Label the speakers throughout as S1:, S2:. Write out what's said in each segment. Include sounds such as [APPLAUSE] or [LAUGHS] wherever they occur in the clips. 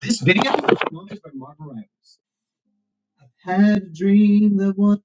S1: This video was sponsored by Marvel Rivals. I've had a dream that one.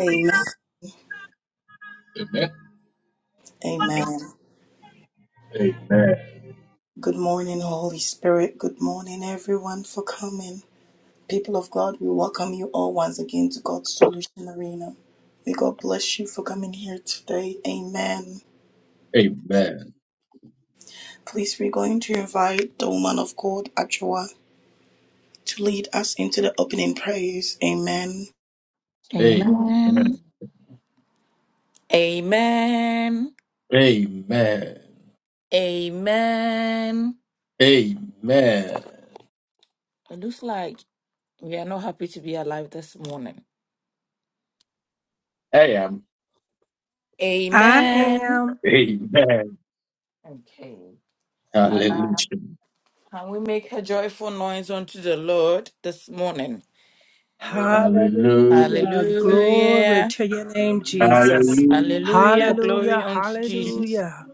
S2: Amen. Amen.
S1: Amen.
S2: Good morning, Holy Spirit. Good morning, everyone, for coming. People of God, we welcome you all once again to God's Solution Arena. May God bless you for coming here today. Amen.
S1: Amen.
S2: Please, we're going to invite the woman of God, Ajua, to lead us into the opening prayers. Amen.
S3: Amen.
S1: Amen.
S3: Amen.
S1: Amen.
S3: Amen.
S1: Amen.
S3: It looks like we are not happy to be alive this morning.
S1: I am.
S4: I
S3: Amen.
S4: am.
S1: Amen.
S3: Okay. Uh,
S1: Hallelujah.
S3: can we make a joyful noise unto the Lord this morning?
S1: Hallelujah.
S4: Hallelujah. Glory
S3: Hallelujah.
S4: to your name, Jesus.
S1: Hallelujah.
S3: Hallelujah.
S4: Hallelujah.
S3: Glory unto Jesus.
S4: Hallelujah.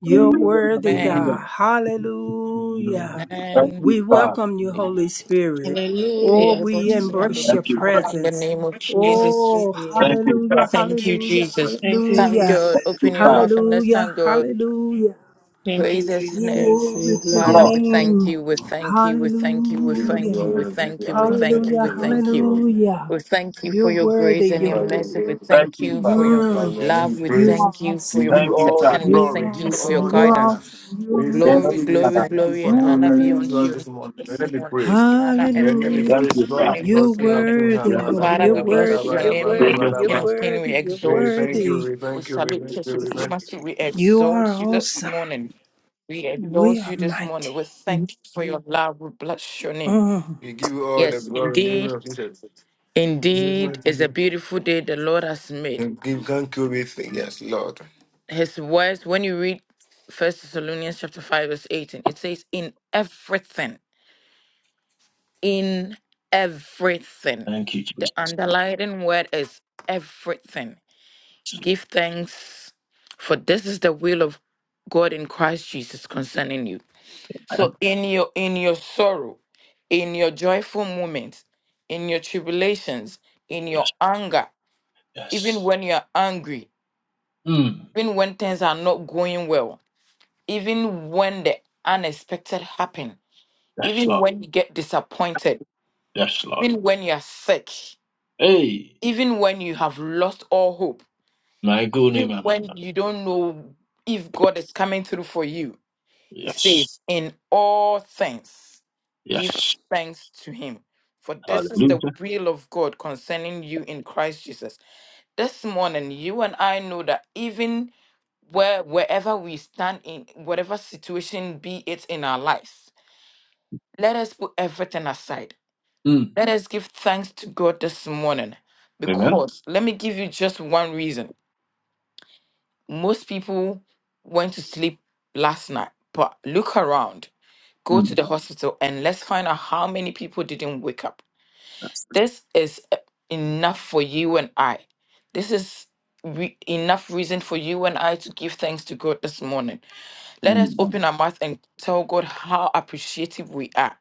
S4: You're
S1: Hallelujah.
S4: worthy,
S1: Hallelujah.
S3: Amen.
S4: God. Hallelujah.
S1: Thank
S3: Amen.
S4: We
S1: you, Father.
S4: welcome you, Holy Spirit. Oh,
S5: Hallelujah.
S4: we embrace your
S1: Thank you,
S3: Father,
S1: Father.
S3: in the
S4: presence.
S3: name of Jesus,
S4: Oh,
S5: Hallelujah.
S1: Thank you,
S4: hallelujah.
S1: Father.
S3: thank you,
S4: Hallelujah.
S3: Jesus.
S5: Thank you,
S3: Thank
S4: Hallelujah.
S3: God.
S5: Jesus.
S1: Thank
S3: Open
S1: you,
S3: your
S1: Father.
S3: mouth and let's
S4: Hallelujah.
S3: thank God.
S4: Hallelujah.
S5: Thank
S3: Praise
S5: you,
S3: his name.
S5: Jesus.
S4: Glory
S5: We
S4: to your
S3: Father,
S5: bless
S1: Lord,
S3: we
S5: you.
S3: thank
S4: name.
S3: you, we thank you, we thank you, we
S6: Give you
S3: thank you,
S4: Hallelujah.
S6: glory
S3: we
S6: and give
S3: thank
S6: you
S3: you, we
S6: honor, King
S3: thank
S6: of
S3: you, we
S4: Hallelujah.
S6: King, Lord of
S3: thank you.
S6: Lord.
S4: Hallelujah.
S3: We thank you
S4: You're
S3: for your
S4: worthy.
S3: grace
S6: We
S3: and
S4: You're
S3: your
S6: glorify your
S3: mercy.
S4: worthy.
S3: We
S6: name,
S1: thank
S3: thank
S1: you,
S3: you
S1: Father.
S3: for
S6: Lord.
S3: your
S6: Like
S4: Mm,
S6: my name we
S3: love. We
S4: you
S6: praise.
S4: are
S3: thank you for
S6: We
S3: your
S6: give
S4: awesome.
S1: Thank
S6: you
S1: you,
S6: all the
S1: Father.
S3: protection. We
S4: You
S6: glory, we
S3: thank
S6: give
S4: are
S3: you
S6: you
S3: for your
S4: awesome.
S6: all
S4: You
S6: the
S4: are
S3: guidance.
S6: honor.
S4: awesome. You
S6: We
S4: are
S1: Yes,
S6: thank
S3: Glory,
S6: you,
S4: awesome.
S6: we
S3: glory,
S1: Father.
S6: thank you
S3: glory,
S6: for
S3: and
S6: God,
S3: honor
S6: like
S3: be
S6: giving to
S3: unto
S6: us
S4: Hallelujah.
S3: your name
S6: this morning. Your
S3: this
S6: name be
S3: morning.
S6: praised.
S3: Honor and
S6: Your name be
S3: praise
S4: Hallelujah.
S3: be
S1: Thank
S6: praised,
S1: you,
S3: unto
S6: Lord
S3: your
S1: Father.
S6: of
S3: name
S4: You're
S6: Lord,
S3: this
S6: King of
S3: morning.
S6: King.
S4: worthy,
S1: Yes,
S4: Lord.
S3: Father,
S4: You're
S3: we bless
S4: worthy.
S3: your
S4: You're
S3: name,
S4: worthy.
S1: Jesus,
S4: You're
S3: King of kings, We
S4: worthy. You're
S3: exalt
S6: We thank
S3: you.
S4: worthy.
S6: you, we
S3: We
S6: thank you, we
S3: salute
S6: thank
S3: your
S6: you, we thank you.
S3: supremacy. We
S4: You
S3: exalt
S4: are
S3: you this
S4: awesome.
S3: morning. We adore
S4: We are
S3: you this morning.
S4: mighty.
S3: We thank you for your love. We bless your name.
S4: Mm.
S6: We give you all the
S3: Yes,
S6: glory, give you
S3: indeed.
S6: all the praise. In Jesus'
S3: Indeed,
S6: mighty
S3: it's a
S6: name.
S3: beautiful day the Lord has made.
S6: And give thank you, we thank yes, Lord.
S3: His words, when you read First Thessalonians chapter 5, verse 18, it says, In everything, in everything.
S1: Thank you, Jesus.
S3: The underlying word is everything. Give thanks, for this is the will of God in Christ Jesus concerning you. So in your in your sorrow, in your joyful moments, in your tribulations, in
S1: Yes,
S3: your anger, even
S1: yes.
S3: when you're angry,
S1: Mm.
S3: even when things are not going well, even when the unexpected happen,
S1: Yes,
S3: even
S1: Lord.
S3: when you get disappointed,
S1: Yes, Lord.
S3: even when you're sick,
S1: Hey,
S3: even when you have lost all hope,
S1: my good name,
S3: even
S1: my- my- my-
S3: when you don't know if God is coming through for you, He
S1: Yes,
S3: says, In all things, give
S1: yes.
S3: thanks to him. For this is the
S1: Hallelujah.
S3: will of God concerning you in Christ Jesus. This morning, you and I know that even where wherever we stand in whatever situation be it in our lives, let us put everything aside.
S1: Mm.
S3: Let us give thanks to God this morning.
S1: Amen.
S3: Because let me give you just one reason. Most people went to sleep last night, but look around. go to
S1: Mm.
S3: the hospital and let's find out how many people didn't wake up.
S1: Yes.
S3: This is uh, enough for you and I. This is re- enough reason for you and I to give thanks to God this morning. Let us
S1: Mm.
S3: open our mouth and tell God how appreciative we are.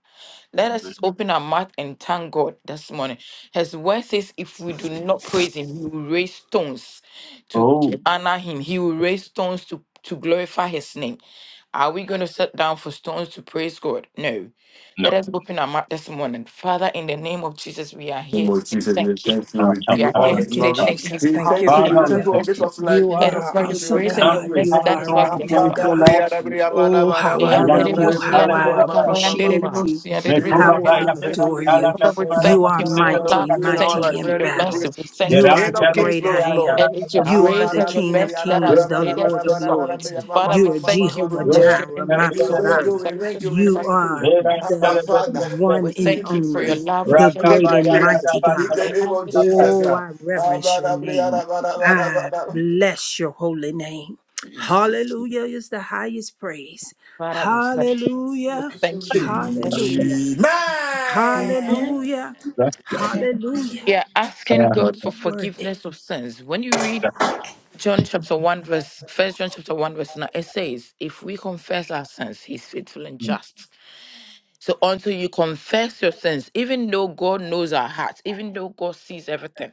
S3: Let
S1: Amen.
S3: us open our mouth and thank God this morning. His word says, if we do not praise Him, He will raise stones to,
S1: Oh,
S3: to honor Him. He will raise stones to, to glorify His name. Are we going to sit down for stones to praise God? No.
S1: no.
S3: Let us open our mouth this morning. Father, in the name of Jesus, we are
S6: name
S3: here to
S6: of
S3: say
S6: Jesus, we
S3: thank you.
S6: thank you. We give
S3: We
S6: you
S3: are here
S6: all the
S3: to
S4: Thank you,
S3: say
S6: glory.
S3: thank you
S4: Jesus.
S6: We
S3: for
S4: Thank
S3: how
S4: you,
S6: thank you.
S3: today
S6: We
S1: Father,
S3: you
S1: we
S6: thank
S4: Father.
S6: you. oh,
S1: thank you.
S3: blessed
S6: Get us
S3: us.
S6: like
S4: You
S6: kings
S3: It is
S6: of
S4: are our
S3: for
S6: kings.
S3: your
S6: Your
S4: awesome
S3: grace
S6: name
S3: and
S6: be
S1: Thank
S3: your
S4: God.
S1: you,
S6: praised.
S4: You
S3: mercy.
S1: Father,
S3: That
S4: are a
S3: is
S1: for
S3: why
S6: We
S1: all the
S4: right
S3: we are so
S4: now,
S1: things
S3: alive.
S1: you
S4: God.
S1: Lord.
S4: Oh, how I
S3: The
S1: I am
S4: love
S1: the
S3: unbelievable,
S1: Lord.
S4: you,
S3: see,
S4: how I
S3: unbelievable, come
S1: Hallelujah.
S3: on,
S4: appreciate
S3: unbelievable,
S4: you,
S3: see,
S1: May
S3: unbelievable, come
S1: Proba
S4: how
S3: on,
S6: thank you.
S1: Baya
S6: We
S3: unbelievable.
S4: I
S6: thank
S1: Pera
S6: you.
S4: adore
S6: We
S1: Tala
S4: you.
S6: thank you
S3: Father, we
S6: for
S1: Kanumara
S4: You
S6: having
S3: thank
S4: are
S3: you
S6: done
S3: for
S1: Masute
S6: all what
S3: your
S6: you
S4: mighty,
S3: love. We
S6: doing in our
S1: Perimitakesha.
S3: thank
S6: life.
S4: mighty
S3: you
S6: May
S4: in
S3: for
S6: your
S3: your
S6: name be
S4: battle.
S6: praised.
S3: mercy. We thank you
S4: You
S3: for
S4: are
S1: Yeram
S6: King
S4: the
S6: of
S1: Tela
S3: your grace.
S6: kings,
S4: great
S6: Lord
S4: I
S6: of lords.
S4: am.
S3: And it's your
S1: Yandara.
S4: You are
S3: grace
S4: the
S3: and your
S4: King of
S3: mercy that
S1: Where
S4: kings,
S3: has
S4: the
S1: can
S3: made us
S4: Lord
S3: to
S4: of
S3: swap.
S1: I
S4: lords.
S3: Father,
S4: You
S3: we
S4: are
S3: thank you. We
S4: Jehovah
S1: That's
S3: bless you
S4: Jireh,
S3: and we
S4: my
S6: We
S3: exalt
S6: thank
S3: you. We
S6: you,
S4: provider.
S6: we
S3: salute your
S6: thank you, we
S4: You
S3: supremacy.
S6: thank you.
S4: are
S6: Abba
S4: the
S6: Father,
S4: one
S3: We
S6: [LAUGHS]
S4: and
S6: name
S3: thank
S6: be
S3: you for your
S4: only,
S6: praised,
S3: love. We
S4: the
S3: thank
S6: name
S3: you
S4: great
S6: be
S3: for
S4: and
S3: your
S6: praised.
S3: grace.
S4: mighty
S6: In
S4: God.
S6: the
S3: May
S6: name
S3: our name-
S6: of
S3: be
S6: Jesus.
S3: praised.
S4: Oh,
S6: yeah.
S4: I reverence
S6: Abba,
S4: your
S6: da, bri, ya,
S4: name.
S6: da, ba, da, ba, da, ba,
S4: I
S6: da.
S4: bless your holy name.
S6: Jesus.
S4: Hallelujah is the highest praise.
S3: Father, we thank you. We
S4: Hallelujah.
S3: thank you. We bless you.
S4: Hallelujah.
S6: Amen.
S5: Amen.
S4: Hallelujah.
S1: Lord.
S4: Hallelujah.
S3: We are asking God
S4: You
S3: for
S4: worthy.
S3: forgiveness of sins. When you read John chapter 1, verse first, John chapter 1, verse 9, it says, If we confess our sins, he's faithful and just So until you confess your sins, even though God knows our hearts, even though God sees everything,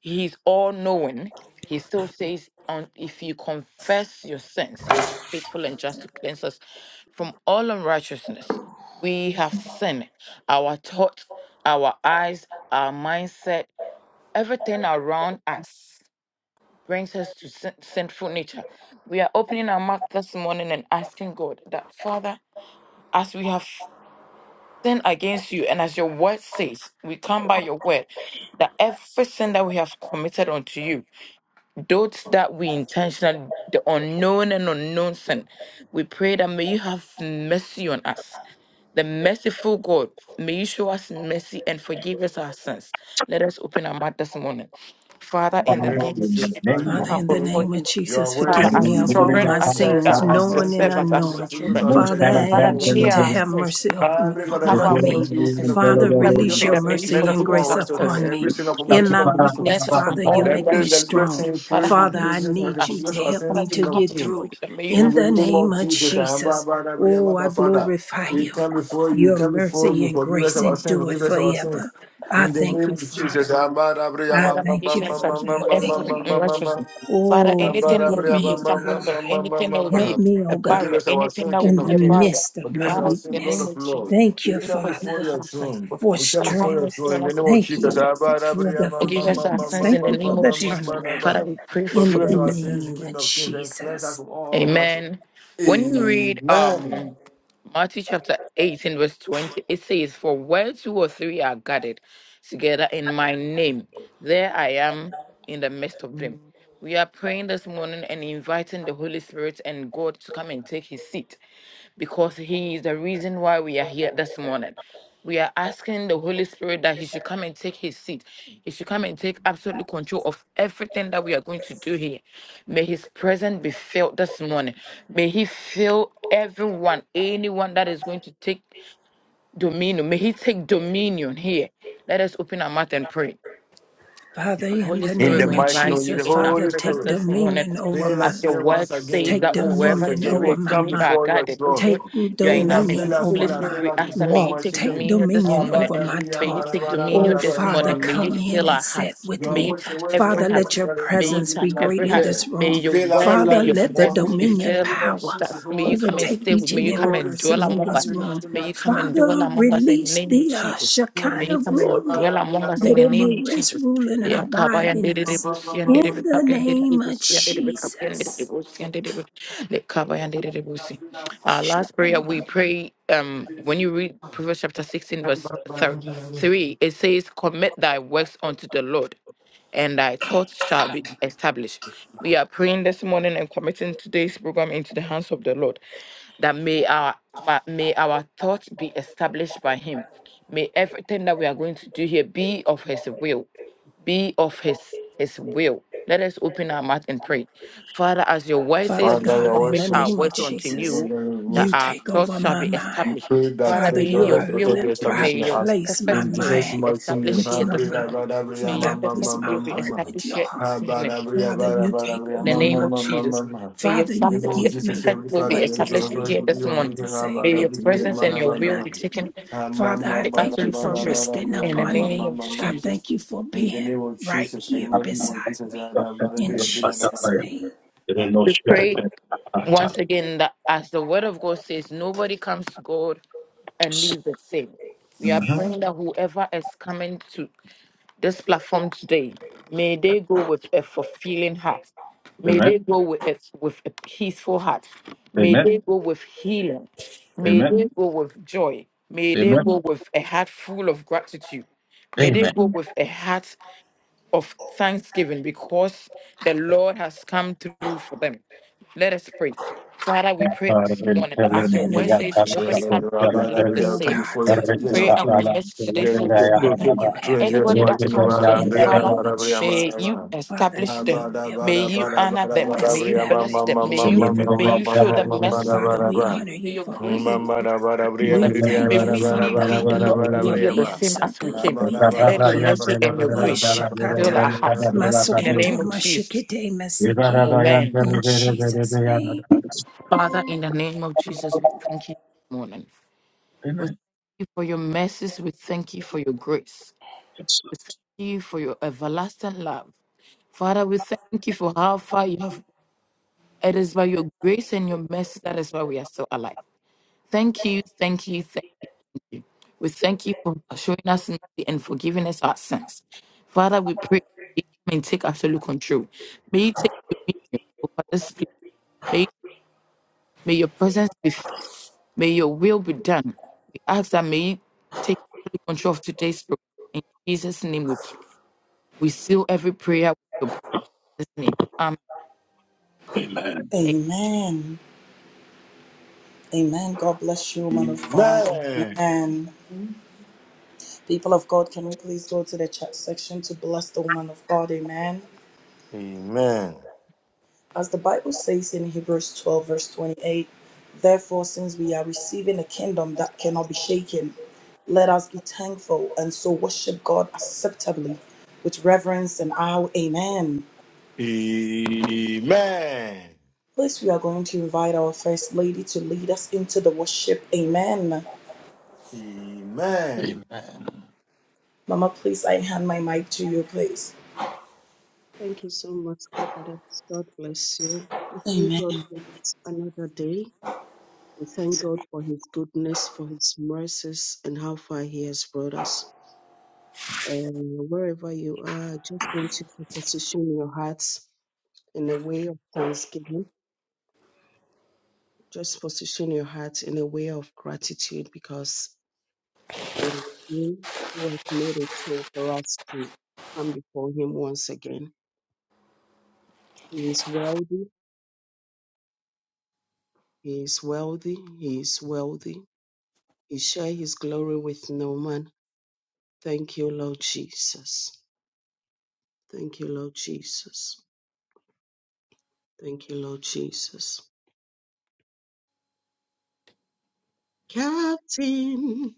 S3: He's all knowing. He still says, on if you confess your sins, He's faithful and just to cleanse us from all unrighteousness. We have sinned. Our thoughts, our eyes, our mindset, everything around us brings us to sin- sinful nature. We are opening our mouth this morning and asking God that, Father, as we have sin against you. And as your word says, we come by your word that every sin that we have committed unto you, those that we intentionally, the unknown and unknown sin, we pray that may you have mercy on us. The merciful God, may you show us mercy and forgive us our sins. Let us open our mouth this morning. Father,
S6: In the
S3: in the
S6: name of
S3: name of
S1: In the
S6: Jesus
S3: Jesus, we
S6: Christ,
S1: name of
S6: King
S4: Father,
S3: come
S4: in
S6: of
S4: the
S1: Jesus.
S6: Kings,
S3: before
S4: name of
S3: you.
S6: your
S4: Jesus,
S6: word
S3: Father,
S4: forgive
S1: And
S6: says,
S4: me
S3: as
S1: the
S6: if
S4: of
S1: glory
S6: you
S4: all
S3: children,
S1: of
S4: my
S3: as,
S1: heaven,
S6: confess
S4: sins,
S3: uh,
S6: our
S3: as your
S1: heaven,
S4: knowing
S6: sins, your
S4: and
S3: servants,
S6: different
S3: as your
S6: just
S4: unknowing.
S6: forgive
S1: the
S6: us our
S3: children.
S6: sins,
S1: most
S4: Father,
S6: and
S1: high
S6: cleanse
S1: of
S6: us from
S4: I
S3: Father,
S6: all
S1: heaven,
S4: ask you
S3: many
S4: to
S3: are
S6: righteousness.
S4: have
S1: heaven,
S3: sins
S4: mercy up-
S6: Heavenly
S3: we
S6: Father, I
S1: the
S3: have
S6: come
S3: our
S4: upon
S1: glory of
S6: before
S4: me.
S6: you,
S3: weakness.
S6: King
S1: heaven,
S6: of Kings,
S4: Father,
S6: Lord,
S3: Father, we
S6: forgive us
S4: release
S3: pray
S6: our
S4: your
S1: heaven,
S3: that may
S6: sins,
S3: you
S6: cleanse
S4: mercy
S6: us
S4: and
S6: from
S3: forgive
S6: all
S3: us
S4: grace
S3: our
S6: righteousness, and
S3: sins,
S4: upon me.
S6: every
S1: heaven.
S6: sin of omission,
S4: In
S1: the
S6: sin
S4: my
S6: of
S1: fire,
S6: omission.
S1: stop
S4: weakness,
S3: cleanse us
S1: the
S3: from
S4: Father,
S3: all
S4: you
S1: fire,
S6: That
S4: make
S6: little
S4: me
S6: that
S3: unrighteousness.
S6: we're
S4: strong.
S6: saying
S3: Father,
S6: praise
S3: have
S6: and
S4: Father, I
S3: mercy
S6: Jesus, my
S3: on
S4: need you
S3: us.
S6: forgiveness
S4: to
S6: of
S4: help
S3: Father,
S6: sins,
S4: me
S3: we
S4: to
S6: King
S3: come
S6: of
S4: get
S3: before you,
S4: through.
S6: Kings.
S3: and may you
S6: In
S4: In
S3: have
S6: the
S4: the
S6: name
S3: mercy.
S4: name
S6: of
S4: of
S6: Jesus, I am Baba,
S4: Jesus,
S6: Baba, Baba,
S4: oh, I
S6: Baba, Father.
S4: glorify
S6: We
S4: you.
S6: come before you, we
S4: Your
S6: come before
S4: mercy
S6: you,
S4: and
S6: forgive us
S4: grace
S6: our sins,
S4: endure
S6: forgive us our sins.
S4: forever. I
S6: In the
S4: thank
S6: name
S4: you,
S6: of Jesus,
S4: Father.
S6: I am Baba, Baba,
S4: I
S6: Baba, Baba,
S3: Father,
S6: Baba,
S3: may
S4: thank
S3: you
S4: you,
S3: cleanse us
S4: Father.
S6: Baba,
S4: I
S3: for
S6: Baba, Baba,
S4: thank
S3: every
S4: you.
S6: Baba, Baba, Baba.
S3: unrighteousness. Father,
S4: Oh,
S3: anything that
S6: Forgive
S3: will
S4: forgive
S3: be
S4: me,
S3: a
S4: oh
S3: stumbling block,
S4: God.
S3: anything that will
S4: Help
S3: be
S4: me,
S3: a
S4: oh God,
S3: barrier,
S6: us our
S3: anything
S6: sin,
S3: that will
S6: King
S4: in
S3: be
S4: the
S6: of
S3: a
S6: Kings.
S3: barrier,
S4: midst of
S6: Forgive
S4: my
S6: us
S3: Father,
S6: our sin,
S3: in the
S6: Lord
S3: name
S6: of
S4: weakness.
S3: of Jesus,
S6: Lords.
S4: Thank
S6: We
S4: you,
S3: you
S6: come
S4: Father,
S3: forgive
S6: before
S3: us
S6: your
S3: our sins.
S6: throne.
S3: Lord.
S4: for
S6: We come
S3: Father, have
S6: before
S4: strength.
S6: your
S3: mercy
S6: throne
S3: on
S6: in the
S3: us
S6: name
S3: and
S6: of
S4: Thank
S3: forgive
S6: Jesus.
S3: us
S4: you
S3: our sins.
S4: for the
S3: Forgive us our
S4: forgiveness.
S3: sins in
S4: Thank
S3: the
S4: you for
S3: name of
S4: the
S3: Jesus.
S4: turnaround.
S3: Father, we pray
S4: In
S6: Forgive
S3: for
S6: us
S4: the
S3: forgiveness.
S6: our sins,
S4: name
S6: King
S4: of
S6: of Kings, and cleanse us
S4: Jesus.
S6: from all righteousness.
S3: Amen. When you read
S6: Amen.
S3: um Matthew chapter 18, verse 20, it says, For where two or three are gathered together in my name, there I am in the midst of them. Mhm. We are praying this morning and inviting the Holy Spirit and God to come and take his seat because He is the reason why we are here this morning. We are asking the Holy Spirit that He should come and take His seat. He should come and take absolute control of everything that we are going to do here. May His presence be felt this morning. May He fill everyone, anyone that is going to take dominion. May He take dominion here. Let us open our mouth and pray.
S4: Father, in
S3: Holy
S4: the
S6: In
S3: Spirit,
S6: the
S4: name
S3: we
S4: of
S6: mighty name
S3: invite
S6: of
S3: you
S6: the
S4: Jesus,
S3: in our
S4: Father,
S6: Holy
S3: presence
S4: take
S6: Spirit.
S3: this morning.
S4: dominion over
S6: Fill
S4: my
S6: us
S3: As your
S4: life.
S6: here once
S3: word says
S6: again.
S4: Take
S3: that
S6: Reveal
S3: oh,
S6: us once
S3: wherever
S4: dominion
S3: two
S6: again.
S4: over
S6: We
S3: or
S4: my
S6: come
S3: three
S4: mind.
S3: are
S6: before your
S3: gathered, oh
S6: throne.
S4: Take
S3: God, you are in
S6: Fill
S3: our
S6: us,
S3: midst.
S4: dominion
S6: fill us,
S3: Holy
S4: over
S6: fill us,
S3: Spirit,
S4: my
S6: fill
S3: we
S6: us in
S3: ask that may
S6: Jesus'
S3: you
S4: walk.
S6: mighty
S3: take
S4: Take
S6: name.
S3: dominion this
S4: dominion
S3: morning.
S4: over my
S3: May you
S4: talk.
S3: take
S4: Oh,
S3: dominion this
S4: Father,
S3: morning. May you
S4: come in
S3: fill
S4: and
S3: our
S4: sit
S3: hearts.
S4: with
S6: Your
S3: May you
S4: me.
S6: words the
S3: touch
S6: way to
S3: every
S4: Father,
S6: walk in
S3: heart.
S4: let
S6: and
S4: your
S6: better in
S3: May
S6: you,
S3: you
S4: presence
S6: did.
S4: be
S3: touch
S6: you are
S4: great
S3: every
S4: in
S3: heart.
S4: this
S6: there.
S3: May
S4: room.
S3: your
S6: Fill us,
S3: word,
S6: fill
S3: may
S4: Father,
S6: us
S3: your
S6: this
S4: let the
S6: morning.
S3: presence be
S6: In the
S4: dominion
S3: filled
S6: name of
S4: power
S3: with
S6: Jesus,
S3: us. May
S6: Holy
S3: you come and
S6: Spirit.
S4: overtake
S3: stay with
S4: each
S3: me.
S4: and
S3: you come
S4: every
S6: Holy Spirit, fill
S3: and
S6: us, fill
S3: dwell
S6: us,
S4: person in
S6: fill
S3: among
S6: us,
S4: this
S3: us.
S4: room.
S6: fill
S3: May you come
S6: us,
S3: and
S6: fill us.
S3: dwell
S4: Father,
S3: among us in the
S4: release
S3: name of
S4: the uh,
S3: Jesus.
S6: Holy
S3: May you
S4: Shekinah
S3: come
S6: Spirit, fill us,
S3: and
S4: glory
S3: dwell
S6: fill
S3: among
S6: us,
S3: us in
S4: that
S6: fill
S3: the
S4: it may
S3: name of
S4: rest,
S3: Jesus.
S4: rule, and
S3: Yeah,
S4: abide
S3: Kabayan
S4: in
S3: did it,
S4: us.
S3: Bussian did
S4: In
S3: it,
S4: the
S3: Capian did
S4: name
S3: it,
S4: of
S3: Bussian did it, Capian did it,
S4: Jesus.
S3: Bussian did it, the Kabayan did it, Bussi.
S6: us,
S3: Our last prayer we pray. Um, when you read Proverbs chapter sixteen, verse
S6: fill us,
S3: thir-
S6: fill us.
S3: three, it says, "Commit thy works unto the Lord, and thy thoughts shall be established." We are praying this morning and committing today's program into the hands of the Lord that may our ma- may our thoughts be established by him may everything that we are going to do here be of his will be of his his will. Let us open our mouth and pray. Father, as your word
S4: Father
S3: says, we
S6: Father,
S3: should
S6: I
S4: God, in
S6: want to
S4: the
S3: commit our
S4: name of
S3: words unto
S6: You know,
S4: Jesus,
S3: you,
S6: you you
S3: that
S4: you
S3: our
S4: take
S3: thoughts
S4: over
S3: shall
S4: my
S3: be
S6: we
S4: mind.
S3: established.
S6: pray that
S3: Father,
S4: Father,
S6: let
S3: may
S6: your
S4: you
S3: your
S4: are,
S6: let your
S3: will,
S6: authority be
S4: le- I
S6: established
S3: may
S6: in
S3: your
S6: us.
S4: place my
S3: perfect
S6: In
S3: will
S6: Jesus'
S3: be
S4: mind
S6: mighty name.
S3: established
S4: with
S6: Ha,
S3: here
S4: your
S6: bre,
S3: this
S6: da,
S3: morning.
S4: mind.
S6: ba, da, bre, ya,
S3: May
S4: Father,
S3: your
S6: ma,
S4: I
S6: ma, ma,
S3: perfect
S4: place my
S6: ma,
S3: will be
S6: ma,
S4: heart
S6: ma.
S4: with
S3: established
S4: your
S3: here
S6: Ha,
S3: this
S4: heart.
S6: ba,
S3: morning.
S6: da, bre, ya,
S4: Father,
S6: ba, da,
S4: you
S6: ba, da,
S4: take
S6: bre, ya,
S3: In the
S6: ma,
S4: over
S6: ma,
S3: name
S4: my
S3: of
S6: ma, ma,
S3: Jesus.
S6: ma,
S4: thoughts.
S6: ma.
S3: May your
S4: Father,
S6: In the
S4: you
S6: name of
S3: perfect
S4: give
S6: Jesus,
S4: me
S6: every
S3: perfect will be
S6: father,
S4: what to
S6: every son,
S3: established
S6: every
S4: say
S3: here
S4: and
S6: son, every son,
S3: this
S4: what not
S6: every
S3: morning.
S4: to
S6: son,
S4: say,
S6: ba,
S3: May
S6: da,
S3: your
S4: what to
S6: bre, ya,
S4: do
S3: presence
S6: ma,
S3: and
S4: and
S6: da,
S3: your
S6: ba,
S4: what
S6: da,
S3: will
S6: ba.
S3: be
S4: not to
S3: taken
S4: do.
S6: Ha, ma,
S4: Father,
S6: ma,
S4: I
S3: take
S6: ma,
S4: thank
S6: da,
S4: you
S3: absolute
S6: ba,
S4: for
S6: da,
S3: control.
S6: ba, da,
S4: resting
S6: bre, ya,
S3: In
S6: ma,
S3: the
S4: upon
S6: ma,
S3: name
S6: ma,
S4: me.
S3: of
S6: ma,
S4: I
S6: ma.
S3: Jesus.
S4: thank you for
S6: In the
S4: being
S6: name of
S4: right
S6: Jesus,
S4: here
S6: in the name of
S4: beside
S6: Jesus, ya,
S4: me.
S1: stop
S6: da,
S1: the fire.
S6: ba,
S1: Stop
S6: da, bre,
S4: In
S6: ya,
S1: the
S6: bre,
S1: fire,
S6: ya,
S1: stop
S6: da,
S1: the
S6: da,
S4: Jesus'
S1: fire.
S6: da,
S4: name.
S1: There
S6: da.
S1: is no
S3: We pray Once again, that as the word of God says, nobody comes to God and leave the same. We are
S1: Mhm.
S3: praying that whoever is coming to this platform today, may they go with a fulfilling heart. May
S1: Amen.
S3: they go with a, with a peaceful heart. May
S1: Amen.
S3: they go with healing. May
S1: Amen.
S3: they go with joy. May they
S1: Amen.
S3: go with a heart full of gratitude. May
S1: Amen.
S3: they go with a heart of thanksgiving because the Lord has come through for them. Let us pray. Father, we pray this
S1: Amen.
S3: morning that as
S4: Father,
S1: Amen.
S3: your
S4: in the
S3: word
S4: name of
S3: says, nobody
S4: Jesus,
S3: can leave and leave the
S4: oh
S6: Rabada,
S3: same
S6: come
S4: God,
S6: before you
S4: touch
S6: to gain
S4: each
S3: pray
S6: of
S4: and
S3: and
S4: every
S6: things.
S3: commit today's
S6: Here we
S3: service
S6: took
S3: in your
S4: Father,
S3: hand.
S4: you have
S6: two
S4: your
S6: years,
S3: Anybody
S4: way.
S3: that
S6: Martin,
S3: comes to
S6: Rabada,
S3: you,
S4: In the
S3: Father,
S4: name of
S3: may
S4: Jesus,
S3: you
S6: mama,
S4: Father,
S3: establish
S4: let your
S3: them.
S6: Rabada,
S4: will
S3: May
S4: be
S6: Bada, Bada,
S4: done.
S3: you
S6: Bada,
S3: honor them. May you
S6: Barabriama,
S3: bless
S4: Establish
S3: them.
S6: Mamma,
S3: May
S4: each
S6: Mamma,
S4: and
S3: you
S4: every
S3: may
S6: Mamma,
S4: one,
S3: you
S4: God.
S3: show
S6: Mamma,
S3: them
S6: Mamma,
S3: mercy.
S4: Father, we
S3: May,
S6: Barabra.
S4: honor
S3: you, may
S4: you
S3: your
S4: for who
S3: grace
S4: you
S6: Mamma,
S3: continue
S4: are.
S3: to speak for
S6: Barabriam,
S4: We
S3: them.
S6: Ribia,
S3: May
S4: thank you,
S3: we
S6: Barabara,
S3: leave
S4: Father,
S3: thee,
S6: Barabara,
S3: not
S4: for
S3: leave here the
S6: Barabriama.
S4: being
S3: same
S4: so
S3: as we came.
S4: good. We
S3: Let
S4: thank
S3: your
S4: you.
S3: mercy and your
S4: Oh,
S3: grace fill our
S4: Shakata,
S3: hearts. In the name
S4: Masukoto,
S3: of Jesus.
S4: Mashikite, Masiki.
S6: Amen.
S3: Amen.
S4: In Jesus' name.
S3: Father, in the name of Jesus, we thank you this morning. We thank you for your mercies. We thank you for your grace.
S1: Yes.
S3: We thank you for your everlasting love. Father, we thank you for how far you have. It is by your grace and your mercy that is why we are still alive. Thank you, thank you, thank you. We thank you for showing us mercy and forgiving us our sins. Father, we pray, may you come and take absolute control. May you take dominion over this place. May, may your presence be filled. May your will be done. We ask that may you take absolute control of today's program. In Jesus' name we pray. We seal every prayer with your blood. Jesus' name.
S1: Amen.
S2: Amen. Amen. God bless you, woman of God. Amen. People of God, can we please go to the chat section to bless the woman of God? Amen.
S6: Amen.
S2: As the Bible says in Hebrews 12, verse 28, therefore, since we are receiving a kingdom that cannot be shaken, let us be thankful and so worship God acceptably with reverence and awe. Amen.
S6: Amen.
S2: Please, we are going to invite our First Lady to lead us into the worship. Amen.
S6: Amen.
S2: Mama, please, I hand my mic to you, please.
S7: Thank you so much, Providence. God bless you. We thank God
S2: Amen.
S7: for this another day. We thank God for His goodness, for His mercies, and how far He has brought us. And wherever you are, I just want you to position your hearts in a way of thanksgiving. Just position your heart in a way of gratitude because it is you who has made it so for us to come before Him once again. He is wealthy. He is wealthy. He is wealthy. You share his glory with no man. Thank you, Lord Jesus. Thank you, Lord Jesus. Thank you, Lord Jesus. Captain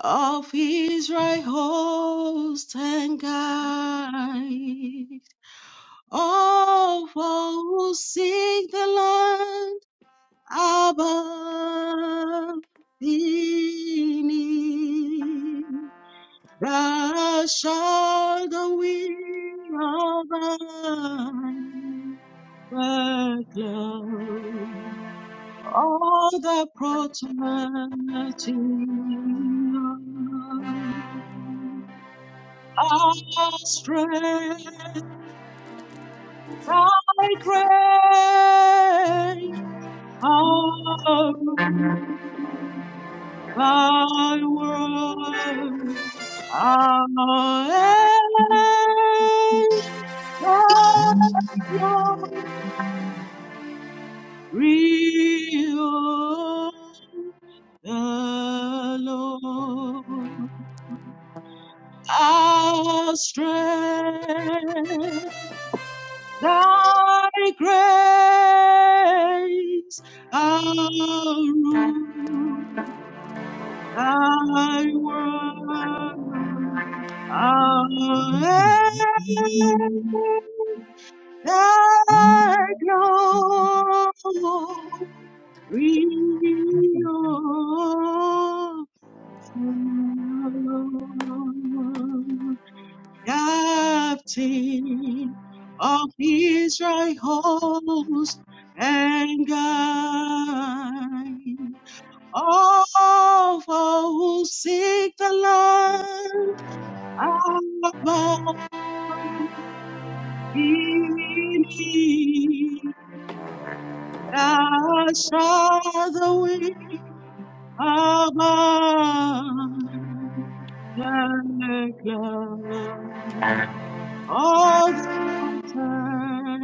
S7: of Israel, host and guide of all who seek the land above beneath. Blessed are the we of my workload, all the protecting strength, thy great arm, thy word, our end. glory of the Lord, our strength, thy grace, our rule, thy word, our end, thy glory. We are the captain of Israel host and guide. All who seek the land above beneath the shadow Above the clouds, all the altar,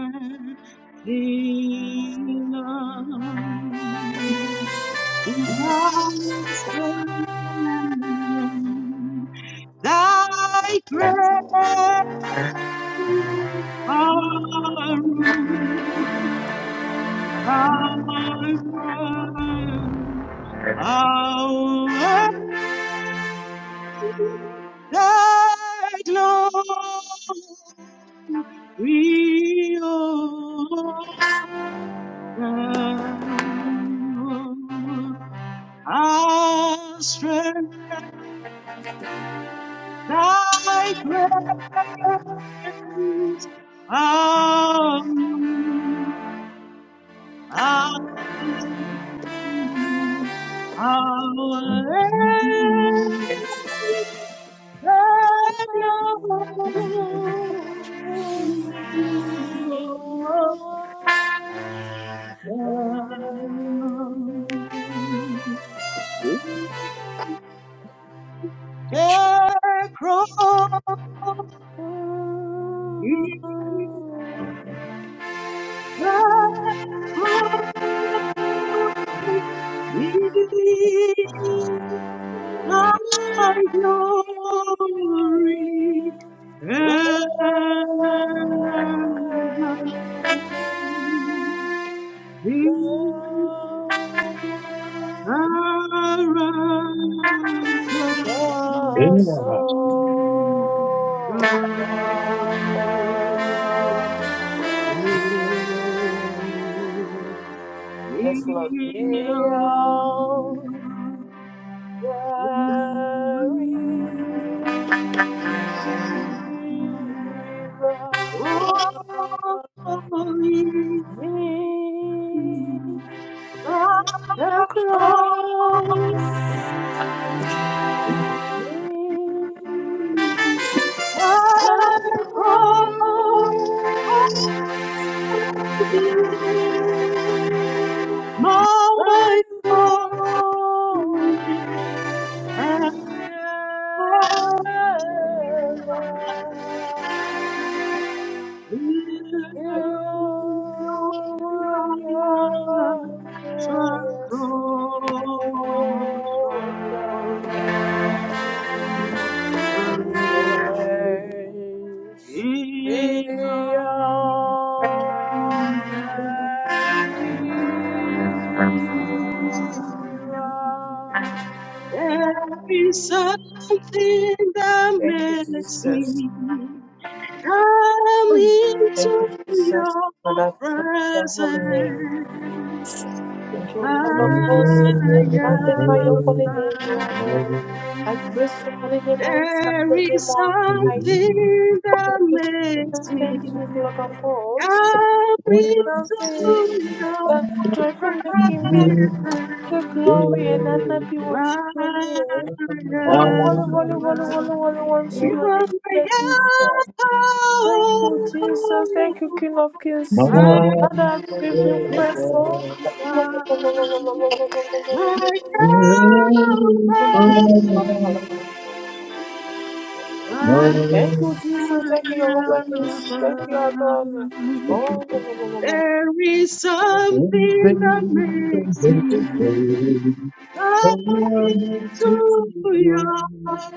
S7: in Christ's presence, thy grace are rooted, thy word our Thy glory, O thou, our strength, thy grace, our, our, our end, thy glory, O The cross is the cross, cross,
S5: Glory!
S7: Thy glory ever.
S1: Amen.
S5: Yes, Lord, we are. There is love in the cross, in
S7: Oh, My
S5: the
S7: God,
S5: cross, in Thine glory
S7: my
S5: ever. You were righteous, O Shabbat. Praise
S7: God, There
S5: be on the river.
S7: is something that
S5: Thank you,
S7: makes
S5: Jesus.
S7: me come
S5: Thank you,
S7: into
S5: Jesus, for
S7: your
S5: that praise your
S7: presence.
S5: holy name. Jesus. Thank you, Lord of
S8: My
S5: hosts.
S7: I
S5: Magnify your holy name, Yahweh.
S7: am.
S5: I praise your holy name. I lift up
S7: There
S5: your name
S7: is
S5: on high. Thank
S7: something
S5: you,
S7: that
S5: Jesus.
S7: makes
S5: Thank you,
S7: me
S5: Lord of hosts.
S7: I'll be to
S5: Something
S7: your
S5: that joyful making me.
S7: presence,
S5: The glory and honor be
S7: my
S5: unto your name. Holy, holy, holy, holy, holy,
S7: lover.
S5: holy, unto
S7: You
S5: your name,
S7: are my
S5: dear Jesus. Thank
S7: home,
S5: you, Jesus. Thank you, King of Kings.
S7: my
S5: And I give you
S7: helper,
S5: praise for.
S1: Amen.
S7: my
S5: Thank you, Jesus. Thank you, Jehovah.
S7: helper,
S5: Nissi. Thank you,
S7: my
S5: Adonai.
S1: Thank
S7: lover.
S1: you.
S7: There is something that makes me come into your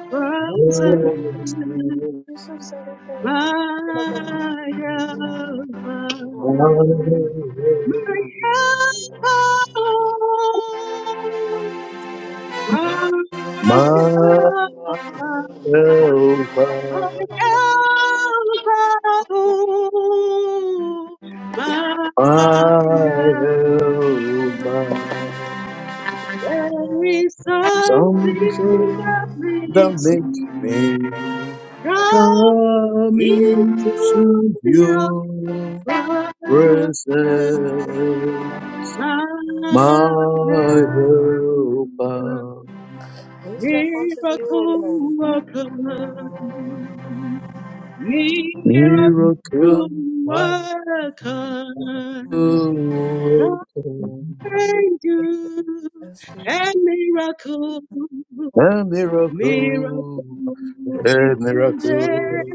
S7: presence,
S5: Oh, Jesus Christ, my brother,
S7: my Alpha,
S5: mama, mama, mama,
S7: my Alpha, my Alpha. There
S8: Jehovah, my Jehovah,
S7: is something
S8: something
S7: that
S8: that
S7: makes
S8: makes
S7: me
S8: me
S7: come
S8: come
S7: into
S8: into
S7: your
S8: your
S7: presence.
S8: presence,
S7: I
S8: my
S7: am the
S8: Jehovah,
S5: Who is like unto thee, O
S7: miracle
S5: Lord?
S7: worker. Miracle
S8: miracle
S7: worker,
S8: worker.
S7: I do
S5: Existing
S7: a miracle,
S8: A
S7: miracle
S8: miracle,
S5: in the
S8: a
S7: today.
S8: miracle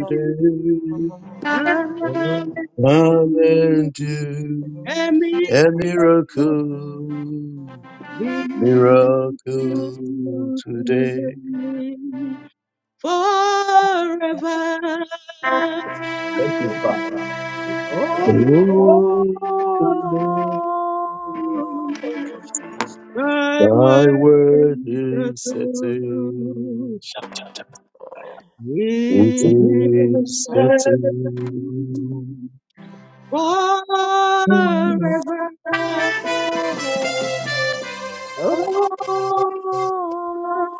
S5: head
S7: Come and
S8: Come
S7: do
S8: and do
S7: a
S5: of
S8: a
S7: miracle,
S8: miracle, miracle
S7: miracle
S8: today.
S7: today, forever.
S1: Father.
S5: Oh,
S8: Oh,
S7: Oh,
S8: Lord,
S5: thank you, Jesus.
S7: I worship
S8: thy word
S7: you in
S8: is settled. It
S7: vain.
S8: is
S7: forever.
S8: settled
S7: Oh, I worship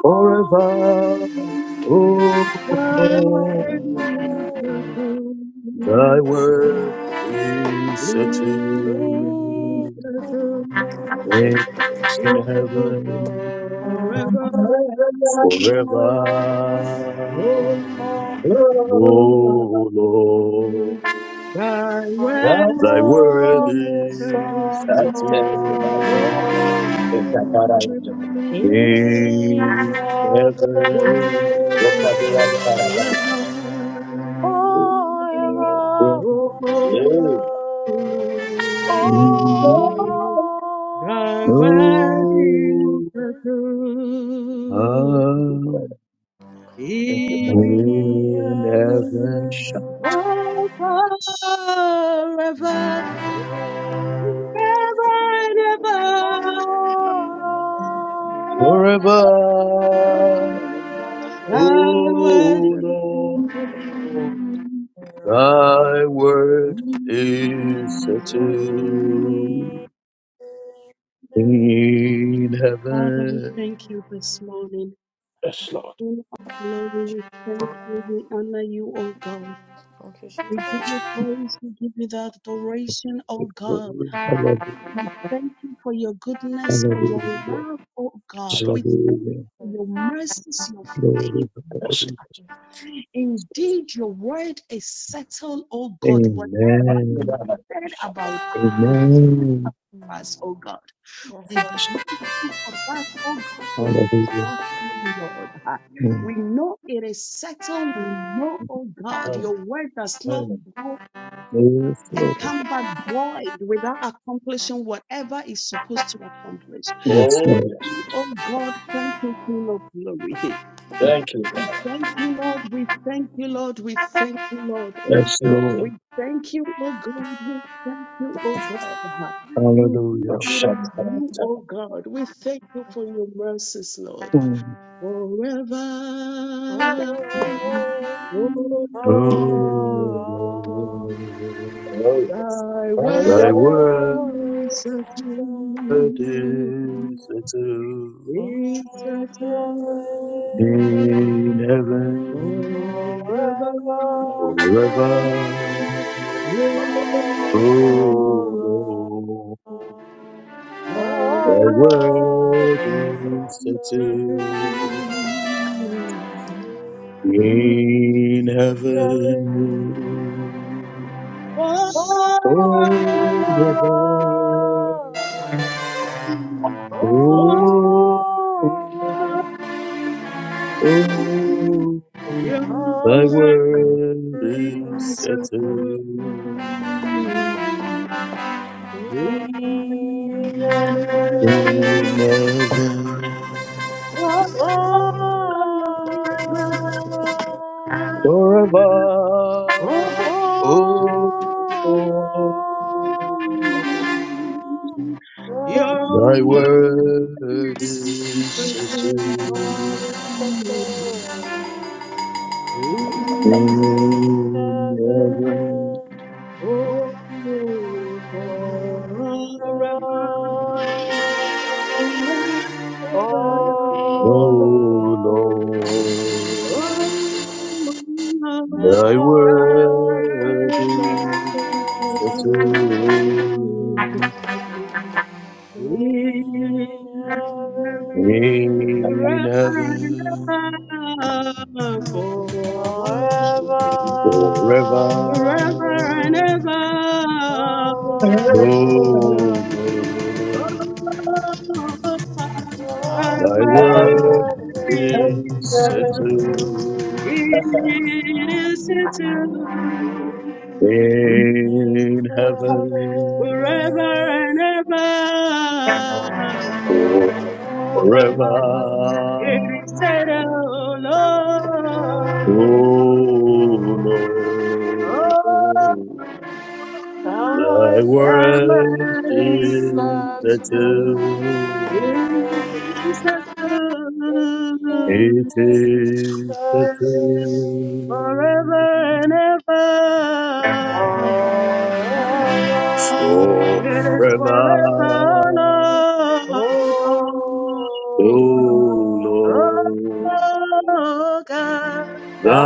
S8: forever. Oh, Lord,
S7: you.
S8: thy word is settled.
S7: Worship you.
S8: in
S7: Oh,
S8: heaven
S7: forever.
S8: forever.
S7: Oh,
S5: Oh,
S8: O Lord,
S7: thy
S5: I
S7: word
S1: Yeah,
S8: thy word
S7: is
S5: love you
S7: settled.
S8: is
S5: so
S1: that's terrible.
S7: Oh,
S8: settled
S5: tall
S1: It's a paradise.
S5: in
S8: in
S7: settled.
S5: your grace
S8: heaven
S1: It's
S7: Oh,
S1: a beyond paradise.
S5: forever.
S8: forever.
S1: Yeah,
S7: forever. Oh,
S5: Oh
S7: Lord. Thy
S5: Lord,
S7: wedding
S8: Oh,
S7: tattoo
S8: how
S1: Thank you,
S7: is
S1: Father.
S7: the
S8: in
S7: key
S8: heaven
S7: of
S5: [LAUGHS]
S7: forever, never,
S5: in your grace. Thank
S7: never.
S8: forever.
S5: you, Abba Father. You are
S7: Thy
S5: the
S8: Oh
S7: wedding tattoo
S8: Lord, thy word is
S7: is the key.
S8: settled in
S7: Father, we
S8: heaven.
S7: thank you this morning.
S1: Yes, Lord.
S7: King of glory, we thank you, we honor you, O God.
S5: Thank you,
S7: We give
S5: Jesus.
S7: you praise, we give you the adoration, O God.
S8: Glory, hallelujah,
S7: We thank you for your goodness, for your
S8: hallelujah,
S7: love, O
S1: Yes,
S7: God.
S1: Lord.
S7: We thank you
S8: hallelujah.
S7: for
S5: Mm.
S7: your mercies, your
S8: Glory,
S7: favor,
S1: Yes,
S7: Lord.
S8: hallelujah.
S7: Indeed, your word is settled, O God. Whatever you
S8: Amen.
S7: said
S1: Lord.
S7: about us, you said
S8: Amen.
S7: about us, O God.
S5: Yes,
S7: We believe you for that, oh God, and we
S8: Hallelujah.
S7: trust you, Lord. Ah,
S8: Mm.
S7: We know it is settled. We know, oh God,
S1: Mm.
S7: your word does not
S1: mm.
S7: go
S8: Yes,
S7: and
S8: Lord.
S7: come back void without accomplishing whatever is supposed to accomplish.
S8: Yes,
S1: Oh,
S7: Thank
S8: Lord.
S1: yes.
S7: you, oh God. Thank you, King of Glory.
S1: Thank you,
S7: We
S1: Father.
S7: thank you, Lord. We thank you, Lord. We thank you, Lord.
S1: Thank
S8: Yes,
S1: you Father.
S7: We
S8: Lord.
S7: thank you, O God. We thank you, O God. Indeed,
S1: for
S8: Hallelujah.
S7: it is
S1: sharing.
S7: you, O God. We thank you for your mercies, Lord.
S8: Mm.
S7: Forever. Oh,
S8: Oh,
S1: Oh,
S7: thy
S1: yes.
S8: Thy
S7: word
S8: word
S7: is certain.
S8: is
S5: Lord.
S8: settled
S7: Is certain.
S8: in heaven
S7: Forever.
S8: forever. Oh Lord,
S7: oh.
S8: Thy word is settled
S5: Forever,
S8: in heaven forever.
S5: Oh,
S8: Oh, Oh, thy
S7: Oh,
S8: word is settled in heaven forever. Oh,
S7: Your
S8: thy
S7: ways
S8: word is
S7: are good.
S8: settled
S7: same.
S8: in heaven.
S7: Oh,
S5: Forever,
S7: forever and ever.
S8: Oh
S7: Oh, Oh,
S8: Lord,
S7: I'm
S8: thy word
S7: ready to sing.
S8: Settled in
S7: Forever and
S8: heaven
S7: ever, for
S8: forever.
S7: forever and ever.
S1: Mm.
S8: Oh
S7: It
S8: Lord,
S7: is
S8: thy word is settled
S7: settled
S8: in
S7: forever
S8: heaven
S7: and ever, forever. It
S8: forever.
S7: is
S5: Thank
S7: settled, Lord.
S8: Oh
S7: Oh,
S8: Lord, Thy
S7: thy
S8: word
S7: word
S8: is the
S7: is true.
S8: truth.
S7: Praise the Jesus,
S8: It is the
S5: you.
S8: truth.
S7: forever and ever.
S5: Forever,
S7: It is
S8: Forever,
S7: forever,
S5: oh
S7: Lord.
S8: O Lord,
S5: Lord,
S7: Oh God,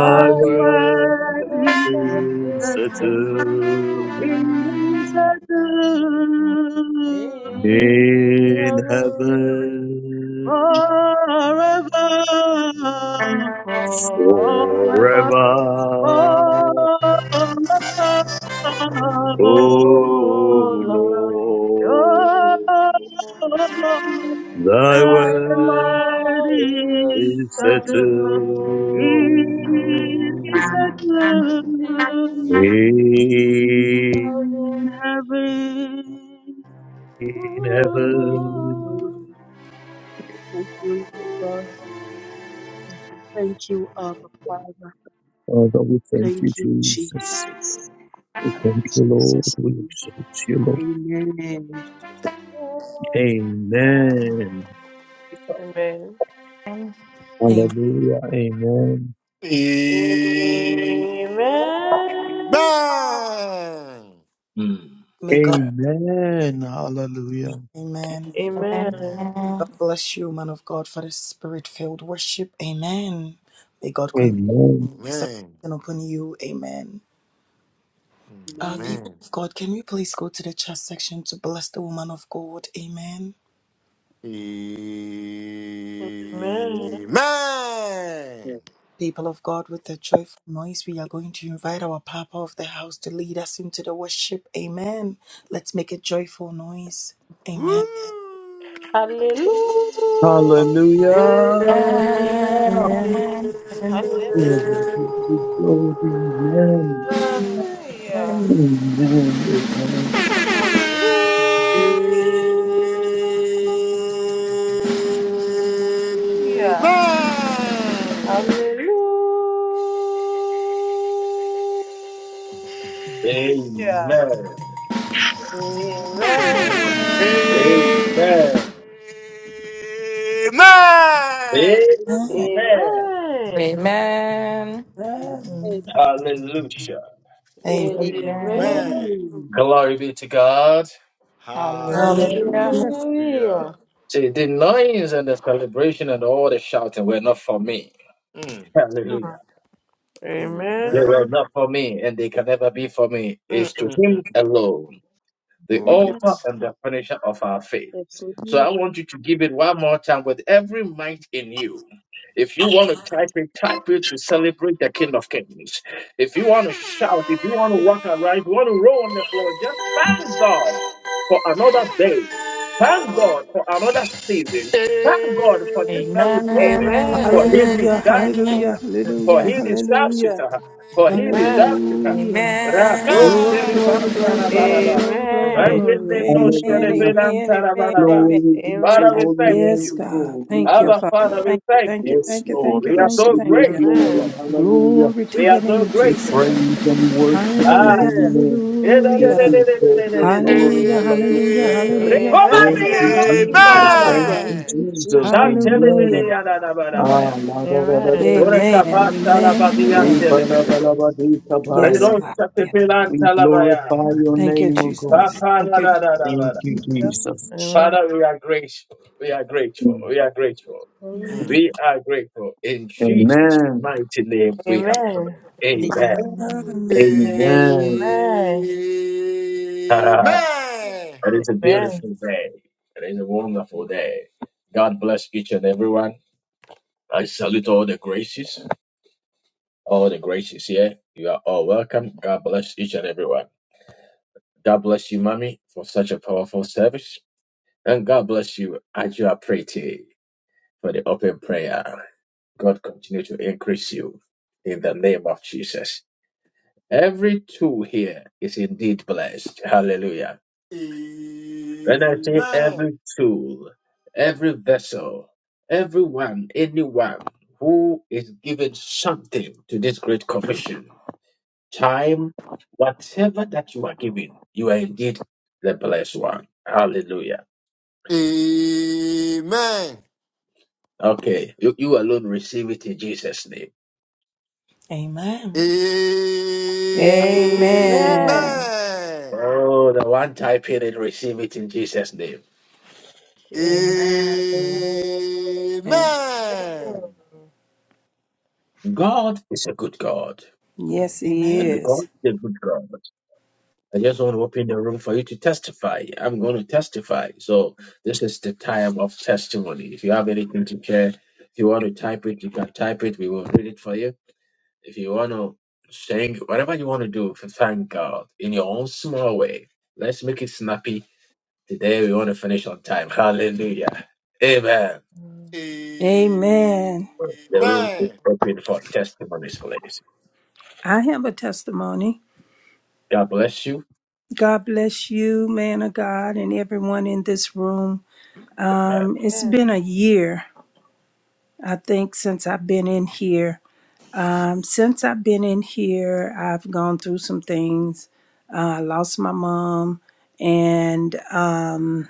S7: thy
S8: word
S7: word
S5: will
S7: is
S8: is the
S5: practice the
S7: settled
S5: song
S7: in
S8: truth.
S5: in
S8: In
S7: this earth
S5: heaven.
S8: heaven,
S7: forever, forever,
S5: Forever,
S8: forever.
S7: forever.
S5: oh
S8: O
S5: Lord,
S7: Your
S8: Lord,
S7: love
S8: thy
S7: that
S5: I
S8: word
S7: mighty
S5: want to
S8: is
S5: sing
S8: settled
S7: Saturn, it
S5: song
S7: is settled
S5: in
S8: in
S7: in
S5: heaven.
S7: heaven. Thank you, King of
S8: heaven.
S7: Glory.
S5: Amen.
S7: Thank you, Lord God. Thank you, Abba Father.
S8: Father, we thank you,
S7: Thank you,
S8: Jesus.
S7: Jesus.
S8: We
S7: In
S8: Thank you, Lord.
S7: Jesus'
S8: We
S7: name.
S8: exalt you, Lord.
S7: Amen.
S8: Amen.
S5: Amen.
S2: Amen.
S8: Hallelujah. Amen.
S6: Amen.
S2: May God,
S8: Amen. Hallelujah.
S2: amen.
S5: Amen. Amen.
S2: God bless you, man of God, for the spirit filled worship. Amen. May God
S6: Amen.
S2: continue.
S8: Amen.
S2: His
S6: Amen.
S2: and upon you. Amen. Uh,
S7: Amen.
S2: people
S6: Amen.
S2: of God, can we please go to the chat section to bless the woman of God? Amen. People of God, with a joyful noise, we are going to invite our Papa of the house to lead us into the worship. Amen. Let's make a joyful noise. Amen.
S6: Woo.
S5: Hallelujah.
S8: Hallelujah.
S6: Amen.
S3: Amen.
S2: Amen.
S3: Amen.
S2: Amen.
S8: Glory be to God. Amen.
S5: Hallelujah.
S2: Amen.
S8: Amen. Amen.
S5: Hallelujah.
S6: Amen.
S5: Hallelujah. Amen.
S6: Amen.
S1: Amen. Amen.
S5: Amen.
S3: Amen.
S2: Amen.
S7: Amen.
S2: Amen.
S3: Amen.
S5: Amen.
S6: Amen.
S7: Amen.
S1: Glory be to God.
S3: Hallelujah.
S6: Hallelujah.
S2: Hallelujah.
S7: Hallelujah.
S5: Hallelujah.
S1: See, the noise and the celebration and all the shouting were not for me.
S6: Mm.
S5: Hmm.
S1: Hallelujah. They
S5: Amen.
S1: were
S6: Amen.
S1: not for me and they can never be for me. It's
S6: Mm,
S1: to
S6: mm, mm.
S1: Him alone. the
S6: Oh,
S1: altar
S7: Amen.
S6: yes.
S1: and the finisher of our faith.
S7: That's all.
S1: So I want you to give it one more time with every might in you. If you want to type it, type it to celebrate the King of Kings. If you want to
S7: Thank
S1: shout, if you want to walk around, if you want to roll on the floor, just thank God for another day. Thank God for another season. Thank God for this very moment. For
S5: Amen.
S1: he
S4: Hallelujah,
S1: deserves it.
S3: Amen.
S4: hallelujah,
S1: For
S4: hallelujah,
S1: he deserves it.
S4: hallelujah,
S1: For he
S5: Amen.
S1: deserves it.
S4: hallelujah.
S1: Rado
S3: Amen.
S4: Glory, glory,
S6: Amen.
S4: glory, glory, glory, glory,
S8: Hallelujah.
S4: glory.
S1: no
S4: Amen,
S8: Hallelujah.
S4: amen, amen, amen.
S8: Glory be to
S5: Amen.
S8: your
S1: Father, we
S8: holy
S1: thank
S4: Yes,
S8: name,
S1: you.
S4: God.
S8: God. We
S4: Thank you,
S8: bless
S1: Abba,
S4: Father.
S1: Father,
S8: you.
S1: we
S4: Thank you,
S1: thank
S4: thank you,
S1: you.
S8: Yes,
S4: thank you,
S8: Lord.
S4: thank you,
S1: We are
S4: thank you,
S1: so
S8: Receive
S4: thank
S8: your
S4: you.
S1: grateful.
S8: glory.
S5: Amen.
S8: Hallelujah.
S4: Glory to
S1: We are
S4: your name,
S8: We
S4: Jesus.
S8: praise and worship your
S1: ah.
S4: Hallelujah,
S8: holy
S5: Amen.
S8: name. You
S4: hallelujah.
S8: deserve your glory.
S4: Hallelujah, hallelujah,
S8: Hallelujah.
S6: Amen.
S4: hallelujah,
S2: Amen.
S8: Thank
S4: hallelujah,
S5: Amen.
S1: Rekobadiya
S8: you,
S1: no
S8: Jesus. Thank
S1: kiparabaya.
S4: hallelujah.
S8: you,
S7: you,
S9: Thank
S7: Jesus.
S8: Jesus.
S4: Hallelujah.
S8: Amen.
S1: Shantelebediya na na na na
S8: Ah, la da da
S5: Amen.
S4: Amen, amen, amen.
S8: da
S4: Yes,
S8: da.
S4: God. Yes.
S8: We glorify your
S4: Thank you,
S8: name, O God.
S4: Jesus. Thank you.
S8: Thank you, Jesus.
S9: you.
S5: Amen.
S1: Father, we are grateful. We are grateful.
S8: Amen.
S1: We are grateful.
S7: Lord.
S6: Mm.
S1: We are grateful. In Jesus'
S8: Amen.
S1: mighty name,
S5: Amen.
S1: we have
S5: Amen.
S1: prayed. Amen.
S7: Amen.
S2: Amen.
S8: Amen.
S5: Amen.
S6: Amen.
S1: [LAUGHS] it is a
S5: Amen.
S1: beautiful day. It is a wonderful day. God bless each and everyone. I salute all the graces. All the graces here. You are all welcome. God bless each and everyone. God bless you, Mommy, for such a powerful service. And God bless you, Ajua Pretty, for the open prayer. God continue to increase you in the name of Jesus. Every tool here is indeed blessed. Hallelujah. When I say
S6: Amen.
S1: every tool, every vessel, everyone, anyone who is given something to this great commission, time, whatever that you are given, you are indeed the blessed one. Hallelujah.
S6: Amen.
S1: Okay. You, you alone receive it in Jesus' name.
S2: Amen.
S4: Amen.
S5: Amen.
S6: Amen.
S1: Oh, the one typing it, receive it in Jesus' name.
S5: Amen.
S10: Amen.
S6: Amen.
S1: God is a good God.
S6: Mm.
S4: Yes, He
S2: Amen.
S1: And God
S4: is.
S1: is a good God. I just want to open the room for you to testify. I'm going to testify. So this is the time of testimony. If you have anything to share, if you want to type it, you can type it. We will read it for you. If you want to sing, whatever you want to do, f- thank God in your own small way. Let's make it snappy. Today we want to finish on time. Hallelujah. Amen.
S6: Amen.
S4: Amen.
S1: The room is open for testimonies, please.
S4: I have a testimony.
S1: God bless you.
S4: God bless you, man of God, and everyone in this room.
S1: Amen.
S4: Um, it's been a year, I think, since I've been in here. Um, since I've been in here, I've gone through some things. Uh, I lost my mom, and um,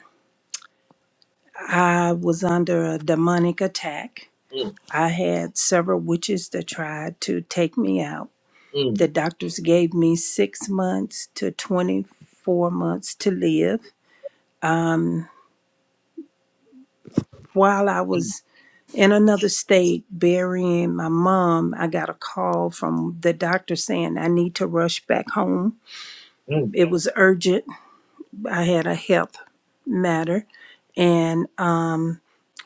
S4: I was under a demonic attack.
S1: Mm,
S4: I had several witches that tried to take me out.
S1: mm,
S4: The doctors gave me six months to 24 months to live. While I was in another state burying my mom, I got a call from the doctor saying I need to rush back home. It was urgent. I had a health matter. And um,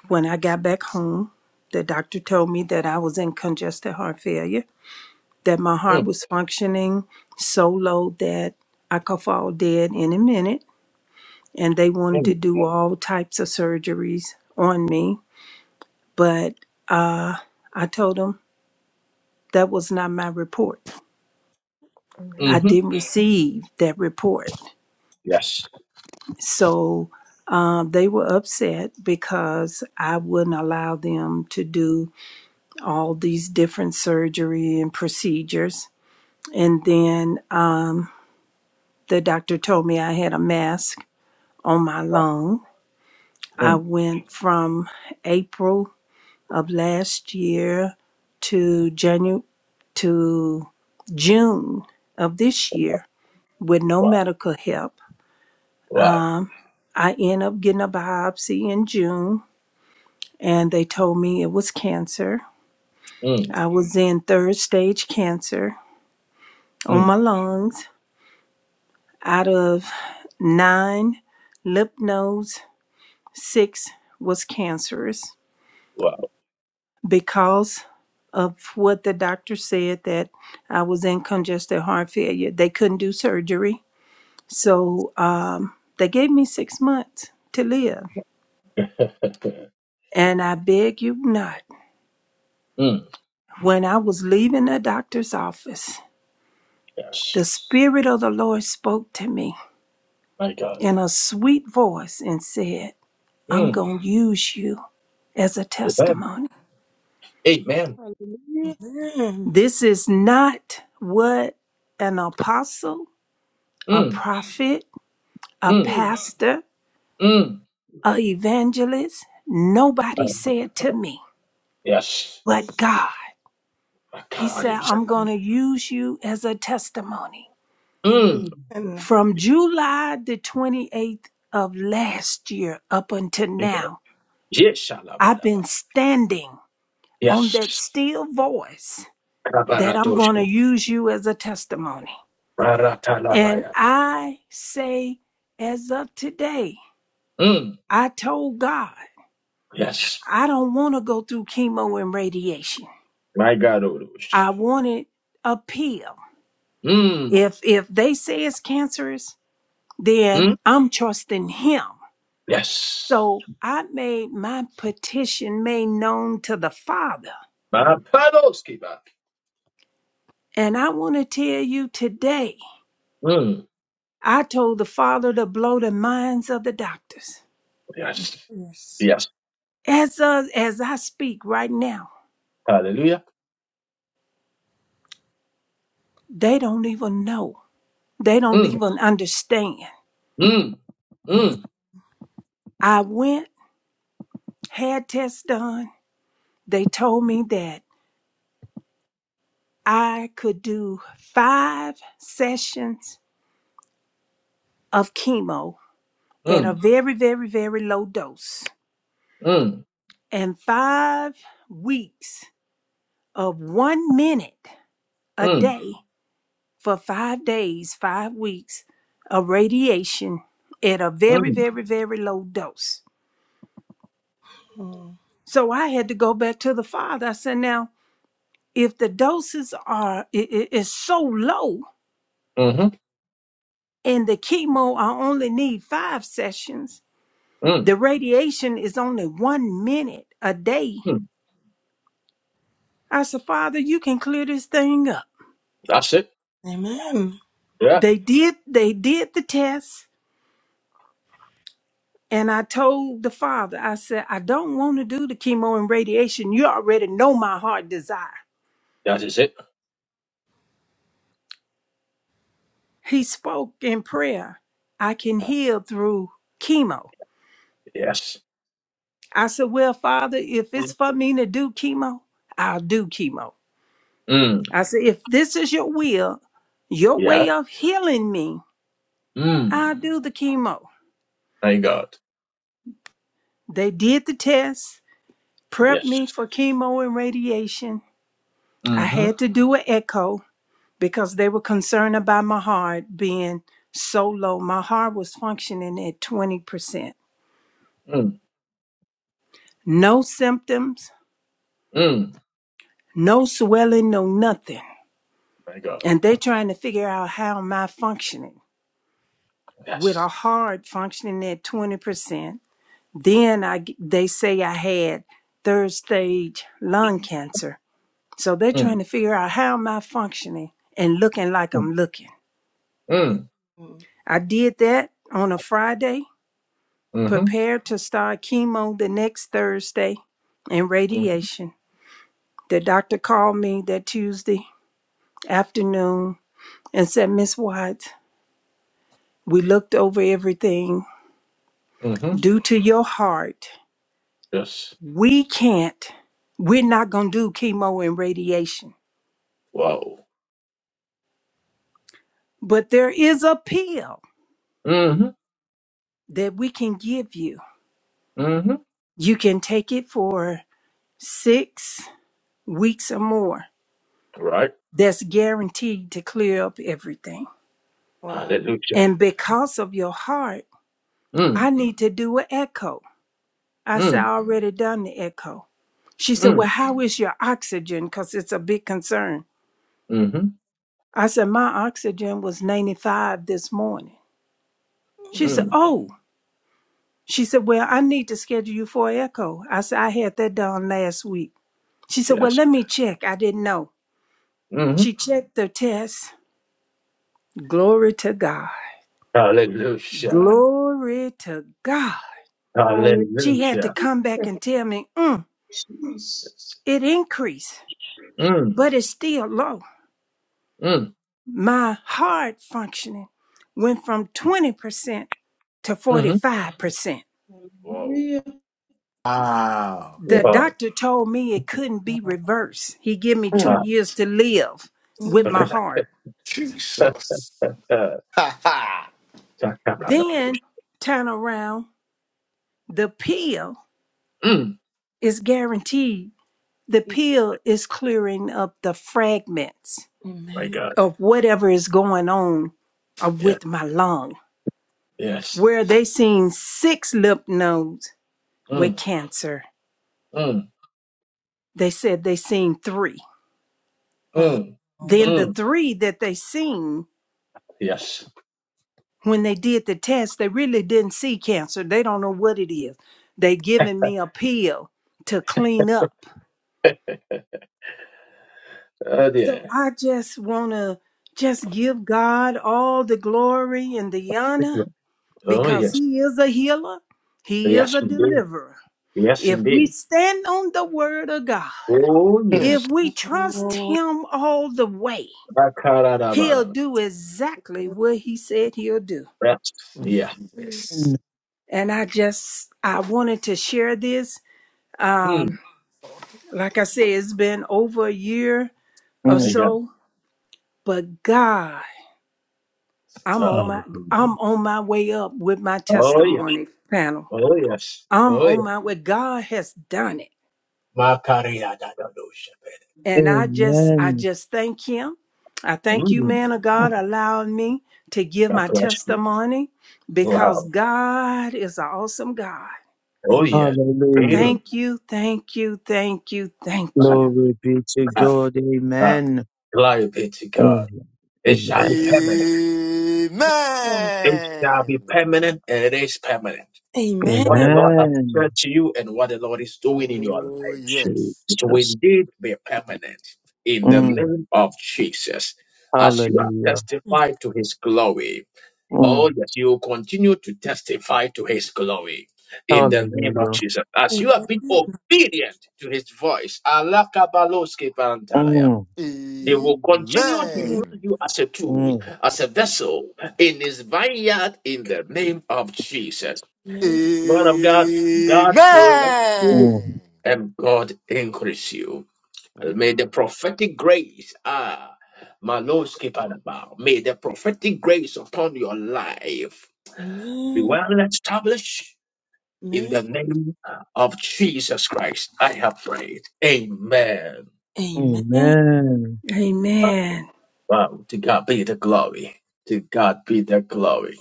S4: when I got back home, the doctor told me that I was in congestive heart failure, that my heart
S1: mm,
S4: was functioning so low that I could fall dead any minute and they wanted to do all types of surgeries on me. But uh, I told them that was not my report.
S5: Amen.
S4: I didn't receive that report. So um, they were upset because I wouldn't allow them to do all these different surgery and procedures. And then um, the doctor told me I had a mask on my lung. I
S1: mm.
S4: went from April of last year to Janu- to June of this year with no
S1: Wow.
S4: medical help.
S1: Wow.
S4: I end up getting a biopsy in June and they told me it was cancer.
S1: Mm,
S4: I was in third stage cancer on
S1: mm,
S4: my lungs. Out of nine lymph nodes, six was cancerous.
S1: wow.
S4: because of what the doctor said that I was in congestive heart failure. They couldn't do surgery. So um, they gave me six months to live.
S1: [LAUGHS] mm,
S4: And I beg you not, when I was leaving the doctor's office,
S1: yes,
S4: the Spirit of the Lord spoke to me
S1: my God.
S4: in a sweet voice and said, I'm
S1: Mm,
S4: going to use you as a
S1: amen.
S4: testimony.
S1: Amen.
S7: Hallelujah.
S2: Amen.
S4: This is not what an apostle, a
S1: Mm,
S4: prophet, a
S1: mm,
S7: Mm.
S4: pastor.
S1: mm.
S4: a evangelist. Nobody said to me,
S1: Yes.
S4: but
S7: Mm.
S4: God.
S1: My
S4: He
S1: God
S4: said,
S1: himself.
S4: I'm going to use you as a testimony.
S1: Mm.
S7: Mm.
S2: Amen.
S4: From July the 28th of last year up until
S1: my God.
S4: now,
S1: Yes.
S4: I've
S1: shalabadaba.
S4: been standing on that
S1: Yes.
S4: still voice that I'm going to
S1: Kabaradosha.
S4: use you as a testimony. And
S1: Baratalabaya.
S4: I say, as of today,
S1: Mm.
S4: I told God,
S1: Yes.
S4: I don't want to go through chemo and radiation.
S1: My God, Orush.
S4: I wanted a pill.
S1: Mm.
S4: If if they say it's cancerous, then
S1: Mm.
S4: I'm trusting him.
S1: Yes.
S4: So I made my petition made known to the Father.
S1: Mapadoskiba.
S4: And I want to tell you today,
S1: Mm.
S4: I told the Father to blow the minds of the doctors.
S1: Yes.
S2: Yes.
S1: Yes.
S4: As uh, as I speak right now,
S1: Hallelujah.
S4: they don't even know. They don't
S1: Mm.
S4: even understand.
S1: Mm.
S2: Wow.
S1: Mm.
S4: I went, had tests done. They told me that I could do five sessions of chemo at a
S1: Mm.
S4: very, very, very low dose
S1: Mm.
S4: and five weeks of one minute a
S1: Mm.
S4: day for five days, five weeks of radiation at a very,
S1: Mm.
S4: very, very low dose.
S2: Mm.
S4: So I had to go back to the father. I said, now, if the doses are i- i- is so low
S1: Mm.
S4: and the chemo, I only need five sessions
S1: mm,
S4: The radiation is only one minute a day.
S1: Mm,
S4: I said, Father, you can clear this thing up.
S1: that's it.
S2: Amen.
S1: Yeah,
S4: They did they did the test and I told the father, I said, I don't want to do the chemo and radiation. You already know my heart desire.
S1: that is it.
S4: He spoke in prayer. I can heal through chemo.
S1: Yes.
S4: I said, Well, Father, if it's for me to do chemo, I'll do chemo.
S1: Mm,
S4: I said, if this is your will, your
S1: yeah.
S4: way of healing me, I'll
S1: Mm,
S4: do the chemo.
S1: my God.
S4: They did the test, prepped me
S1: Yes.
S4: for chemo and radiation. I
S1: Mm-hmm.
S4: had to do an echo because they were concerned about my heart being so low. My heart was functioning at 20%.
S1: Mm,
S4: No symptoms,
S1: mm,
S4: no swelling, no nothing.
S1: my God.
S4: And they're trying to figure out how am I functioning with
S1: Yes.
S4: a heart functioning at 20%. Then I, they say I had third stage lung cancer So they're trying
S1: Mm,
S4: to figure out how am I functioning and looking like
S1: mm,
S4: I'm looking.
S1: mm,
S2: Mm.
S4: I did that on a Friday,
S1: mm-hmm.
S4: prepared to start chemo the next Thursday and
S1: Mm,
S4: radiation. The doctor called me that Tuesday afternoon and said, Miss Watts, we looked over everything.
S1: mm-hmm.
S4: Due to your heart,
S1: Yes.
S4: we can't, we're not going to do chemo and radiation.
S1: Wow.
S4: But there is a pill
S1: Mm-hmm.
S4: that we can give you.
S1: Mm-hmm.
S4: You can take it for six weeks or more
S1: Right.
S4: that's guaranteed to clear up everything.
S2: Wow.
S1: Hallelujah.
S4: And because of your heart,
S1: Mm,
S4: I need to do an echo. I said, I
S1: mm,
S4: already done the echo. She said, Well,
S1: mm,
S4: how is your oxygen? Because it's a big concern.
S1: mm-hmm.
S4: I said, My oxygen was 95 this morning. She said,
S2: Mm.
S1: Mm,
S4: Oh, she said, Well, I need to schedule you for an echo. I said, I had that done last week. She said, Well,
S1: yes.
S4: let me check. I didn't know.
S1: Mm-hmm.
S4: She checked the test. Glory to God.
S1: Hallelujah.
S2: Mm.
S4: Glory to God.
S7: Hallelujah.
S4: She had to
S1: Hallelujah.
S4: come back and tell me, mm,
S7: Jesus.
S4: it increased,
S1: Mm,
S4: but it's still low.
S1: mm,
S4: My heart functioning went from 20% to
S1: mm-hmm.
S4: 45%.
S1: Wow.
S6: Wow.
S4: The
S1: Wow.
S4: doctor told me it couldn't be reversed. He gave me two
S6: Mm.
S4: years to live with
S2: Mm.
S4: my heart.
S1: Ah.
S6: Jesus.
S1: [LAUGHS]
S6: Ha ha.
S4: Then
S1: Sakaparadosh.
S4: turn around, the pill
S1: Mm,
S4: is guaranteed. The pill is clearing up the fragments
S1: my
S2: Amen.
S1: God.
S4: of whatever is going on uh,
S1: Yeah.
S4: with my lung.
S2: Mm.
S1: Yes.
S4: Where they seen six lymph nodes with
S1: Mm,
S4: cancer,
S1: mm,
S4: they said they seen three.
S2: Wow.
S1: mm,
S4: Then the
S1: mm.
S4: three that they seen
S1: Yes.
S4: when they did the test, they really didn't see cancer. They don't know what it is. They giving me a pill to clean up.
S1: Oh
S4: So
S1: dear.
S4: I just wanna just give God all the glory and the honor
S1: Oh
S2: Amen.
S4: because
S1: yes.
S4: He is a healer. He is
S1: Yes
S4: a
S1: indeed.
S4: deliverer.
S1: Yes
S4: If we
S1: indeed.
S4: stand on the word of God,
S1: Oh
S6: Mm.
S4: if
S1: yes.
S4: we trust
S2: Mm.
S4: Him all the way, He'll
S1: Sakarabara.
S4: do exactly what He said He'll do.
S1: Yes.
S6: Mm.
S2: Mm.
S1: Yeah.
S6: Yes.
S4: And I just, I wanted to share this.
S1: Mm,
S4: Um, like I said, it's been over a year or
S1: I
S8: Mm.
S1: got
S4: so, but God,
S1: it.
S4: I'm on
S1: Uh,
S4: my,
S8: Hallelujah.
S4: I'm on my way up with my
S1: oh yeah.
S4: testimony panel.
S1: Oh yes.
S4: I'm
S1: Oh
S4: on
S1: yeah.
S4: my way. God has done it.
S1: Makaryadadadosh.
S4: And I just I
S8: Amen.
S4: just thank him. I thank you,
S1: Mm,
S4: man of God, allowing me to give
S1: God
S4: my
S1: bless you.
S4: testimony because
S1: Wow.
S4: God is an awesome God.
S1: Oh
S2: Amen.
S1: yes.
S8: Hallelujah.
S4: Thank you, thank you, thank you, thank you.
S8: Glory be to God. Amen.
S1: Glory be to God.
S8: Amen.
S1: It shall
S8: Amen.
S1: be permanent. It shall be
S6: Amen.
S1: permanent and it is permanent. What the
S2: Amen. Amen.
S1: Lord has said
S8: Amen.
S1: to you and what the Lord is doing in your
S6: Oh,
S1: life,
S6: yes.
S1: it will
S8: Jesus.
S1: indeed be permanent in the
S8: Mm.
S1: name of Jesus. As you have
S8: Hallelujah.
S1: testified to his glory,
S8: Mm.
S1: oh yes, you will continue to testify to his glory in the name of
S8: Hallelujah.
S1: Jesus. As
S2: Amen. Amen.
S1: you have been obedient to his voice,
S8: Mm.
S1: he will continue to use
S6: Amen.
S1: you as a tool,
S8: Mm.
S1: as a vessel in his vineyard in the name of Jesus. Lord of God, God bless you
S6: Amen.
S8: Mm.
S1: and God increase you. May the prophetic grace, ah, my Lord, skip and about. May the prophetic grace upon your life be
S2: Amen. Amen.
S1: well established in the name of Jesus Christ. I have prayed. Amen.
S2: Amen.
S8: Amen.
S4: Amen.
S1: Wow, to God be the glory. To God be the glory.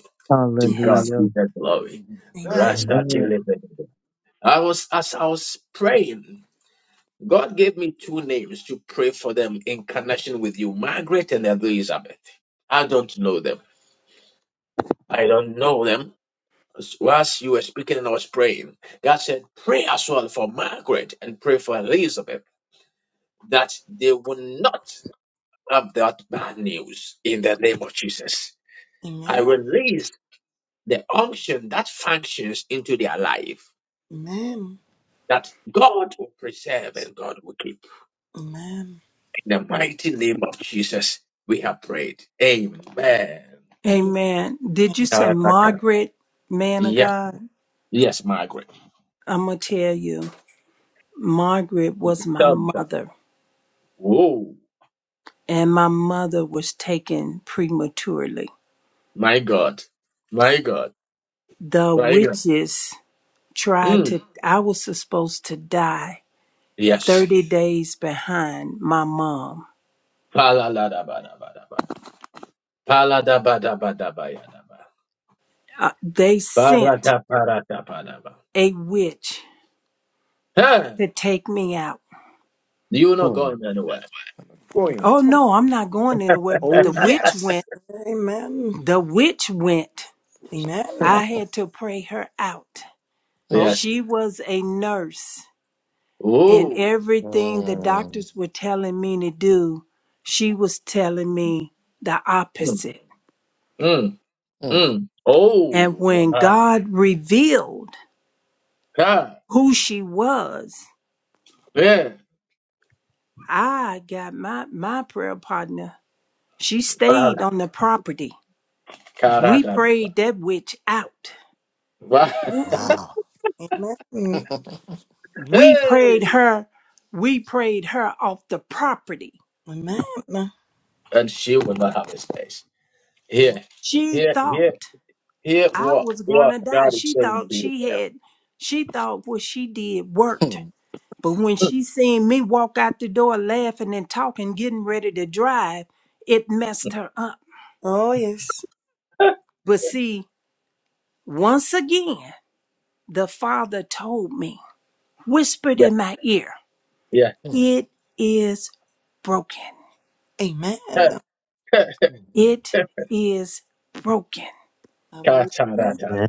S1: To God
S4: Yes.
S8: Hallelujah.
S1: be the glory.
S2: Amen.
S6: Amen.
S1: Rasta
S8: Amen.
S1: Tilibin. I was as I was praying, God gave me two names to pray for them in connection with you, Margaret and Elizabeth. I don't know them. I don't know them. As- Whilst you were speaking and I was praying, God said, pray as well for Margaret and pray for Elizabeth that they will not have that bad news in the name of Jesus. I
S2: Amen.
S1: release the unction that functions into their life
S2: Amen.
S1: that God will preserve and God will keep. In the mighty name of Jesus, we have prayed. Amen.
S4: Amen. Did you
S2: Amen.
S4: say
S1: Uh,
S4: Margaret, man of
S1: yeah.
S4: God?
S1: Yes, Margaret.
S4: I'm going to tell you, Margaret was my
S1: Thumbs up.
S4: mother,
S1: Whoa.
S4: and my mother was taken prematurely.
S1: My God. My God.
S4: The
S1: My God.
S4: witches tried
S1: Mm.
S4: to i was supposed to die
S1: Yes.
S4: 30 days behind my mom
S1: Paladabadabadaba. Paladabadabadabayadaba.
S4: uh, they sent
S1: Paradaparadapadaba.
S4: a witch
S1: Huh.
S4: to take me out
S1: You not
S6: Hmm.
S1: going anywhere.
S6: Going.
S4: oh no i'm not going anywhere but
S6: Oh
S4: the witch
S6: yes.
S4: went
S2: Amen.
S4: the witch went
S2: Amen.
S4: i had to pray her out
S6: Hmm.
S2: Oh,
S1: Yes.
S4: she was a nurse and
S1: Oh.
S4: everything the
S6: Hmm.
S4: doctors were telling me to do she was telling me the
S1: Mm.
S4: opposite
S1: Mm.
S6: Hmm.
S1: Mm.
S4: and
S1: Oh,
S4: when
S1: my
S4: god revealed
S1: God.
S4: who she was
S1: Yeah.
S4: I got my my prayer partner. She
S1: Ah,
S4: stayed on the property.
S1: God, I
S4: We
S1: don't know.
S4: prayed that witch out.
S1: Wow. [LAUGHS]
S2: yeah.
S6: Wow.
S2: amen.
S4: We prayed
S1: Hey.
S4: her. We prayed her off the property.
S2: Amen.
S1: And she will not have this place. Here,
S4: She
S1: here, here,
S4: thought
S1: here,
S4: I
S1: what,
S4: was
S1: what
S4: gonna die.
S1: God is
S4: She
S1: saying
S4: thought
S1: to you
S4: she had. She thought what she did worked.
S6: Hmm.
S4: But when she seen me walk out the door laughing and talking, getting ready to drive, it messed her up.
S2: Oh, yes.
S4: But see, once again, the father told me. whispered in
S1: there.
S4: my ear,
S1: Yeah,
S6: Hmm.
S4: It is broken.
S2: Amen.
S1: yeah.
S6: Hmm.
S4: It
S1: [LAUGHS]
S4: is broken.
S2: Hallelujah.
S1: Ka-ta-ra-ta-ra.
S8: Amen.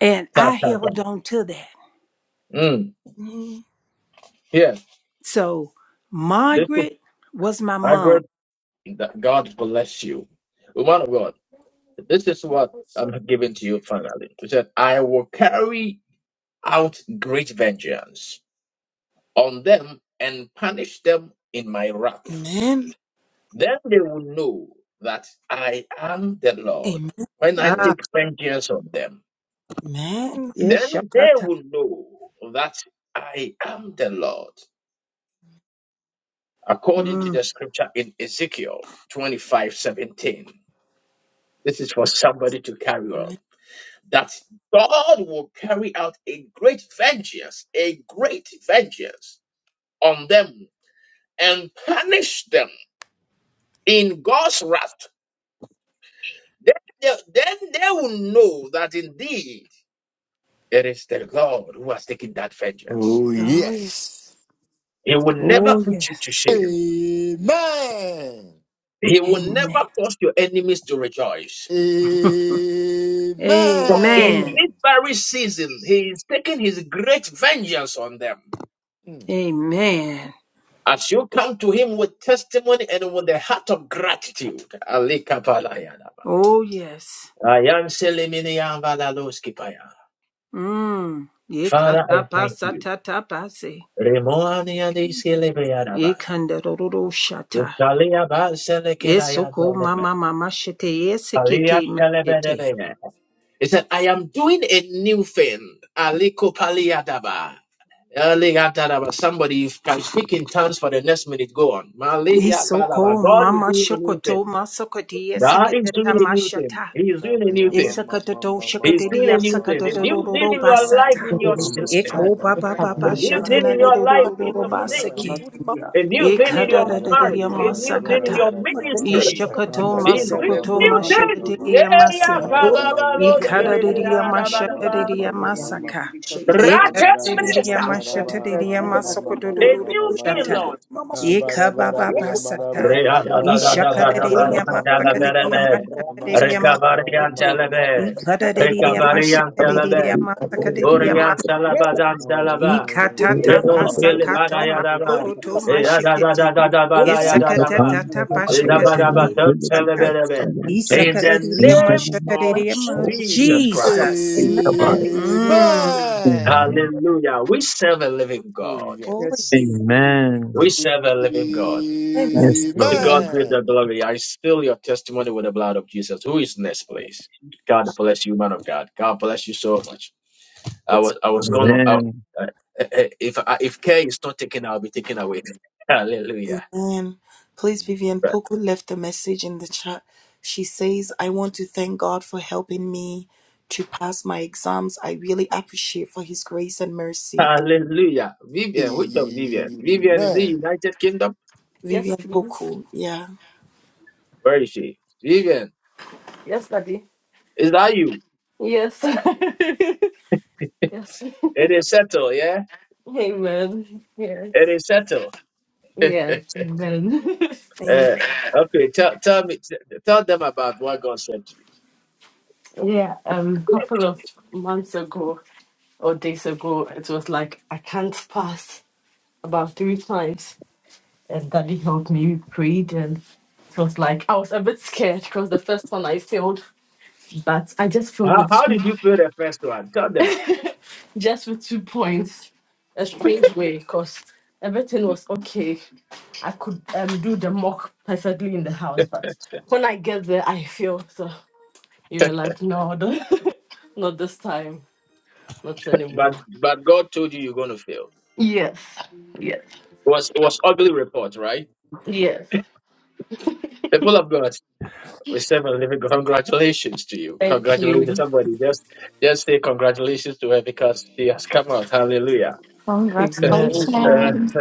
S4: And
S1: ta
S4: I
S1: ta
S4: held on to that.
S1: Mm.
S2: Mhm.
S1: Yes,
S4: So
S1: this is
S4: Margaret was my mom.
S1: Margaret. That God bless you. Woman of God, this is what I'm giving to you finally. He said, I will carry out great vengeance. on them and punish them in my wrath.
S2: Amen.
S1: Then they will know that I am the Lord
S2: Amen.
S1: when I
S4: Ah,
S1: take vengeance on them.
S2: Amen.
S4: yes,
S1: Then they
S4: Shakata.
S1: will know that I am the Lord, according to
S4: Mm.
S1: the scripture in Ezekiel 25 17, This is for somebody to carry on.
S2: Amen.
S1: That God will carry out a great vengeance, a great vengeance on them and punish them in God's wrath Then they, then they will know that indeed it is the Lord who has taken that vengeance.
S6: Oh
S2: Oh, yes.
S6: yes.
S1: He will
S4: Oh,
S1: never put you
S4: yes.
S1: to shame.
S6: Amen.
S1: He will never
S4: Amen.
S1: cause your enemies to rejoice. For in
S4: Amen.
S1: this
S6: Amen.
S1: very season, he is taking his great vengeance on them.
S6: Hmm.
S4: Amen.
S1: As you come to him with testimony and with the heart of gratitude. Ali Kapalayanaba.
S4: Oh, yes.
S1: Ayan Seleminiyan Valaloskipaya.
S4: Mm.
S1: Father, I thank you.
S4: Yekatapasatatapase.
S1: Remoani Adi Selebeyanaba.
S4: Yekandaroroshata.
S1: Utalia ba selekiraya
S4: Yesoko
S1: doleme.
S4: mama mama shete
S1: Palia
S4: yesekete meshete.
S1: telebelebele. He said, I am doing a new thing. Aliko paliadaba. Eliadadaba. Somebody if can speak in tongues for the next minute. Go on.
S4: Isoko
S1: Maliabadaba. God is
S4: mama
S1: doing a new
S4: shokoto
S1: thing.
S4: masokodia
S1: God is
S4: sekateta
S1: doing a new thing.
S4: mashata.
S1: He is doing a new
S6: Mama,
S1: thing.
S4: Isakatoto
S1: He is doing
S4: shakadia
S1: a new thing. A new thing
S4: sakadororo
S1: in your
S7: Hallelujah.
S1: life,
S4: basata.
S1: in your
S2: Amen.
S1: system.
S4: Eko baba baba
S1: A
S7: Thank
S1: new thing
S4: shatana
S1: in your life, in
S4: dororo
S1: your things.
S4: basake.
S1: A new thing in your marriage.
S4: Ikadadadia
S1: A new thing in your
S4: masakata.
S1: ministry.
S4: Ishakato
S1: He's bringing
S4: masokoto
S1: new things. Yeah,
S4: mashakadia
S1: yeah,
S4: masi.
S1: kababalo, chilebe,
S4: Ikadadidiya
S1: yaradabadaba.
S4: mashatadidiya masaka. Ikadadidiya
S1: Ratesabesa.
S4: mashatadidiya
S1: A
S4: masokododododo
S1: new thing,
S4: shata.
S1: Lord.
S4: Ikabababasata. Ishakadadidiya masakadadidiya
S1: Readadadadadadadabarandalaberebe.
S4: mashatadidiya masokododo.
S1: Rekabariantelebe.
S4: Ikadadidiya
S8: Amen.
S6: Amen.
S1: Rekabariantelebe.
S4: mashatadidiya
S7: you.
S4: masakadadidiya
S7: Yes,
S1: Oriantalabazandalaba.
S7: that that will be
S4: Ikatata
S7: on the
S4: pasakato
S7: calendar of the
S1: Renoshkelebarayadaba.
S4: masokoto mashikete.
S7: OPG,
S1: Eradadadadadabalayadadaba.
S4: Isakatatata
S7: OPG,
S4: pashakatate
S7: OPG,
S4: masaka.
S1: Elabadabatamtelebelebe. In
S7: OPGs.
S1: the
S4: Isakadadidia
S1: name of
S4: mashakadadia ma.
S1: Jesus Christ.
S4: Jesus. Mm.
S7: Amen.
S1: Hallelujah. We serve a living
S6: Oh,
S1: God.
S6: yes.
S2: Oh,
S7: Yes,
S2: yes.
S7: indeed.
S8: Amen.
S1: We serve a living God.
S8: Yes,
S1: To
S8: Lord.
S7: Oh,
S1: God
S2: Amen.
S1: be the
S6: Amen.
S1: glory. I seal your testimony with the blood of Jesus. Who is next,
S7: Lord of
S1: please? God
S7: Jesus.
S1: bless you, man of God. God bless you so much. I
S2: It's.
S1: was I was gonna I,
S8: Amen.
S1: uh, uh, if I, if care is not taken, I'll be taken away. [LAUGHS] Hallelujah.
S2: Amen. Please, Vivian Poku left a message in the chat. She says, I want to thank God for helping me to pass my exams. I really appreciate for his grace and mercy.
S1: Hallelujah. Vivian, which of Vivian? Vivian is the
S6: Amen.
S1: United Kingdom.
S10: Yes,
S2: Vivian
S10: please.
S2: Poku, yeah.
S1: Where is she? Vivian,
S10: Yes, Daddy.
S1: is that you?
S10: Yes. [LAUGHS] yes.
S1: It is settled, yeah.
S10: Amen. Yes.
S1: It is settled.
S10: Yeah. Amen.
S2: Amen.
S1: Uh, okay, tell tell me, tell them about what God said to you.
S10: [LAUGHS] yeah. Um. A couple of months ago or days ago, it was like I can't pass about three times, and Daddy helped me. We prayed, and it was like I was a bit scared because the first one I failed, but I just filled
S1: How how
S10: with
S1: did you fail the first one? Tell them.
S10: just for two points. A strange way, because everything was okay. I could um do the mock perfectly in the house, but when I get there, I feel so. You were like, no, don't, [LAUGHS] not this time, not
S1: But
S10: anymore.
S1: but God told you you're gonna fail.
S10: Yes, yes,
S1: It was it was ugly report, right?
S10: yes.
S1: People of God, we serve a living. God. [LAUGHS] Congratulations to you.
S10: Thank
S1: Congratulations,
S10: you.
S1: somebody. Just just say congratulations to her because she has come out. Hallelujah. [LAUGHS]
S6: I
S10: Amen.
S6: bless
S1: Uh,
S6: you.
S3: Congratulations.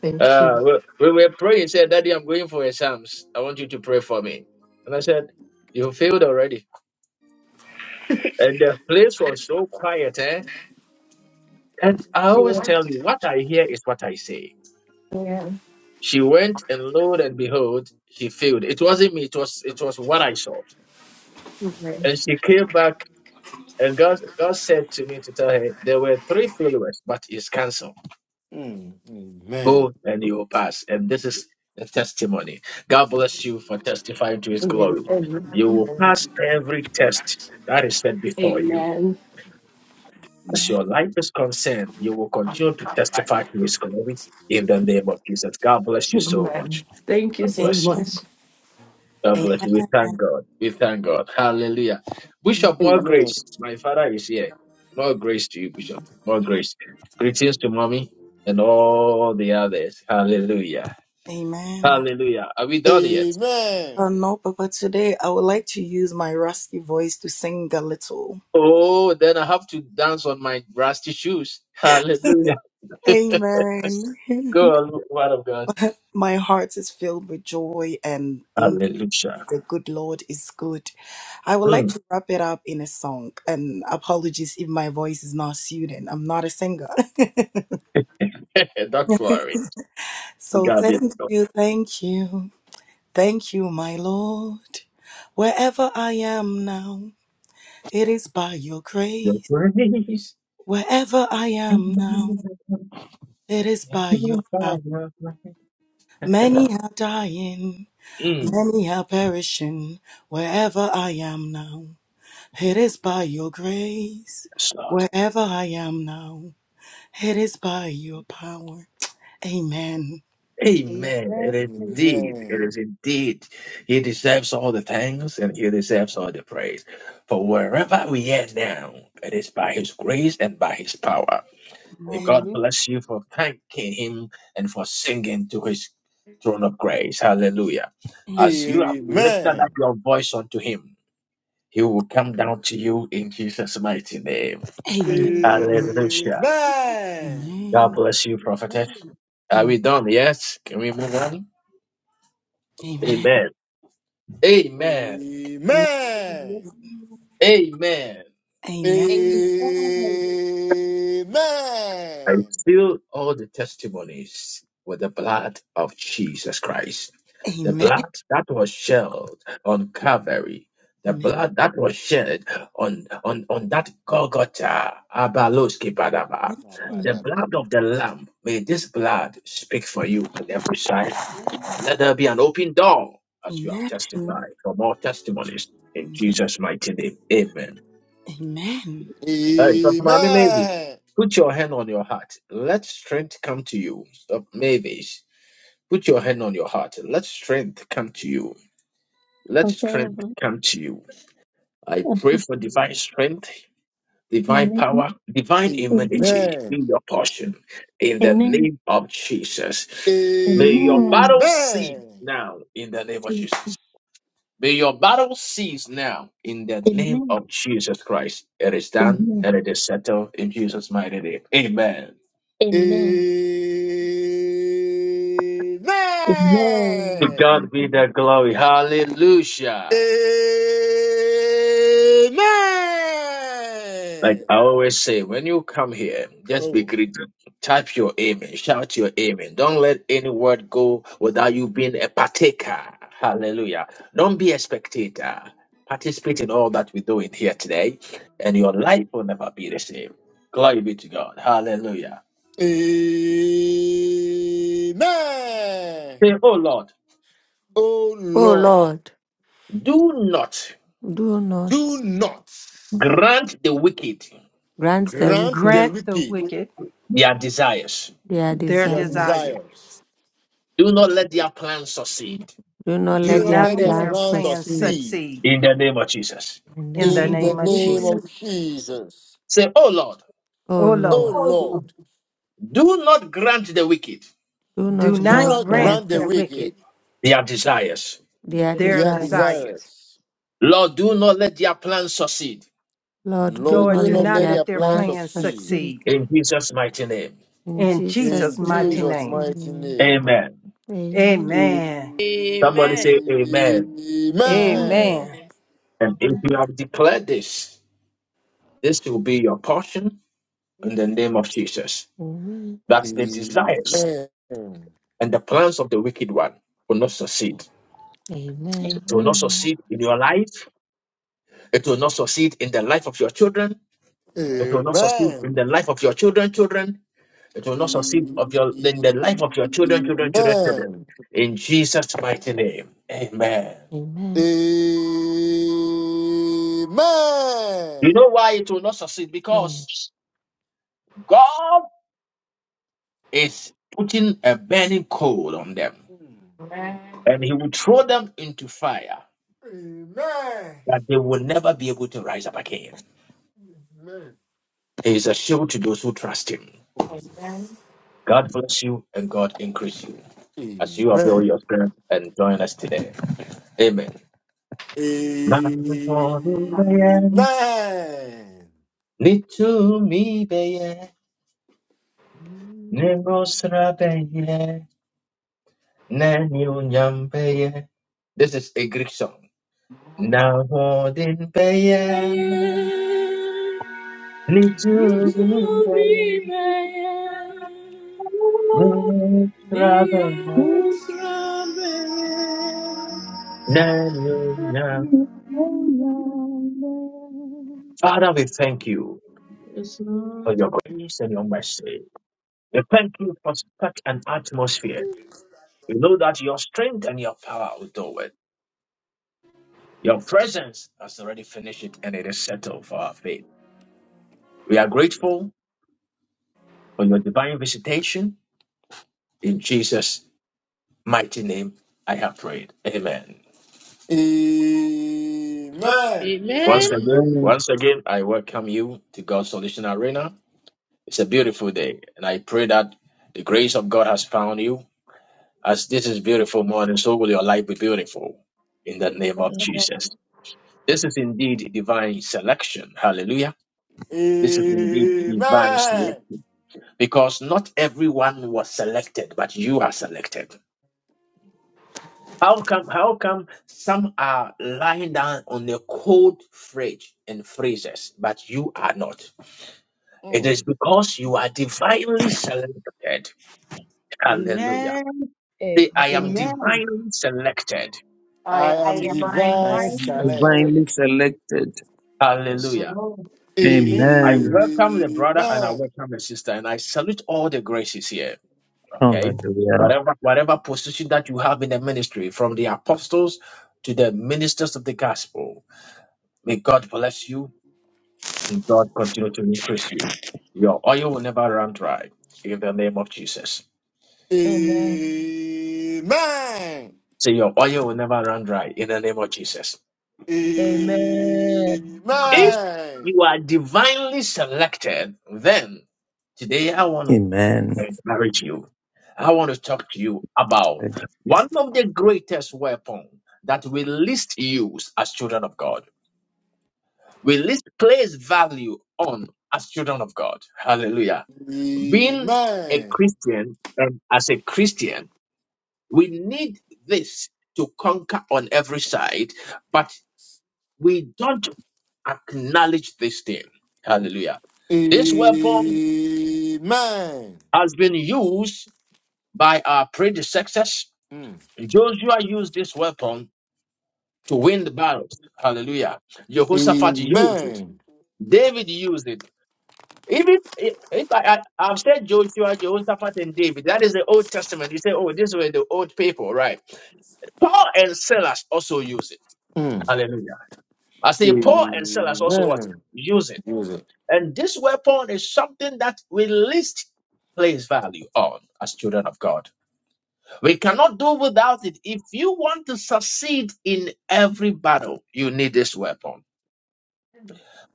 S10: Thank
S1: uh,
S10: you.
S1: we, we were praying. Said, Daddy, I'm going for exams. I want you to pray for me. And I said, You failed already. And the place was so quiet, eh? And I always
S10: Yeah.
S1: tell you, what I hear is what I say.
S10: Yeah.
S1: She went and lo and behold, she failed. It wasn't me, it was it was what I saw.
S10: Amen.
S1: And she came back and God God said to me to tell her there were three followers, but it's cancelled.
S6: Mm, Amen.
S1: Go and you will pass. And this is the testimony. God bless you for testifying to his
S10: Amen.
S1: glory.
S10: Amen.
S1: You will pass every test that is set before you.
S10: Amen.
S1: As
S2: Amen.
S1: your life is concerned, you will continue to testify to his glory in the name of Jesus. God bless you so much.
S10: Amen. Thank you
S1: God
S10: so
S1: bless you.
S10: much.
S1: God
S2: Amen.
S1: bless you. We thank God. We thank God. Hallelujah. Bishop, more
S6: Amen.
S1: grace. My father is here. More grace to you, Bishop. More grace. Greetings to mommy and all the others. Hallelujah.
S2: Amen.
S1: Hallelujah. Are we done yet?
S6: Amen.
S2: Oh no, Papa, today I would like to use my rusty voice to sing a little.
S1: Oh, then I have to dance on my rusty shoes. Hallelujah. [LAUGHS]
S2: Amen.
S1: Go
S2: [LAUGHS]
S1: on, word of God.
S2: my heart is filled with joy and
S1: Hallelujah.
S2: The good Lord is good. I would like
S1: Mm.
S2: to wrap it up in a song. And apologies if my voice is not suited. I'm not a singer.
S1: [LAUGHS] Don't worry.
S2: [LAUGHS]
S1: We
S2: so
S1: got it.
S2: thank you, thank you, thank you, my Lord. Wherever I am now, it is by your
S1: Mm.
S2: grace. Wherever I am now, it is by your power. Many are dying,
S1: Yes,
S2: many are perishing. Wherever I am now. It is by your grace,
S1: Lord.
S2: wherever I am now. It is by your power. Amen.
S1: Amen.
S7: Amen.
S1: It is indeed. It is indeed. He deserves all the thanks and he deserves all the praise. For wherever we are now, it is by his grace and by his power. May God
S7: Hallelujah.
S1: bless you for thanking him and for singing to his throne of grace. Hallelujah.
S6: Amen.
S2: Amen.
S1: As you have lifted
S6: Amen.
S1: up your voice unto him, he will come down to you in Jesus' mighty name.
S2: Amen.
S7: Amen. Amen.
S1: Hallelujah.
S6: Amen.
S1: God bless you, prophetess. Are
S2: Amen.
S1: we done? Yes? Can we move on?
S2: Amen.
S1: Amen. Amen.
S2: Amen.
S7: Amen.
S6: Amen.
S1: Amen.
S2: Amen.
S7: Amen. Amen. Amen.
S1: I
S6: Amen.
S1: seal all the testimonies with the blood of Jesus Christ. The
S2: Amen.
S1: blood that was shed on Calvary. The
S2: Amen.
S1: blood that was shed on, on, on that Golgotha, Abaloski Badaba.
S6: Ah,
S1: The
S6: bada,
S1: blood
S6: bada.
S1: of the Lamb. May this blood speak for you on every side. Let there be an open door as you have
S2: Amen.
S1: testified for more testimonies in
S2: Amen.
S1: Jesus' mighty name. Amen.
S2: Amen.
S1: Hey, Dr. Mommy, maybe.
S6: Amen.
S1: Put your hand on your heart. Let strength come to you. Stop, maybe. Put your hand on your heart. Let strength come to you. Let strength
S11: Whatever.
S1: come to you. I pray
S11: Okay.
S1: for divine strength, divine
S11: Amen.
S1: power, divine
S11: Amen.
S1: immunity in
S6: Amen.
S1: your portion. In the
S11: Amen.
S1: name of Jesus. May your
S11: Amen.
S1: battle cease
S6: Amen.
S1: now in the name of Jesus. May your battle cease now in the name of
S11: Amen.
S1: Jesus Christ. It is done
S11: Amen.
S1: and it is settled in Jesus' mighty name. Amen.
S11: Amen. Amen.
S1: To
S6: Amen.
S1: God be
S11: Amen.
S1: the glory.
S6: Amen.
S1: Hallelujah. Like I always say, when you come here, just be
S6: Oh.
S1: greeted. Type your amen. Shout your amen. Don't let any word go without you being a partaker. Hallelujah. Don't be a spectator. Participate in all that we're doing here today, and your life will never be the same. Glory be to God. Hallelujah.
S6: Amen.
S1: Say, oh Lord,
S6: Oh
S12: O
S6: Lord.
S12: Lord,
S1: do not
S12: do not
S6: Do not
S1: grant the wicked
S12: grant the
S6: grant
S12: wicked
S6: the
S4: Grant the
S6: wicked
S4: wicked
S7: Take
S1: their desires.
S12: their
S4: their
S6: their
S12: desires.
S4: desire.
S6: desires.
S1: Do not let their plans succeed.
S12: Do not
S4: Do
S6: Do
S12: let
S6: not
S12: their
S4: not
S6: let
S7: my
S6: their
S4: let
S7: life
S4: their
S12: plans
S6: plans
S7: and my
S4: plans
S12: succeed
S6: succeed
S7: safety.
S4: succeed
S1: In the name of Jesus.
S12: in the
S4: in the
S12: name
S7: In
S6: in
S12: of
S7: the
S6: the
S4: name of
S12: Jesus.
S6: name
S7: name
S4: Jesus.
S6: of
S7: of Jesus.
S6: Jesus.
S1: Say, oh Lord,
S12: O
S4: O
S6: Oh
S4: Lord,
S12: Lord,
S7: Oh, no.
S6: Lord,
S1: do not grant the wicked
S12: do
S4: do
S12: not
S7: Do
S6: do
S4: not
S7: not
S12: grant
S6: not
S12: the
S7: grant
S4: grant
S6: grant
S4: the
S6: the
S12: wicked
S7: that
S4: wicked
S6: wicked
S1: their desires.
S12: their
S4: their
S6: their
S12: desires.
S4: desires.
S6: desires.
S1: Lord, do not let their plans succeed.
S12: Lord, do
S6: Lord,
S4: Lord,
S12: not
S6: do
S4: do
S6: not
S12: let
S4: not
S6: let
S12: their
S6: their
S4: let their
S6: plans
S12: plans
S4: plans
S6: succeed
S12: succeed.
S4: succeed
S1: In Jesus' mighty name.
S12: In
S4: in
S12: Jesus'
S4: Jesus'
S6: in
S4: mighty
S12: mighty
S6: Jesus'
S4: name.
S6: mighty
S12: name.
S6: name.
S1: Amen.
S12: Amen.
S6: Amen.
S4: Amen.
S1: Somebody say
S5: Amen.
S1: amen.
S12: Amen.
S4: Amen.
S1: And if you have declared this, this will be your portion in the name of Jesus.
S12: Amen.
S1: That the desires
S6: Amen.
S1: and the plans of the wicked one will not succeed
S12: Amen.
S1: It will not
S13: Amen.
S1: succeed in your life. It will not succeed in the life of your children. It will not succeed in
S6: Amen.
S1: the life of your children, children. It will not succeed of
S6: Amen.
S1: your in the life of your children, children, children, children.
S6: Amen.
S1: In Jesus' mighty name. Amen.
S12: Amen.
S6: Mm.
S1: You know why it will not succeed? Because
S12: Mm.
S1: God is putting a burning coal on them. And he will throw them into fire
S6: Amen.
S1: that they will never be able to rise up again.
S6: Amen.
S1: He is a shield to those who trust him.
S6: Oh,
S3: Amen.
S6: yes.
S1: God bless you and God increase you. as you avail
S6: Amen.
S1: yourself and join us today. Amen.
S6: Amen. Mm.
S1: Manuhorubeye,
S6: Amen.
S1: nitumibeye, nemosrabeye, neniunyambeye. This is a Greek song. Nahodinbeye,
S5: Amen.
S7: we
S1: nitumibeye,
S5: Itumi Amen.
S1: nemosrabeye,
S11: Amen.
S1: neniunyam-
S11: Oh, yeah.
S1: Father, we thank you
S7: Yes,
S1: for
S7: Lord.
S1: your grace and your mercy. We thank you for such an atmosphere. You know that your strength and your power will do it. Your presence has already finished it and it is settled for our faith. We are grateful for your divine visitation. In Jesus' mighty name, I have prayed. Amen.
S6: Amen.
S1: Once
S5: Amen.
S1: again,
S8: Amen.
S1: once again, I welcome you to God's Solution Arena. It's a beautiful day, and I pray that the grace of God has found you. As this is beautiful morning, so will your life be beautiful in the name of
S14: Amen.
S1: Jesus. This is indeed divine selection. Hallelujah. This is indeed divine sleep because not everyone was selected, but you are selected. How come? How come some are lying down on the cold fridge and freezers, but you are not? It
S6: Mm,
S1: is because you are divinely selected. Hallelujah.
S7: Amen.
S14: Amen.
S1: Say,
S14: Amen.
S1: I am
S6: mm.
S7: Amen.
S1: divinely selected.
S6: I
S3: I am
S7: I
S6: am
S7: am
S3: divine.
S8: I
S6: divine
S8: am
S7: divine.
S6: Saleh.
S8: divinely selected.
S7: Yes,
S1: Hallelujah.
S7: Lord. Amen.
S1: I
S8: Amen.
S1: welcome the
S6: Amen.
S1: brother and I
S6: Amen.
S1: welcome the sister, and I salute all the graces here. Okay.
S8: Hallelujah.
S1: Whatever whatever position that you have in the ministry, from the apostles to the ministers of the gospel, may God bless you and God continue to increase you. Your oil will never run dry in the name of Jesus.
S14: Amen. Amen. Amen.
S6: Amen.
S1: So your oil will never run dry in the name of Jesus.
S14: Amen.
S1: If you are divinely selected, then today I want to
S8: Amen.
S1: encourage you. I want to talk to you about one of the greatest weapons that we least use as children of God. We least place value on as children of God. Hallelujah. Being a Christian and as a Christian, we need this to conquer on every side, but we don't acknowledge this thing. Hallelujah.
S6: Amen.
S1: This weapon
S6: Amen.
S1: has been used by our predecessors
S6: Mm.
S1: Joshua used this weapon to win the battles. Hallelujah. Jehoshaphat used it.
S6: Amen.
S1: David used it. Even if, if I, I, have said Joshua, Jehoshaphat, and David, that is the Old Testament. You say, oh, these were the old people, right? Paul and Silas also use it.
S6: Mm.
S1: Hallelujah. I say Paul and Silas also what?
S6: Amen.
S1: Use it.
S6: Music.
S1: And this weapon is something that we least place value on as children of God. We cannot do without it. If you want to succeed in every battle, you need this weapon.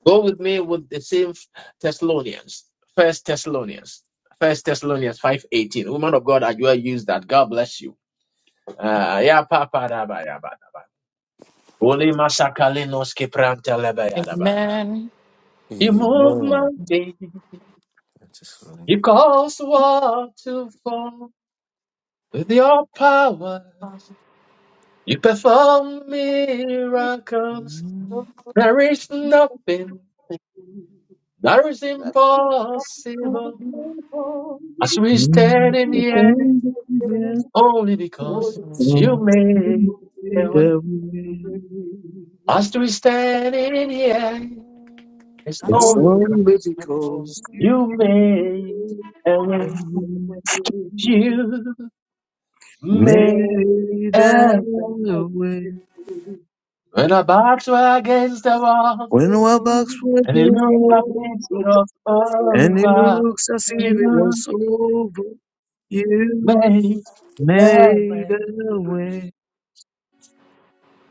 S1: Go with me with the same Thessalonians. First Thessalonians. First Thessalonians 5.18. Woman of God, I will use that. God bless you. Ah, yeah, papa, da, ba, ya, ba, da, ba. Ole masakale nos pranta le, ya, da, ba.
S3: Amen.
S1: You move
S6: Amen.
S1: mountains.
S6: That is
S1: You
S6: funny.
S1: cause war to fall with your power. You perform miracles. There is nothing that is impossible as we stand in the air only because
S7: Holy
S1: you
S8: Don't
S7: God, you take
S1: made
S8: fade
S1: the way.
S7: away.
S8: away.
S1: As we stand in the air, it's
S8: It's
S1: only
S7: Holy
S8: only
S1: because
S7: God,
S8: because
S1: you
S7: you
S8: you
S1: made a way.
S8: and me
S7: take away.
S1: You made
S7: Lay
S8: made
S1: a
S8: a
S1: way.
S7: and love is
S8: way.
S1: When our backs were against the wall
S8: When our backs
S7: born,
S8: were
S1: and it
S8: against the
S7: and
S1: looked like
S7: the
S8: wall,
S1: it
S7: so
S1: was
S7: of
S8: and it
S1: over,
S8: looks as
S7: the
S8: if it
S1: you
S8: was over,
S7: Lord
S8: you
S1: made the
S8: made
S1: way.
S8: a
S7: over.
S8: way.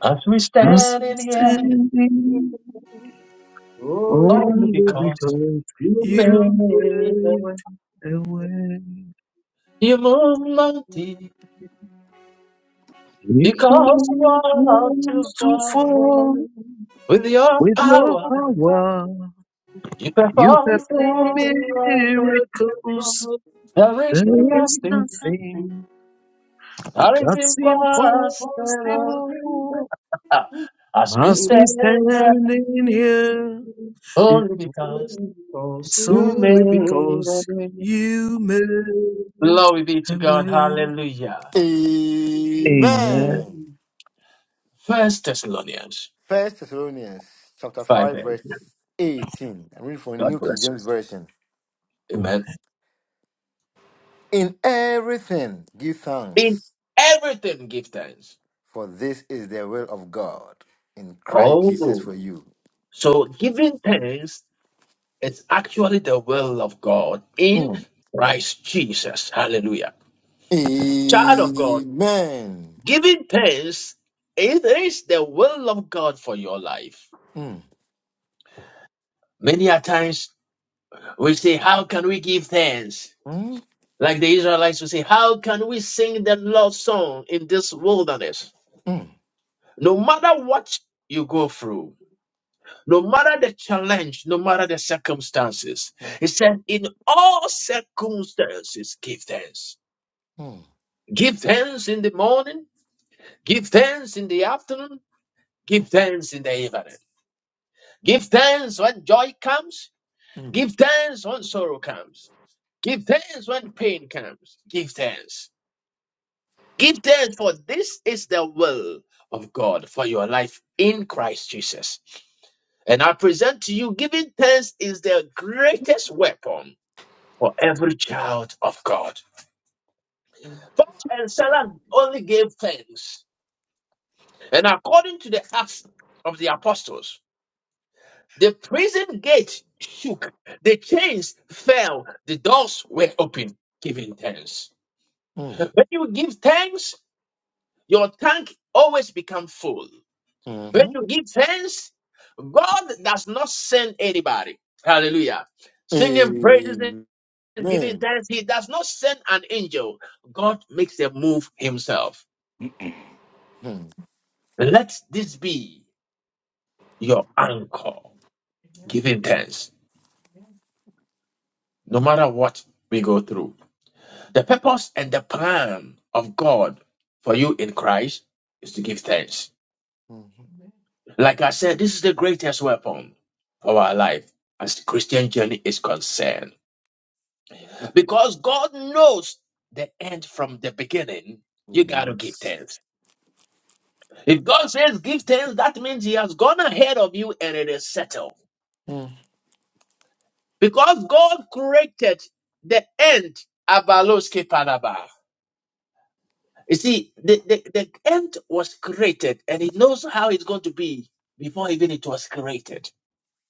S1: As we
S8: Us
S1: stand
S8: we're
S1: in the air.
S7: You
S8: standing
S7: All is
S1: Only
S8: only
S7: for
S1: because
S8: because
S1: you made
S7: you
S8: you
S1: the
S7: can
S1: way.
S8: made a way.
S1: You move mighty
S8: It
S7: be
S1: because
S7: God
S1: you
S8: calls
S1: are too
S8: walls to
S1: far.
S7: for the
S8: fall
S7: God.
S1: With your
S8: with your
S1: power,
S8: power.
S1: you
S8: You
S1: perform
S7: You can
S8: perform
S7: form
S1: miracles.
S7: the
S8: miracles.
S7: God.
S1: There is
S7: There
S8: There
S7: is
S8: is
S1: nothing
S7: nothing
S8: nothing
S1: that is
S8: that's
S7: happening for us
S1: impossible.
S7: in the
S8: impossible.
S1: Ah,
S7: truth.
S1: As we
S8: As we
S1: stand here,
S8: stand in here,
S1: only because
S7: Because
S8: it's
S1: you
S8: only
S7: you
S1: made a
S8: because
S1: way.
S8: you made
S1: Glory be to
S8: a
S1: God.
S8: way.
S1: Hallelujah.
S8: Amen.
S6: Amen.
S1: First Thessalonians
S6: First Thessalonians chapter
S1: 5
S6: 5,
S1: 8.
S6: verse 18. I'm reading from
S1: God
S6: New King
S1: bless you.
S6: James Version.
S1: Amen.
S6: In everything give
S1: In
S6: thanks,
S1: everything, give thanks.
S6: for this is the will of God in Christ Jesus
S1: Oh,
S6: for you.
S1: so giving thanks is actually the will of God in
S6: Mm.
S1: Christ Jesus. Hallelujah. Child of God,
S6: Amen.
S1: giving thanks it is the will of God for your life.
S6: Mm,
S1: Many a times we say, How can we give thanks?
S6: mm,
S1: Like the Israelites will say, How can we sing the Lord's song in this wilderness?
S6: mm,
S1: No matter what you go through, No matter the challenge, no matter the circumstances, he
S6: mhm,
S1: said, in all circumstances, give thanks. Give thanks in the morning, give thanks in the afternoon, give thanks in the evening. Give thanks when joy comes,
S6: mm,
S1: give thanks when sorrow comes. Give thanks when pain comes. Give thanks. Give thanks for this is the will of God for your life in Christ Jesus. And I present to you, giving thanks is the greatest weapon for every child of God. Paul and Silas only gave thanks. And according to the Acts of the Apostles, the prison gate shook, the chains fell, the doors were open, giving thanks.
S6: mm,
S1: When you give thanks, your tank always becomes full.
S6: mm,
S1: When
S6: mhm.
S1: you give thanks, God does not send anybody. Hallelujah. Singing praises
S6: Amen.
S1: and giving thanks, He does not send an angel. God makes them move Himself.
S6: Mm,
S1: Let this be your anchor, giving thanks, no matter what we go through. The purpose and the plan of God for you in Christ is to give thanks.
S6: mhm.
S1: Like I said, this is the greatest weapon for our life as the Christian journey is concerned. Because God knows the end from the beginning,
S6: Oh,
S1: you got to give
S6: yes.
S1: thanks. If God says give thanks, that means He has gone ahead of you and it is settled.
S6: Mm,
S1: Because God created the end Abaloske Panaba. You see, the, the, the end was created and he knows how it's going to be before even it was created.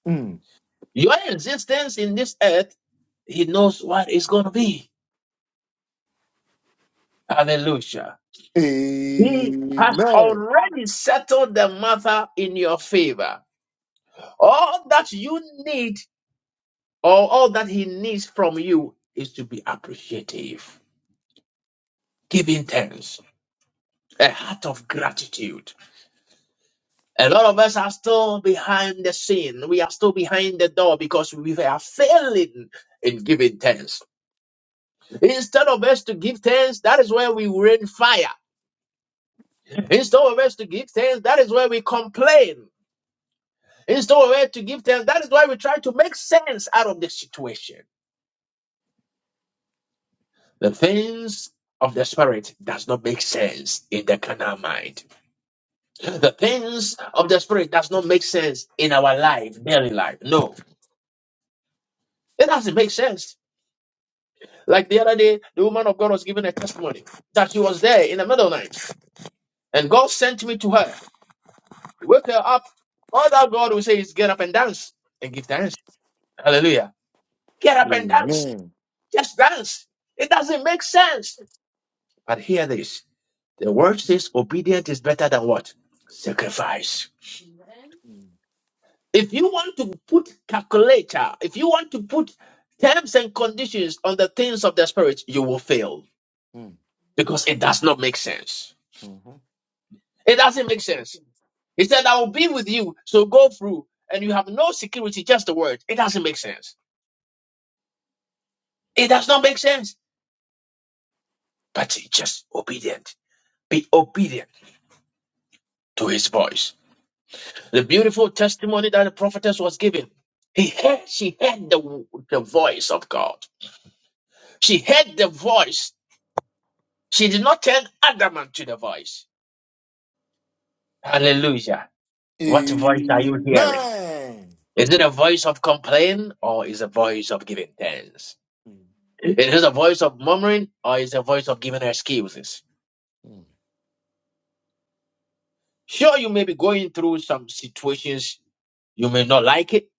S6: mm.
S1: Your existence in this earth, he knows what it's going to be. Hallelujah. He has
S6: Amen.
S1: already settled the matter in your favor. All that you need or all that he needs from you is to be appreciative, giving thanks, a heart of gratitude. A lot of us are still behind the scene. We are still behind the door because we are failing in giving thanks. Instead of us to give thanks, that is where we rain fire. Instead of us to give thanks, that is where we complain. Instead of us to give thanks, that is why we try to make sense out of the situation. The things of the spirit does not make sense in the carnal mind. The things of the spirit does not make sense in our life, daily life. No, it doesn't make sense. Like the other day, the woman of God was giving a testimony that she was there in the middle of the night and God sent me to her. Wake her up. All that God will say is get up and dance and give thanks. Hallelujah. Get up and dance.
S6: Amen.
S1: Just dance. It doesn't make sense. But hear this the word says obedience is better than what? Sacrifice. If you want to put calculator, if you want to put terms and conditions on the things of the spirit, you will fail
S6: Mm.
S1: because it does not make sense.
S6: Mhm.
S1: It doesn't make sense. He said, I will be with you, so go through, and you have no security, just the word. It doesn't make sense. It does not make sense. But he just obedient. Be obedient to his voice. The beautiful testimony that the prophetess was giving. He heard, she heard the, the voice of God. She heard the voice. She did not turn adamant to the voice. Hallelujah. What voice are you hearing?
S6: Amen.
S1: Is it a voice of complaint or is it a voice of giving thanks?
S6: Mhm.
S1: It is a voice of murmuring or it is a voice of giving excuses. Sure, you may be going through some situations you may not like it,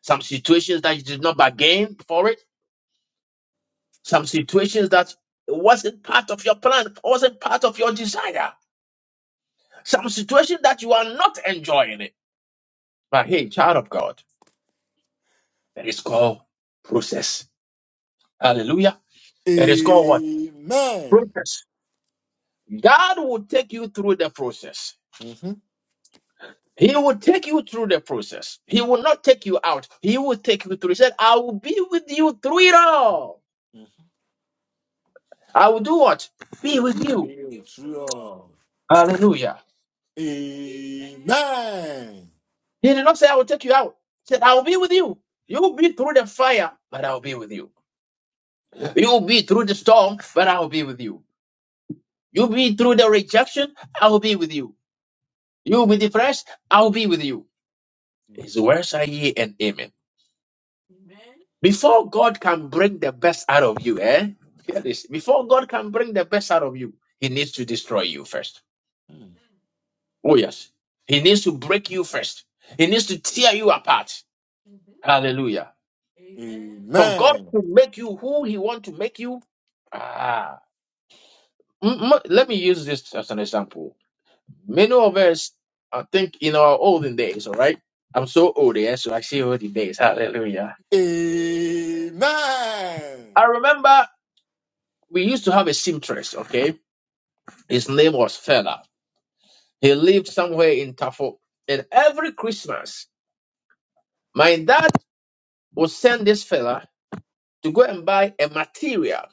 S1: some situations that you did not bargain for it, some situations that wasn't part of your plan, wasn't part of your desire, some situation that you are not enjoying it. But hey, child of God, it is called process. Hallelujah. It is called what?
S6: Amen.
S1: Process. God will take you through the process.
S6: Mm-hmm.
S1: He will take you through the process. He will not take you out. He will take you through. He said, I will be with you through it all. I will do what? Be with you.
S6: Amen.
S1: Hallelujah. He did not say, I will take you out. He said, I will be with you. You will be through the fire, but I will be with you. You will be through the storm, but I will be with you. You will be through the rejection, I will be with you. You will be depressed, I will be with you. His words are ye and amen. Before God can bring the best out of you, eh? Hear this. Before God can bring the best out of you, He needs to destroy you first. Oh, yes. He needs to break you first. He needs to tear you apart. Hallelujah.
S6: Mhm.
S1: For God
S6: Amen.
S1: to make you who He wants to make you. Ah. M- m- let me use this as an example. Many of us, I think, in our olden days, all right? I'm so old, yeah, so I see olden days. Hallelujah.
S6: Amen.
S1: I remember we used to have a seamstress, okay? His name was Fela. He lived somewhere in Tafo. And every Christmas, my dad would send this fella to go and buy a material.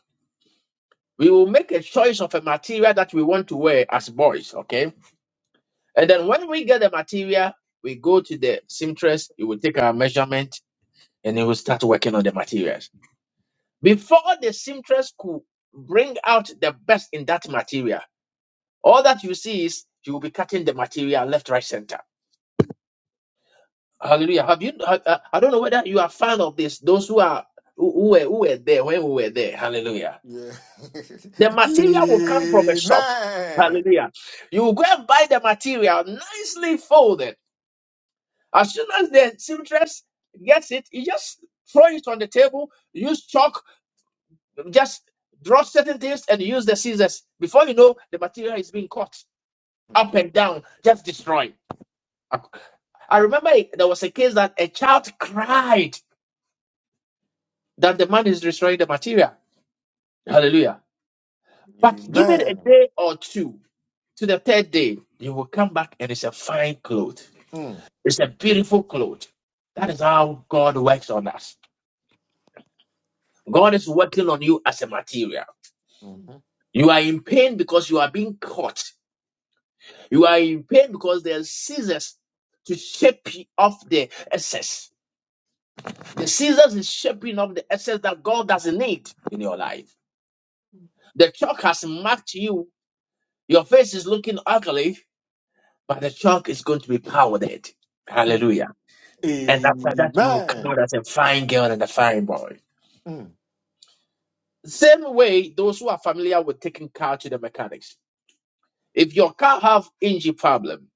S1: We will make a choice of a material that we want to wear as boys, okay? And then when we get the material, we go to the seamstress, he will take our measurement and he will start working on the materials. Before the seamstress could bring out the best in that material, all that you see is she will be cutting the material left, right, center. Hallelujah. Have you? ha- I I don't know whether you are fan of this. Those who are who who were who were there when we were there. Hallelujah.
S6: Yeah. [LAUGHS]
S1: The material will come from a shop.
S6: Amen.
S1: Hallelujah. You will go and buy the material nicely folded. As soon as the seamstress gets it, you just throw it on the table. Use chalk. Just draw certain things and use the scissors. Before you know, the material is being cut up and down, just destroyed. I I remember there was a case that a child cried that the man is destroying the material. Hallelujah. But give it a
S6: Amen.
S1: day or two to the third day, you will come back and it's a fine cloth.
S6: Mm.
S1: It's a beautiful cloth. That is how God works on us. God is working on you as a material.
S6: Mhm.
S1: You are in pain because you are being caught. You are in pain because there are scissors to shape off the excess. The scissors is shaping off the excess that God doesn't need in your life. The chalk has marked you. Your face is looking ugly But the chalk is going to be powdered.
S6: Mm.
S1: Hallelujah. And after that, you will come
S6: Amen.
S1: out as a fine girl and a fine boy.
S6: Mm.
S1: Same way, those who are familiar with taking car to the mechanics. If your car have engine problem,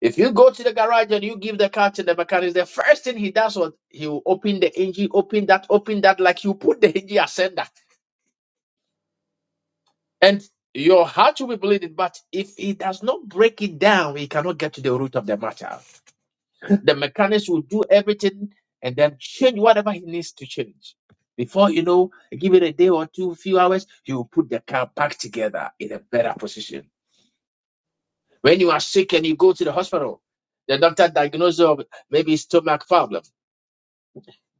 S1: if you go to the garage and you give the car to the mechanics, the first thing he does was he will open the engine, open that, open that, like you put the engine ascender. And your heart will be bleeding, but if he does not break it down, he cannot get to the root of the matter. The mechanics will do everything and then change whatever he needs to change. Before you know, give it a day or two, few hours, he will put the car back together in a better position. When you are sick and you go to the hospital, the doctor diagnoses you with maybe stomach problem.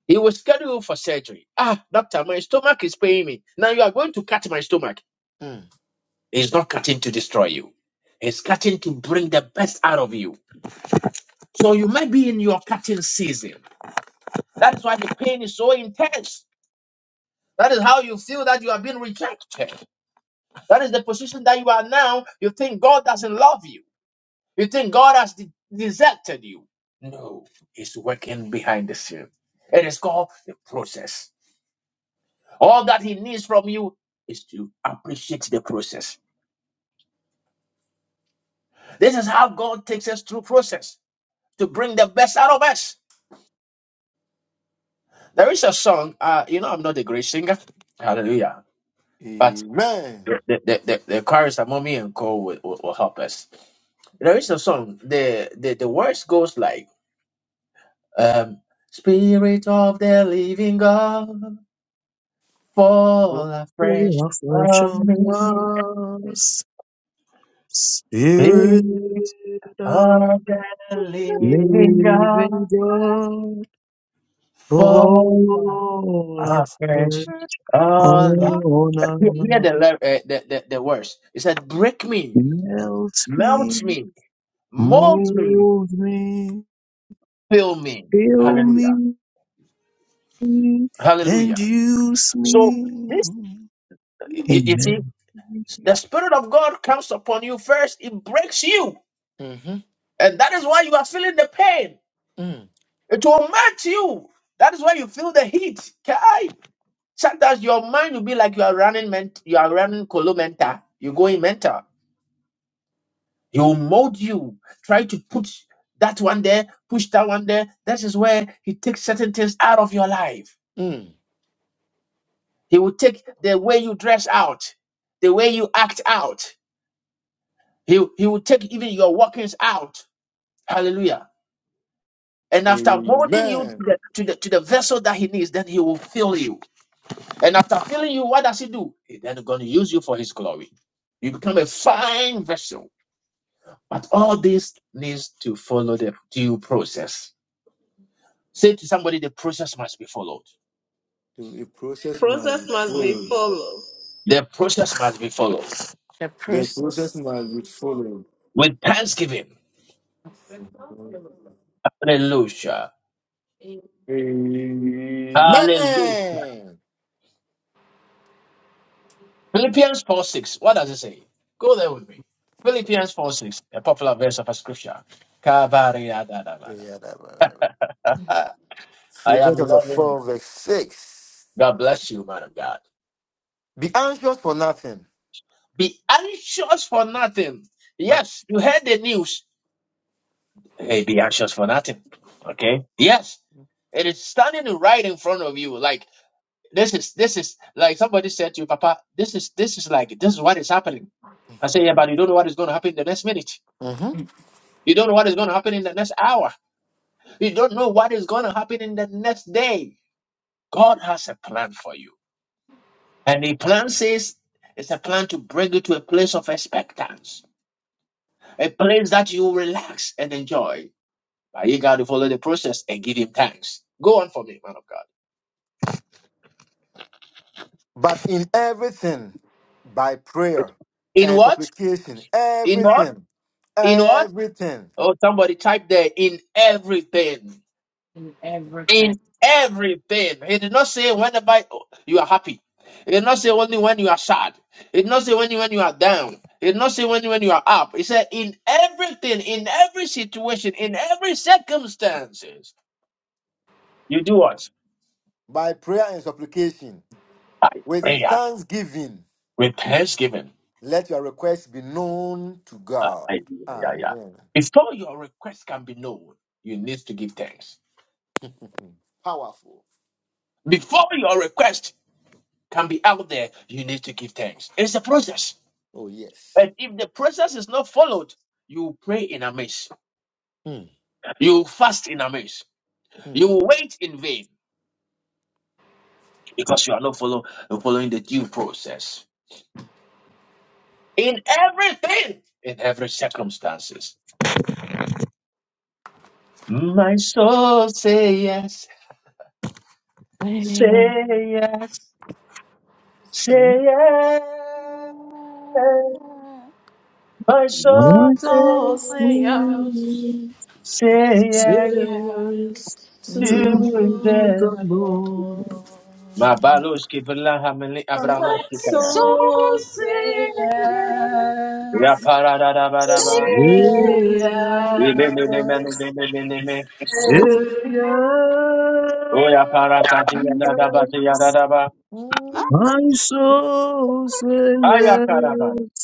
S1: He will schedule you for surgery. Ah, doctor, my stomach is paining me. Now you are going to cut my stomach.
S6: Mm.
S1: He's not cutting to destroy you. He's cutting to bring the best out of you. So you might be in your cutting season. That's why the pain is so intense That is how you feel that you have been rejected. That is the position that you are now. You think God doesn't love you. You think God has de- deserted you. No, He's working behind the scene. It is called the process. All that He needs from you is to appreciate the process. This is how God takes us through process to bring the best out of us. There is a song. Uh, you know, I'm not a great singer. Hallelujah. But
S6: Amen.
S1: the the the, the chorus that Mommy and Co will, will, will help us. There is a song. The the, the words goes like um Spirit of the living God fall afresh
S8: Fall afresh
S1: on
S8: on
S1: me.
S8: us,
S1: Spirit
S8: Spirit of
S1: of the living
S8: Living
S1: God
S8: God,
S7: For
S1: fall
S8: all of His
S1: afresh on me.
S7: all
S8: honor,
S1: Hear hear the, lyr- uh, the, the the words. It said, break me,
S8: melt me,
S1: melt me, mold me,
S8: mold me,
S1: fill me.
S8: fill
S1: Hallelujah.
S8: me, and
S1: Hallelujah.
S8: use
S1: So
S8: me.
S1: i- i- it is
S8: Amen.
S1: The Spirit of God comes upon you first, it breaks you.
S6: Mm-hmm.
S1: And that is why you are feeling the pain.
S6: Mm,
S1: It will melt you. That is why you feel the heat. Kai. Sometimes your mind will be like you are running ment- you are running colo mental. You go in mental. He will mold you. Try to put that one there, push that one there. That is where he takes certain things out of your life.
S6: mm.
S1: He will take the way you dress out, the way you act out. He, he will take even your walkings out. Hallelujah. And after molding you to
S6: Amen.
S1: the, to the to the vessel that he needs, then he will fill you. And after filling you, what does he do? He then going to use you for his glory. You become a fine vessel. But all this needs to follow the due process. Say to somebody, the process must be followed.
S6: To a
S5: The
S6: process must
S5: process
S6: be
S5: must be
S6: followed.
S5: followed.
S1: The process must be followed
S3: The
S6: The process
S3: process
S6: must be followed.
S1: with thanksgiving. Hallelujah. Hallelujah.
S6: Amen.
S1: Philippians 4 6. What does it say? Go there with me. Philippians 4 6, a popular verse of a scripture. Kabariadadabada. [LAUGHS] I
S6: Philippians
S1: am
S6: chapter
S1: loving.
S6: 4, verse 6.
S1: God bless you, man of God.
S6: Be anxious for nothing,
S1: Be anxious for nothing.
S6: but
S1: Yes, you heard the news. Hey, be anxious for nothing. Okay. Yes, it is standing right in front of you. Like this is this is like somebody said to you, Papa. This is this is like this is what is happening. I say,
S6: [LAUGHS]
S1: yeah, but you don't know what is going to happen in the next minute.
S6: Mhm.
S3: in
S1: You don't know what is going to happen in the next hour. You don't know what is going to happen in the next day. God has a plan for you, and the plan says it's a plan to bring you to a place of expectancy. a place that you relax and enjoy. But you got to follow the process and give him thanks. Go on for me, man of God.
S6: but in everything, by prayer
S1: In
S6: and
S1: what?
S6: supplication,
S1: In what?
S6: everything,
S1: In what?
S6: everything,
S1: Oh, somebody type there. In everything. In
S3: everything.
S1: everything. He did not say whenever you are happy. He did not say only when you are sad. He did not say only when you are down. He did not say only when you are up. He said in everything, in every situation, in every circumstances, you do what?
S6: by prayer and supplication, with
S1: Prayer
S6: thanksgiving
S1: with thanksgiving.
S6: Let your requests be known to God. Amen.
S1: Before your request can be known, you need to give thanks.
S6: Powerful.
S1: Before your request can be out there, you need to give thanks. It's a process.
S6: Oh, yes.
S1: And if the process is not followed, you pray in amaze.
S6: Mm,
S1: You fast in amaze.
S6: mm,
S1: You wait in vain because you are not follow, following the due process. In everything, in every circumstances. My soul say yes,
S3: Amen.
S1: say yes, say yes. My
S8: My
S1: soul
S8: Lord,
S5: So
S1: say
S5: say yes.
S1: Say yes
S5: yes
S8: says
S5: to
S8: to
S1: to
S8: the
S1: them.
S5: the Lord.
S8: Lord,
S1: Mabaloski vela hamili
S5: My
S1: abranoski
S7: my
S1: kaya.
S7: soul
S5: soul say
S7: sing,
S1: Ya
S5: yes,
S1: para da da ba da
S7: sing,
S1: ba.
S5: say
S8: yeah,
S1: We me me me me me
S5: yes.
S1: me me me me me. Oh ya para sati ya da
S8: yeah.
S1: da ba si ya da da ba.
S7: I
S6: mm,
S8: My soul say
S1: Aya kara da.
S8: yes,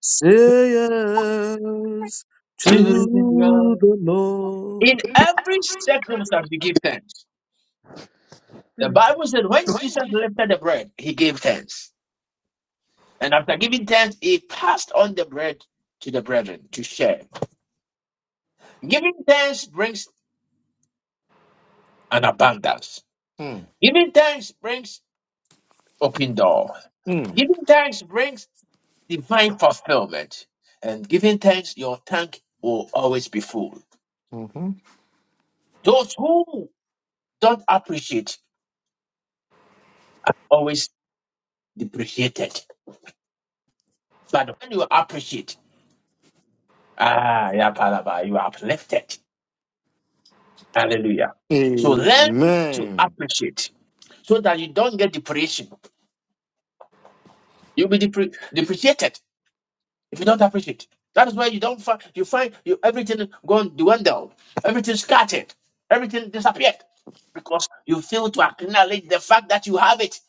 S8: say yes
S1: To
S8: to
S1: God.
S8: the Lord.
S1: In every circumstance, we give thanks. The
S5: Mm.
S1: Bible said when Jesus lifted the bread, he gave thanks. And after giving thanks, he passed on the bread to the brethren to share. Giving thanks brings an abundance.
S6: mm,
S1: Giving thanks brings open door.
S6: mm,
S1: Giving thanks brings divine fulfillment, and giving thanks, your tank will always be full.
S6: mhm.
S1: Those who don't appreciate always depreciated, but when you appreciate, ah, yeah, palaba, you are uplifted. Hallelujah. So learn to
S6: Amen.
S1: appreciate so that you don't get depreciation. You'll be depre- depreciated. if you don't appreciate. That is why you don't find you find you everything gone dwindled, everything scattered, everything disappeared because you fail to acknowledge the fact that you have it.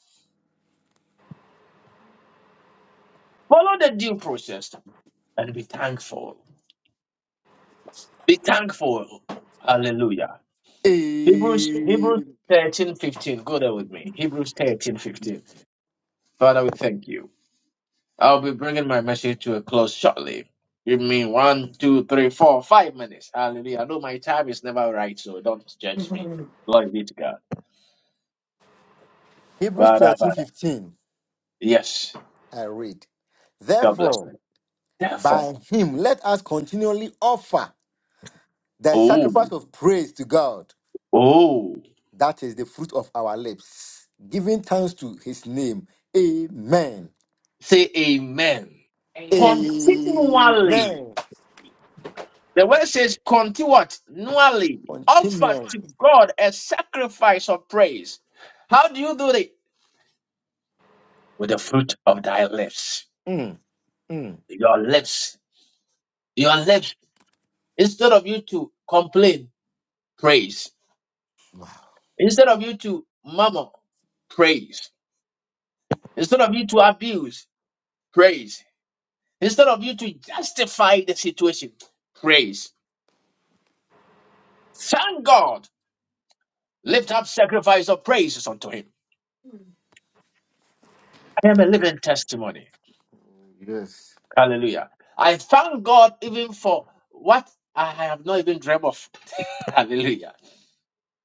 S1: Follow the due process and be thankful. Be thankful. Hallelujah. Hebrews Hebrews
S6: Amen.
S1: thirteen fifteen. Go there with me. Hebrews thirteen fifteen. Father, we thank you. I'll be bringing my message to a close shortly. Give me one, two, three, four, five minutes. Hallelujah. I know my time is never right, so don't judge me. Glory be to God.
S6: Hebrews
S1: Bada,
S6: thirteen
S1: bada.
S6: fifteen.
S1: Yes.
S6: I read.
S1: God bless
S6: Therefore,
S1: you.
S6: by
S1: Therefore,
S6: him, let us continually offer the sacrifice
S1: oh,
S6: of praise to God.
S1: oh,
S6: That is the fruit of our lips, giving thanks to his name. Amen.
S1: say amen.
S3: Amen.
S1: Continually.
S6: Amen.
S1: The word says continually. Offer
S6: Continually.
S1: to God a sacrifice of praise. How do you do it? With the fruit of thy lips.
S6: Mm, mm.
S1: Your lips. Your lips. Instead of you to complain, praise.
S6: Wow.
S1: Instead of you to murmur, praise. Instead of you to abuse, praise. Instead of you to justify the situation, praise. Thank God. Lift up sacrifice of praises unto Him. I am a living testimony.
S6: Yes.
S1: Hallelujah. I thank God even for what I have not even dreamt of. [LAUGHS] Hallelujah.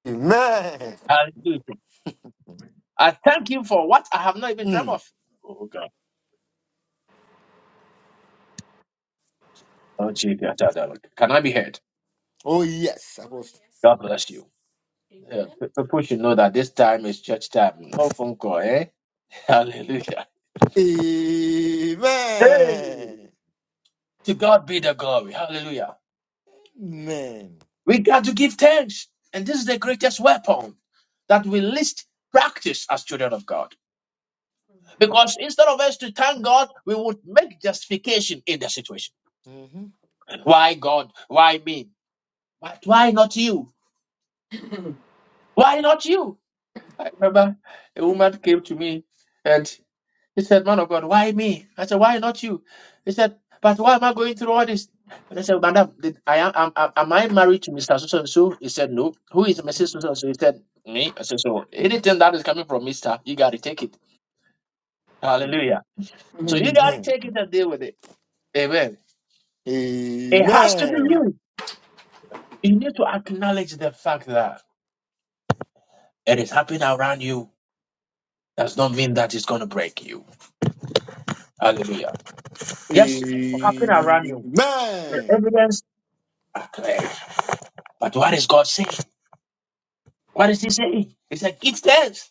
S6: Amen.
S1: Hallelujah. I thank Him for what I have not even dreamt
S6: Mm.
S1: of. Oh God. Oh, Jesus. Can I be heard?
S6: Oh, yes. I was.
S1: God bless you. Yeah, p- people should know that this time is church time, no phone call, eh? [LAUGHS] Hallelujah. Hey.
S6: Amen.
S1: To God be the glory. Hallelujah.
S6: Amen.
S1: We got to give thanks. And this is the greatest weapon that we least practice as children of God. Because instead of us to thank God, we would make justification in the situation.
S6: hmm
S1: Why God? Why me? But why not you? Why not you? I remember a woman came to me and. He said, Man of God, why me? I said, Why not you? He said, But why am I going through all this? And I said, Madam, did I am, am, am am I married to Mr. So and so? He said, No. Who is Mrs. So and so? He said, Me. I said, So anything that is coming from Mr., you got to take it. Hallelujah. So you got to
S6: Amen.
S1: take it and deal with it. Amen. It has to be
S6: Amen.
S1: you. You need to acknowledge the fact that it is happening around you. Does not mean that it's going to break you. Hallelujah. Yes, it will happen around you. The
S6: Amen.
S1: evidence are clear. But what is God saying? What does he say? He said, Give thanks.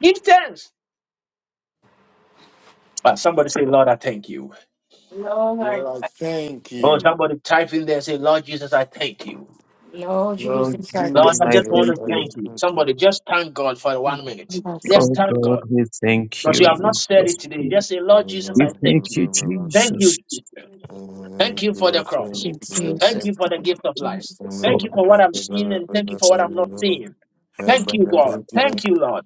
S1: Give thanks. But somebody say, Lord, I thank you.
S3: Lord, I
S6: Lord, I
S3: thank-
S6: thank
S1: Oh,
S6: you.
S1: somebody type in there and say, Lord Jesus, I thank you.
S3: you. Lord
S8: Lord
S6: Lord
S3: Jesus,
S1: Lord,
S8: Jesus,
S1: I
S8: I
S1: just want
S6: Jesus,
S8: thank
S1: to
S6: I
S8: you.
S1: thank you. Somebody just thank God for one minute.
S3: That's
S1: Just
S8: Oh
S3: um,
S1: thank
S8: God,
S1: God.
S8: we
S6: thank
S8: thank
S1: Because you
S8: you.
S1: have not
S8: We
S1: said
S8: bless
S1: it today.
S8: you.
S1: Just say, Lord Jesus,
S8: We
S1: I thank
S8: thank
S1: you.
S8: you,
S1: Thank
S6: you.
S1: you.
S8: Jesus,
S1: Jesus. Thank
S6: Some
S1: you for the cross.
S8: Lord,
S3: it's
S8: for
S1: Thank
S3: Jesus,
S1: you for the gift of life.
S3: Jesus.
S8: God.
S1: Thank you for what I'm seeing and thank you for what I'm not seeing. Thank you, God. Thank you, Lord.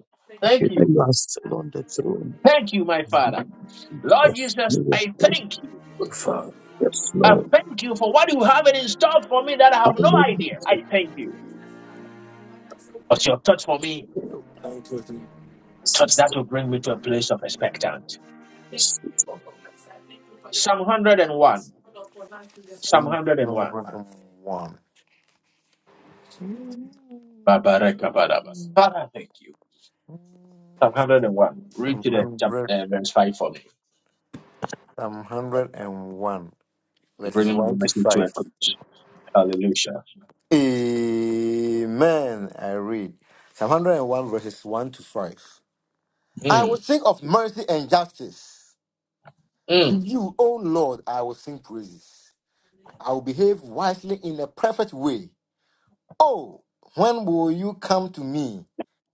S8: Thank you
S1: Thank
S8: that
S1: you.
S8: you are still on the throne.
S1: Thank you, my Father. Lord
S8: Jesus,
S1: Jesus,
S8: you
S1: I
S8: are faithful,
S1: thank you.
S8: Father. Yes,
S1: I
S8: Lord.
S1: thank you for what you have in store for me that I have no
S8: Hallelujah.
S1: idea. I thank you. Because your touch for me, a touch that
S8: Sister,
S1: will bring me to a place of expectant. Psalm 101. Psalm 101.
S6: hundred and one.
S1: Babarakabarabas. Father, thank you. Psalm 101. Read
S6: Some
S1: to the chap-
S6: 100,
S1: uh, verse 5 for me.
S6: Some 101,
S1: Bring
S6: verses
S1: him
S6: 1 to
S1: to a
S6: 5.
S1: good hallelujah.
S6: Amen. I read Psalm 101, verses 1 to 5. I will
S1: Mm,
S6: think of mercy and justice. To
S1: mm,
S6: you, O Lord, I will sing praises. I will behave wisely in a perfect way. Oh, when will you come to me?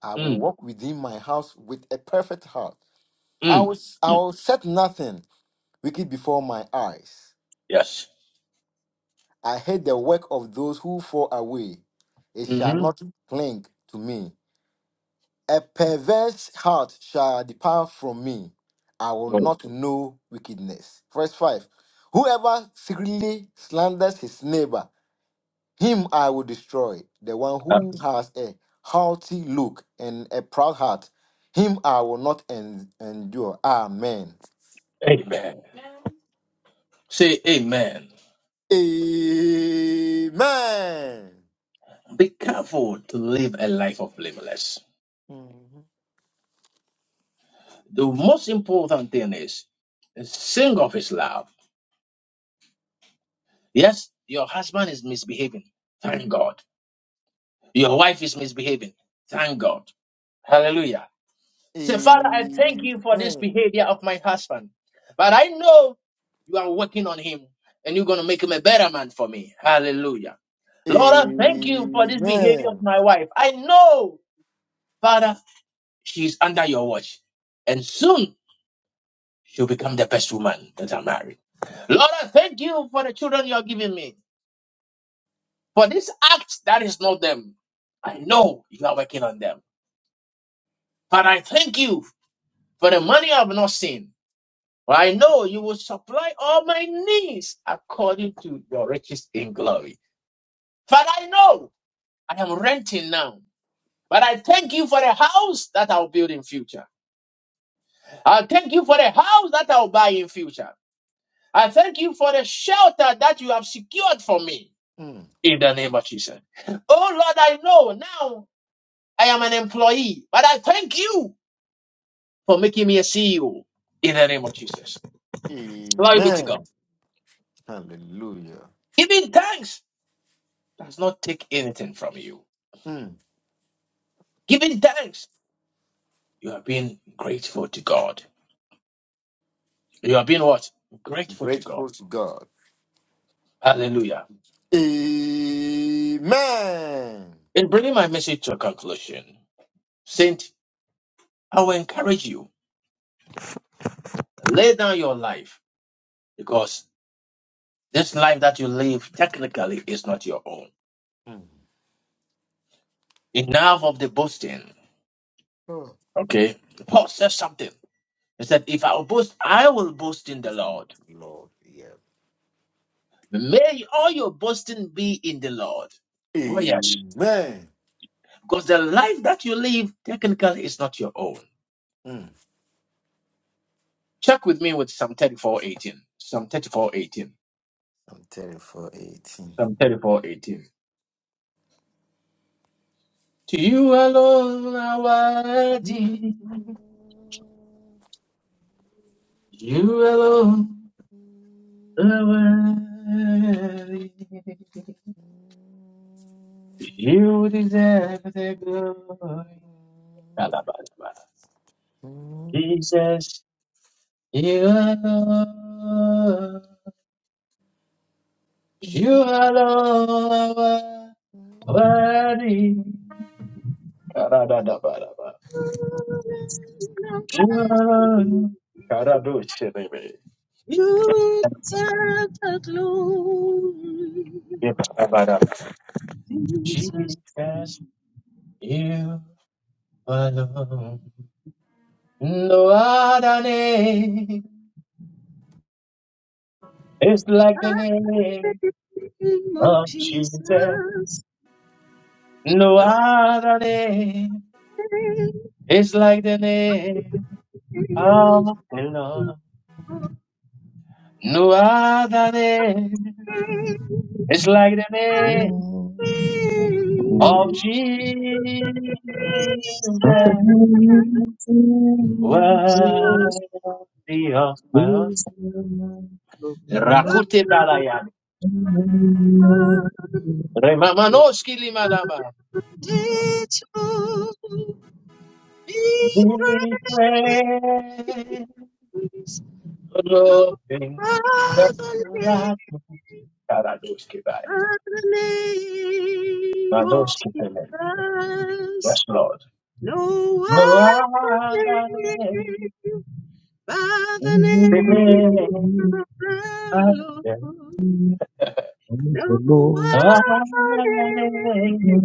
S6: I will
S1: mm,
S6: walk within my house with a perfect heart. I
S1: mm.
S6: will, I will set nothing wicked before my eyes.
S1: Yes.
S6: I hate the work of those who fall away. It shall
S1: hmm
S6: not cling to me. A perverse heart shall depart from me. I will not know wickedness. Verse 5 Whoever secretly slanders his neighbor, him I will destroy. The one who has a haughty look and a proud heart, him I will not en- endure. Amen.
S1: Amen. Say amen.
S6: Amen.
S1: Be careful to live a life of blameless.
S6: Mhm.
S1: The most important thing is sing of his love. Yes, your husband is misbehaving. Thank God. Your wife is misbehaving. Thank God. Hallelujah. Say, Father, I thank you for this behavior of my husband. But I know you are working on him and you're going to make him a better man for me. Hallelujah.
S6: Amen.
S1: Lord, I thank you for this behavior of
S6: Amen.
S1: my wife. I know, Father, she's under your watch. And soon She'll become the best woman that I marry. Lord, I thank you for the children you are giving me. For this act that is not them. I know you are working on them. But I thank you for the money I have not seen. For I know you will supply all my needs according to your riches in glory. But I know I am renting now. But I thank you for the house that I'll build in future. I thank you for the house that I'll buy in future. I thank you for the shelter that you have secured for me.
S6: Mm.
S1: in the name of Jesus. Oh Lord, I know now I am an employee, but I thank you for making me a CEO in the name of Jesus. Glory be to
S6: Amen.
S1: God.
S6: Hallelujah.
S1: Giving thanks does not take anything from you.
S6: Mm.
S1: Giving thanks, you are being grateful to God. You are being what? Grateful to God.
S6: Grateful to God.
S1: Hallelujah.
S6: Amen.
S1: In bringing my message to a conclusion, Saint, I will encourage you. Lay down your life because this life that you live technically is not your own.
S6: Mm.
S1: Enough of the boasting.
S6: Oh,
S1: Okay. Paul says something. He said, If I will boast, I will boast in
S6: we
S1: the
S6: thank
S1: Lord.
S6: the Lord, yeah.
S1: May all your boasting be in the Lord. Oh, yes.
S6: Amen.
S1: Because the life that you live technically is not your own.
S6: Mm.
S1: Check with me with Psalm thirty-four eighteen, 18. Psalm 34 18.
S6: I'm telling for 18.
S1: Psalm 34 eighteen. To you alone are worthy. You alone are worthy. You deserve the glory. You alone, you alone are worthy. Ka-da-da-da-ba-da-ba. ba
S7: do you deserve the glory, Jesus.
S1: You alone, no other name is like
S7: I'm
S1: the name
S7: the name of
S1: of Jesus.
S7: Jesus.
S1: No other name
S7: No
S1: is like the name of the Lord. No other name is like the name.
S8: Lord. Mm.
S1: of Jesus,
S8: Not the voice
S1: worthy of us.
S8: is the man who knows
S1: I am
S8: the Lord. And the Lord and the
S1: Remedy praise,
S7: Your
S1: loving,
S7: fatherly the name of Jesus.
S1: Yes.
S7: No
S1: No
S7: other
S1: other name,
S7: name by the
S1: the name
S7: name of the
S1: of
S7: Lord.
S1: the-
S7: No
S1: no
S8: Lord.
S7: other
S1: other
S7: name
S1: name,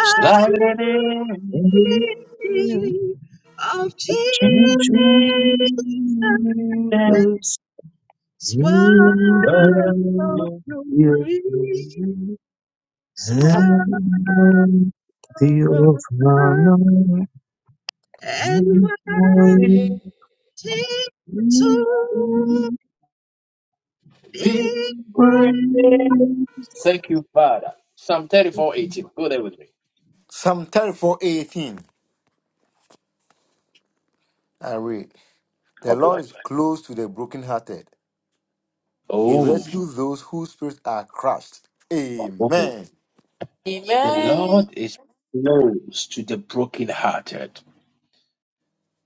S1: it's like
S7: the
S1: the
S8: And
S1: name
S8: the Lord
S7: name of
S1: of
S7: Jesus.
S8: of
S1: Jesus.
S8: Jesus, He
S7: Swallow
S8: will your
S7: glory,
S8: glory and
S7: swallow
S8: the of honor
S7: and worship.
S8: and
S7: to
S8: Amen.
S1: We
S7: be
S1: Thank you, Father. Psalm 34,
S7: free.
S1: 18. Go there with me.
S6: Psalm thirty-four, eighteen. I read. The
S1: God
S6: Lord
S1: bless.
S6: is close to the brokenhearted. He
S1: Oh,
S6: rescues those whose spirits are crushed.
S1: oh.
S6: Amen.
S1: the
S5: Amen.
S1: Lord is close to the brokenhearted.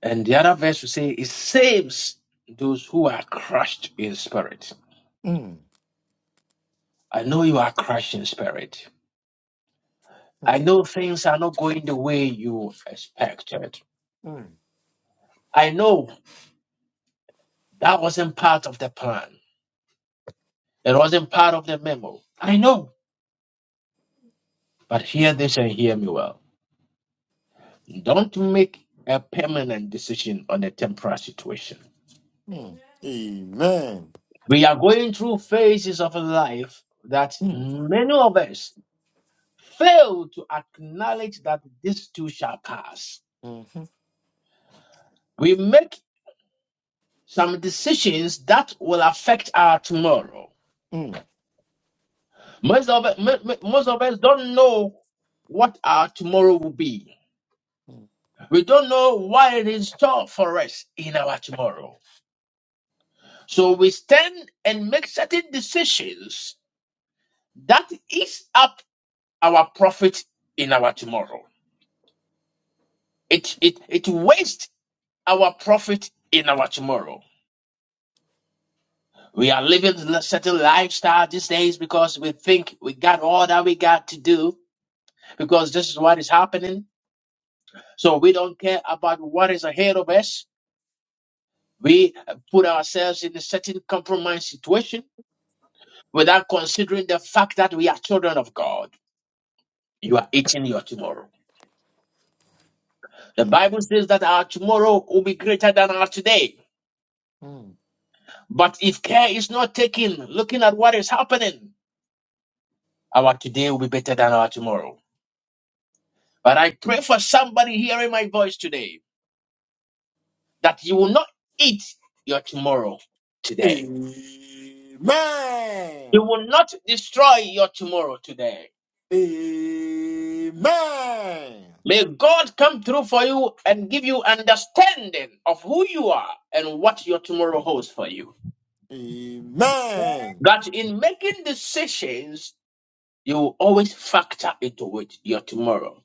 S1: And the other verse will say, It saves those who are crushed in spirit.
S6: Mm,
S1: I know you are crushed in spirit. I know things are not going the way you expected.
S6: mm,
S1: I know that wasn't part of the plan, it wasn't part of the memo. I- But hear this and hear me well. Don't make a permanent decision on a temporary situation.
S6: mm. Amen.
S1: We are going through phases of life that
S6: Hmm.
S1: many of us fail to acknowledge that this too shall pass.
S6: Mhm.
S1: We make some decisions that will affect our tomorrow.
S6: Mm,
S1: Most of, mo- mo- most of us don't know what our tomorrow will be.
S6: mm,
S1: We don't know what is in store for us in our tomorrow. So we stand and make certain decisions that eats up our profit in our tomorrow. It it it wastes our profit in our tomorrow. We are living a certain lifestyle these days because we think we got all that we got to do because this is what is happening. So we don't care about what is ahead of us. We put ourselves in a certain compromise situation without considering the fact that we are children of God. You are eating your tomorrow. The Bible says that our tomorrow will be greater than our today.
S6: mm.
S1: But if care is not taken, looking at what is happening, our today will be better than our tomorrow. But I pray for somebody hearing my voice today that you will not eat your tomorrow today. You
S6: Amen.
S1: will not destroy your tomorrow today.
S6: Amen.
S1: May God come through for you and give you understanding of who you are and what your tomorrow holds for you.
S6: Amen.
S1: That in making decisions, you will always factor into it your tomorrow.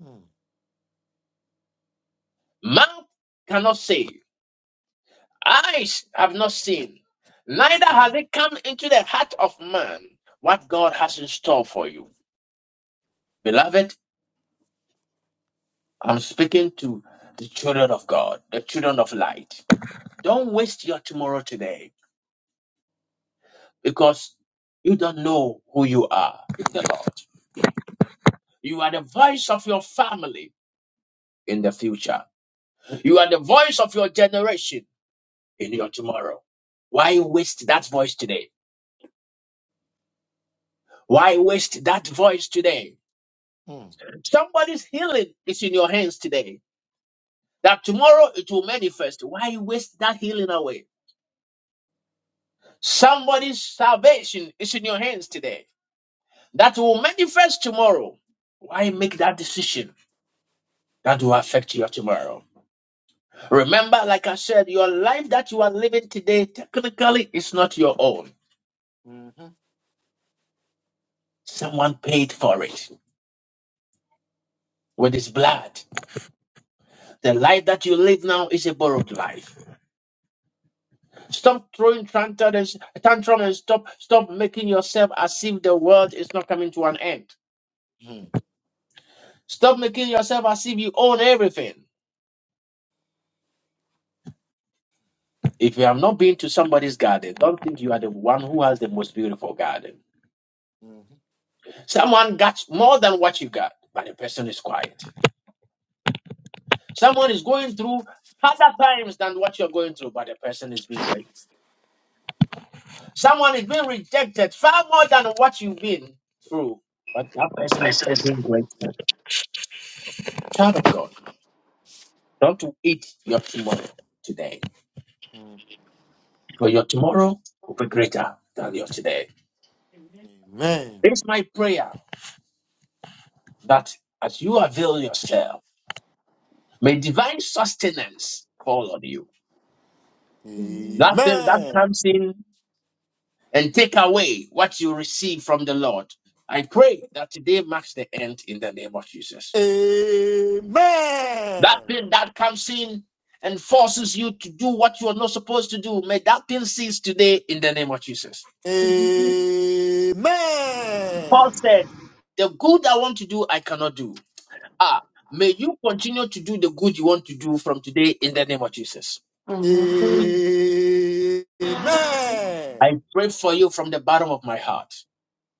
S6: Mm,
S1: Mouth cannot save, Eyes have not seen, neither has
S6: mm,
S1: it come into the heart of man what God has in store for you. Beloved, I'm speaking to the children of God, the children of light. Don't waste your tomorrow today because you don't know who you are in the Lord. You are the voice of your family in the future, you are the voice of your generation in your tomorrow. Why waste that voice today? Why waste that voice today?
S6: mm,
S1: Somebody's healing is in your hands today. That tomorrow it will manifest. Why waste that healing away? Somebody's salvation is in your hands today. That will manifest tomorrow. Why make
S6: mm.
S1: that decision that will affect your tomorrow? Remember, like I said, your life that you are living today technically is not your own.
S6: Mhm.
S1: Someone paid for it with his blood. The life that you live now is a borrowed life. Stop throwing tantrum and, tantrum and stop stop making yourself as if the world is not coming to an end.
S6: Mm,
S1: Stop making yourself as if you own everything. If you have not been to somebody's garden, don't think you are the one who has the most beautiful garden.
S6: mhm.
S1: Someone got more than what you got, but the person is quiet. Someone is going through harder times than what you're going through, but the person is being great. Someone is being rejected far more than what you've been through, but that person is still being grateful. Child of God. do Not to eat your tomorrow today,
S6: Mm.
S1: because your tomorrow will be greater than your today.
S6: Amen.
S1: It's my prayer that as you avail yourself, may divine sustenance fall on you. That thing that
S6: Amen.
S1: comes in and take away what you receive from the Lord. I pray that today marks the end in the name of Jesus.
S6: Amen.
S1: That thing that comes in and forces you to do what you are not supposed to do, may that thing cease today in the name of Jesus. The good I want to do, I cannot do are, may you continue to do the good you want to do from today in the name of Jesus.
S10: Amen.
S6: Amen.
S1: I
S6: Amen.
S1: pray for you from the bottom of my heart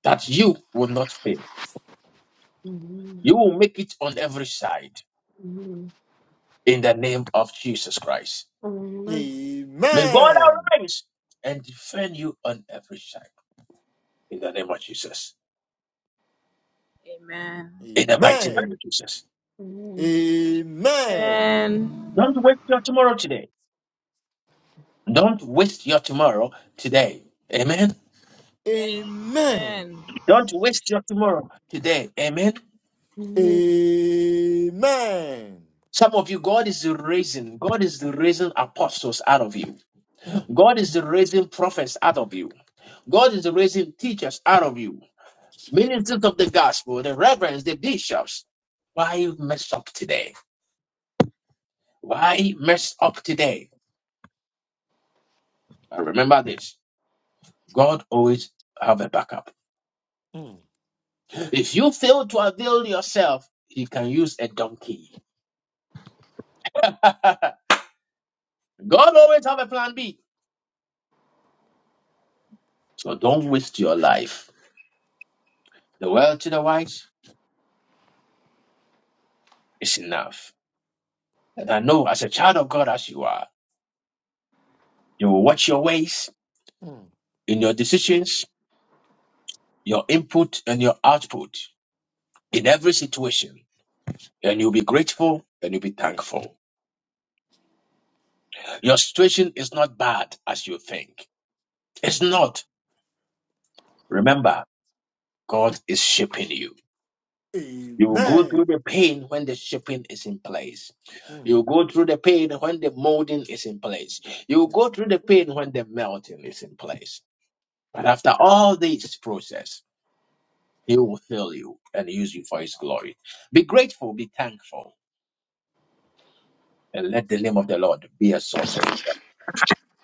S1: that you will not fail. You will make it on every side
S10: Amen.
S1: in the name of Jesus Christ.
S10: Amen.
S1: May God
S6: Amen.
S1: arise and defend you on every side in the name of Jesus. In the mighty name
S6: Amen.
S1: of Jesus.
S10: Amen.
S6: Amen.
S1: Don't waste your tomorrow today. Don't waste your tomorrow today. Amen.
S6: Amen.
S1: Don't waste your tomorrow today. Amen.
S10: Amen.
S6: Amen.
S1: Some of you, God is raising, God is raising apostles out of you.
S6: Mm,
S1: God is raising prophets out of you. God is raising teachers out of you. Ministers of the gospel, the reverends, the bishops. Why you mess up today? Why mess up today? But remember this. God always have a backup.
S6: mm,
S1: If you fail to avail yourself, he can use a donkey. [LAUGHS] God always have a plan B. So don't waste your life. The world to the wise is enough. And I know as a child of God as you are, you will watch your ways
S6: mm.
S1: in your decisions, your input and your output in every situation. And you'll be grateful and you'll be thankful. Your situation is not bad as you think. It's
S6: mm.
S1: not. Remember, God is shaping you. You will go
S6: Amen.
S1: through the pain when the shaping is in place. You will
S6: Mm.
S1: go through the pain when the molding is in place. You will
S6: mm.
S1: go through the pain when the melting is in place. But after all this process, He will fill you and use you for His glory. Be grateful, be thankful, and let the name of the Lord be exalted.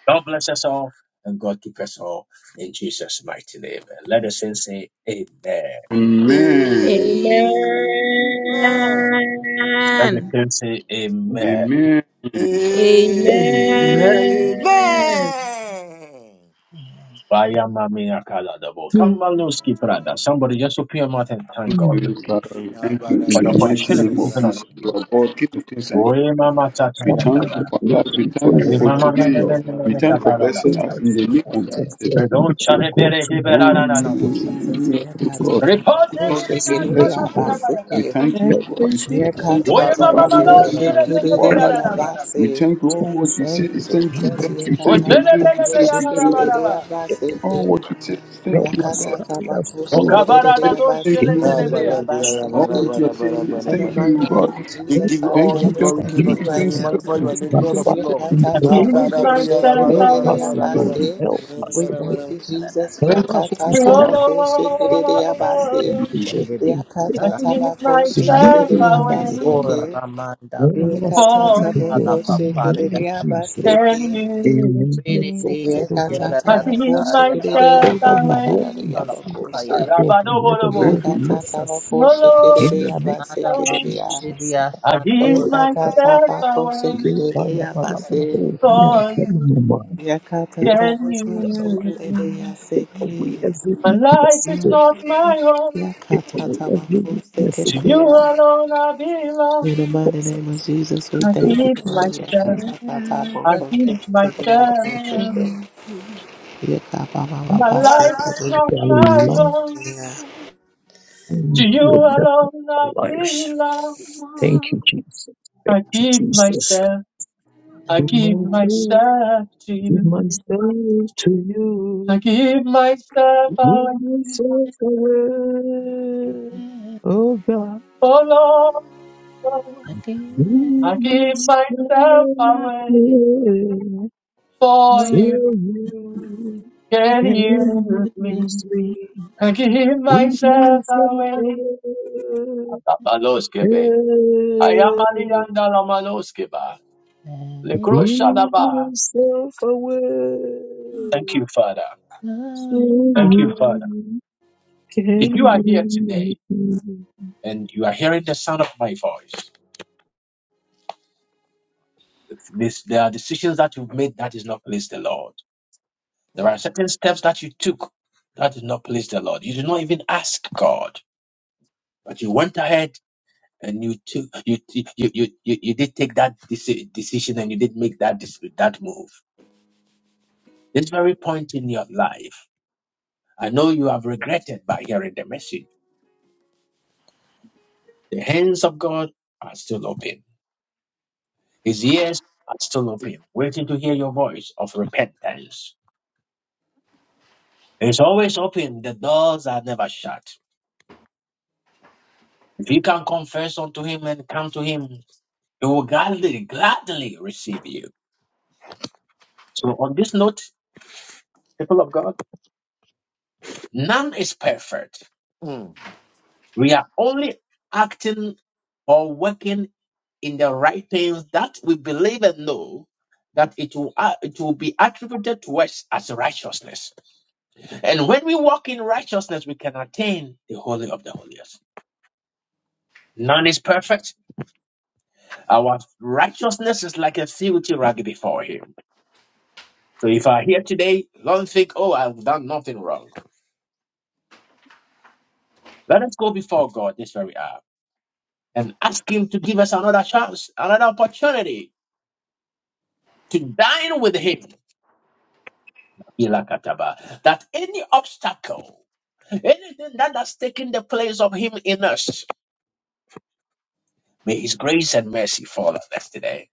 S1: God bless us all, and God keep us all in Jesus' mighty name. And let the saints say, Amen.
S15: Amen.
S6: Amen.
S1: Let the
S14: Amen.
S1: saints say, Amen.
S15: Amen.
S14: Amen.
S6: Amen.
S1: Vaya mami akala dabo. Come on, no skip Somebody just open your mouth and thank
S15: Thank
S1: God with
S15: you,
S8: Please,
S1: me
S15: Father. Thank you in
S1: for the
S15: the
S6: Abadabriya,
S15: mighty
S1: opportunity
S15: name of
S1: given unto
S6: abadabriya,
S15: Jesus,
S1: you.
S15: Lord God, King of Kings and Lord
S1: Oye
S15: of Lords.
S1: mama
S15: We
S1: chakaya
S8: Father, God,
S15: thank
S1: dada.
S15: you for
S8: we
S15: life.
S8: thank
S15: We
S8: you for
S15: thank you
S1: Re
S8: your
S15: for
S1: mama
S8: word,
S1: me
S6: abadabriya,
S8: O
S1: me
S15: today.
S8: God.
S1: me me
S15: We
S1: me
S15: thank you for
S8: So
S15: blessing us
S8: that
S15: in the
S8: we
S15: name
S8: can
S15: of
S8: just let
S15: Jesus.
S1: Re do
S8: it to
S1: chare
S8: go
S1: bere
S8: to be
S1: gibe
S15: None
S1: la
S15: of
S8: to
S1: la la la
S16: Thank
S8: the
S16: you,
S1: la.
S15: you,
S16: Jesus.
S15: who else,
S8: to
S15: oh
S8: the
S15: God.
S1: Report
S15: If
S1: them in
S15: not
S1: the
S15: you,
S1: eyes
S8: destiny
S15: who
S8: of
S15: else,
S8: the
S15: oh God.
S8: world.
S16: Yakatatabakoshekereyabaseke.
S15: We thank you,
S8: Help
S15: God. We
S8: us
S15: thank
S8: to
S17: Eccoci.
S15: you,
S8: get
S15: thank you,
S1: We
S8: help
S15: thank you,
S8: us
S1: mama
S8: to
S15: thank
S6: abadabriya,
S15: you,
S1: malo
S8: get
S15: thank you, thank you
S6: abadabriya,
S1: selebele
S15: for our
S8: that
S15: life.
S8: time.
S16: Yakatatabakoshekereyabase.
S15: We thank you.
S8: Help
S15: All what
S8: us to
S15: we
S16: Thank
S15: say
S8: get
S16: you,
S8: the
S15: is thank you,
S16: Jesus.
S8: freedom
S15: thank
S8: to
S15: you,
S1: O
S8: hear
S15: thank
S8: your
S15: you, thank
S1: selebele
S15: you,
S8: voice,
S15: thank you,
S8: Pastor.
S15: thank you.
S16: Yakatatabakoshekereyabaseke.
S15: All what we say is
S8: Help
S15: thank you,
S8: us
S15: God.
S8: carry us
S1: O
S15: All
S8: through, O
S15: what
S8: God,
S15: you
S1: kabara
S15: say,
S1: doş
S15: thank
S8: in
S15: you.
S8: the
S6: Ah,
S1: kelebele
S8: name
S6: blah, blah,
S8: of Jesus.
S6: blah,
S15: All
S6: blah, blah, blah,
S16: Yakatatabakoshekereyabaseke.
S15: what you are
S6: blah,
S15: saying
S6: blah,
S15: is
S6: blah,
S16: In the
S6: blah,
S15: thank
S16: mighty
S15: you,
S6: blah.
S15: God.
S16: name of
S6: We
S16: Jesus,
S6: give you
S16: Father
S6: all
S15: Thank
S6: the
S15: you,
S16: God, we
S8: It's
S15: thank
S6: glory,
S15: you,
S16: thank
S6: King
S8: deep in
S15: thank
S16: you
S6: of
S15: you,
S6: Kings.
S8: the
S16: right
S6: We
S15: thank you,
S16: now,
S15: thank
S6: magnify
S15: you,
S16: Lord.
S6: your
S8: mountains,
S15: thank
S8: my
S6: name,
S15: you,
S6: Lord
S15: thank
S8: Father,
S6: of
S15: you,
S16: We
S15: thank
S6: Lord.
S15: you,
S8: and
S15: thank you,
S1: At the
S6: Ah,
S8: pray.
S1: midnight
S6: blah, blah, blah,
S1: away,
S6: blah,
S15: thank you,
S6: blah,
S8: Help
S6: blah, blah,
S8: us, O
S6: blah, blah.
S8: God.
S15: thank you, thank you,
S16: Yakatatatabokoshikerereabase.
S8: Help
S6: Blah,
S8: us,
S17: Iria,
S16: We
S8: O
S6: blah,
S8: God.
S16: thank
S6: blah.
S16: you,
S17: da, da, da,
S16: Jesus.
S15: thank you,
S8: Help
S17: da,
S15: thank you, thank you, thank
S8: us to
S15: you,
S1: oh
S8: stand
S15: thank
S17: Ripa,
S15: you,
S16: Yakatatabokoshikerereabase.
S1: Lord,
S15: Lord.
S8: before
S17: Shiriri,
S8: Him,
S1: at
S17: da,
S1: the midnight
S17: da,
S1: step
S8: believing in you,
S1: away
S8: O
S17: O
S8: God.
S16: Yakatatabokoshikerereabaseke.
S17: Ramanda, la,
S8: When our
S17: bo,
S1: for
S8: strength, O
S17: la,
S1: you,
S17: la,
S8: God,
S17: pa,
S8: in the
S17: pa, re,
S8: name
S17: ya,
S8: of
S17: pa,
S8: Jesus,
S17: do,
S1: Can
S16: Yakatatabokoshikerereabaseke.
S8: may your
S1: you
S8: name
S17: re,
S8: be
S17: re,
S1: see.
S17: re,
S8: exalted, O
S17: ya,
S8: God.
S17: da, da,
S1: At
S17: da,
S1: the
S17: da, ya,
S1: midnight
S17: da, bo,
S1: step
S8: Pray that we
S1: away,
S8: walk in
S17: ka,
S8: the
S17: la, ba,
S8: freedom
S17: ka, ya,
S8: of
S16: Yakatatabokoshikerereabababababababakoshe.
S17: da,
S8: God
S1: Alabado,
S8: and let the
S15: thank
S8: word
S15: you. God.
S8: bless us
S1: oh
S8: in the name
S17: ma,
S8: of
S17: da, ma,
S1: Lord.
S16: Yakatatabokoshikerereabasekererea.
S17: shiriri,
S8: Jesus.
S17: ya,
S1: I
S17: sa, o,
S1: give
S8: Father, that
S16: Yakata
S1: myself
S16: bako
S1: away
S8: we may
S16: shikirere
S8: follow, follow,
S16: yabase.
S8: follow, we are
S1: for
S8: telling
S1: you.
S8: you, man.
S16: Yakata
S1: Can
S16: tabako
S1: you use
S8: Amen.
S16: shikirere
S1: me?
S8: Take
S16: yaseke.
S8: away every
S1: My life
S8: weakness, O
S1: is
S8: God.
S1: not my own.
S8: Take
S16: Yakata
S8: away every
S16: tabako
S8: weakness, O
S1: To
S16: shikirere
S8: God.
S1: you
S16: ya.
S1: alone I belong.
S16: In the mighty
S8: Cause
S16: name of
S8: us
S16: Jesus, we
S8: to
S1: I
S8: go
S16: thank you.
S1: give
S16: Lord.
S8: before
S1: myself.
S8: you.
S17: Again,
S16: Yakatatatabo,
S1: I give
S8: Cause
S1: myself to
S8: us
S16: Kosekereyabaseke.
S1: you. My life is
S16: Yakababababaseke.
S1: not
S8: to
S1: my
S8: align
S1: own. To you
S8: your better
S1: alone I
S8: lives.
S1: belong.
S8: Thank you, Jesus. Thank
S1: I
S8: you,
S1: give
S8: Jesus.
S1: myself. I
S8: Give my
S1: give
S8: myself,
S1: myself to
S8: give
S1: you.
S8: my myself to
S1: I
S8: you.
S1: give myself
S8: Give
S1: away.
S8: myself away. Oh God,
S1: Oh Lord. oh
S8: give
S17: again,
S1: I give
S8: myself
S1: myself away
S8: away.
S1: for
S8: So
S17: no,
S1: you.
S8: you
S17: it
S1: Can you
S8: can
S1: use
S17: can't
S1: me?
S8: use me.
S1: I give
S8: I
S1: myself away. Lamaloskebe. Ayamali anda lamaloskeba.
S17: be.
S8: Give
S1: Lekroshadaba.
S8: myself away
S1: Thank you, Father.
S8: so
S17: Lord
S1: Thank you, Father.
S8: you
S1: If
S8: can
S1: you are here
S8: use
S1: today
S8: me.
S1: and you are hearing the sound of my voice, this, there are decisions that you've made that is not pleased the Lord. There are
S6: Mm,
S1: certain steps that you took that did not please the Lord. You did not even ask God, but you went ahead and you took you you you you, you did take that deci- decision and you did make that dec- that move. This very point in your life, I know you have regretted by hearing the message. The hands of God are still open. His ears are still open, waiting to hear your voice of repentance. It's always open. The doors are never shut. If you can confess unto Him and come to Him, He will gladly, gladly receive you. So on this note, people of none is perfect.
S6: mm.
S1: We are only acting or working in the right things that we believe and know that it will, uh, it will be attributed to us as righteousness. And when we walk in righteousness, we can attain the holy of the holiest. None is perfect. Our righteousness is like a filthy rag before Him. So if I here today, don't think, oh, I've done nothing wrong. Let us go before God this very hour and ask Him to give us another chance, another opportunity to dine with Him Ilakataba. That any obstacle, anything that has taken the place of Him in us, may His grace and mercy fall on us today.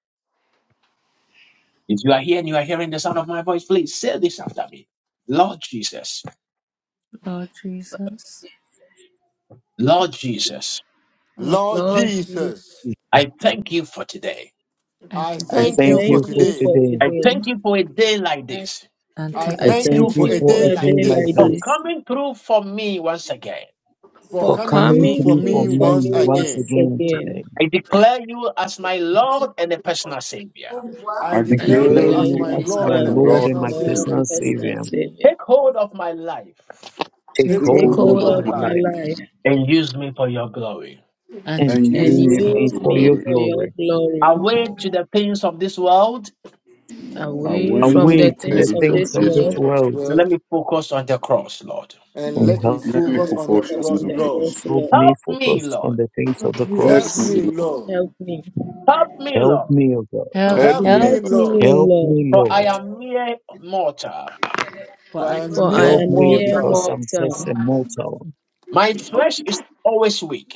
S1: If you are here and you are hearing the sound of my voice, please say this after me Lord Jesus,
S17: Lord Jesus,
S1: Lord Jesus,
S17: Lord
S6: Lord
S14: Lord,
S6: Jesus,
S1: I thank you for today.
S6: I
S8: I
S14: I
S6: thank you
S8: thank
S6: for
S14: thank
S8: you for
S14: you
S6: today.
S14: for
S8: today.
S1: I
S14: today.
S1: thank you for a day like this,
S6: I
S8: I
S14: I
S6: thank you
S8: thank
S14: thank
S6: for
S8: you
S6: a
S14: you
S8: for
S6: day
S8: a
S14: for a
S8: day
S6: like
S14: day
S8: like
S14: like
S1: for
S6: this,
S14: this,
S8: this,
S1: coming through for me once again.
S6: for
S8: for
S14: for
S6: coming
S8: coming
S6: through
S14: coming
S6: for
S8: through for
S14: through
S6: me
S14: for
S8: me
S6: once
S14: me
S8: once
S14: once
S6: again.
S8: again
S14: again.
S8: today.
S1: I declare you as my Lord and a personal Savior.
S6: I
S15: I
S8: I
S14: I
S6: declare
S8: declare
S6: you
S15: declare
S14: declare
S6: as
S8: you
S6: my
S15: you
S8: as
S14: you
S15: as
S14: by
S8: my
S6: Lord
S15: my
S6: and
S8: Lord
S14: as
S15: Lord
S8: and
S6: personal
S8: my
S15: and
S14: Lord
S8: personal
S6: Savior.
S14: and
S15: personal
S14: personal
S8: Savior.
S15: Savior.
S14: Savior.
S1: Take hold of my life
S8: Take
S17: Jesus,
S6: Take
S15: Take
S14: Take
S8: hold
S6: hold of
S8: of
S15: hold
S14: hold
S6: my
S15: of
S14: of
S8: my
S15: my
S14: my
S6: life
S8: life
S15: life
S14: life
S1: and use me for your glory.
S17: and you
S8: and
S6: and
S15: and
S6: use
S15: use
S14: and
S6: me
S8: use
S15: me
S6: for
S15: for
S6: your
S8: me
S14: use
S15: your
S8: for
S14: me
S8: your
S6: glory.
S15: glory.
S14: for
S8: glory.
S14: your glory.
S1: Away to the things of this world
S15: I
S14: Away
S15: went
S14: from
S15: to
S8: away
S14: the
S15: the
S8: to the
S14: things of
S15: face of
S8: things
S14: this
S8: of
S15: this
S8: this
S14: world,
S6: This
S15: world.
S8: world
S1: Let
S6: word
S1: me focus on the cross, Lord.
S6: and
S8: and
S6: let me
S8: help
S15: Let
S14: and
S15: me
S14: let
S6: focus
S14: me
S6: on the
S15: focus
S14: focus
S15: on
S6: cross,
S14: on
S15: your
S14: the
S6: Lord.
S15: cross.
S14: cross, Lord.
S8: me
S1: Help me,
S8: focus on
S1: Lord.
S8: the things of the
S6: Help
S15: Help me,
S8: cross.
S6: me,
S15: Lord.
S6: Lord.
S14: Help me.
S1: Help me,
S8: Help
S1: Lord.
S8: me, O God.
S10: Oh,
S17: help me,
S15: Help
S6: Help
S15: me,
S6: me,
S14: Help
S10: yes.
S14: me,
S6: Lord.
S14: O
S8: Help
S14: Lord,
S8: me,
S1: For I
S8: Lord.
S1: am mere mortal.
S17: for
S6: For
S17: I
S6: I'm
S14: for I
S6: mere
S8: Help
S14: am a
S8: me
S14: mere
S8: because
S6: mortal.
S8: I'm just a
S14: mortal.
S8: mortal.
S1: My flesh is always weak.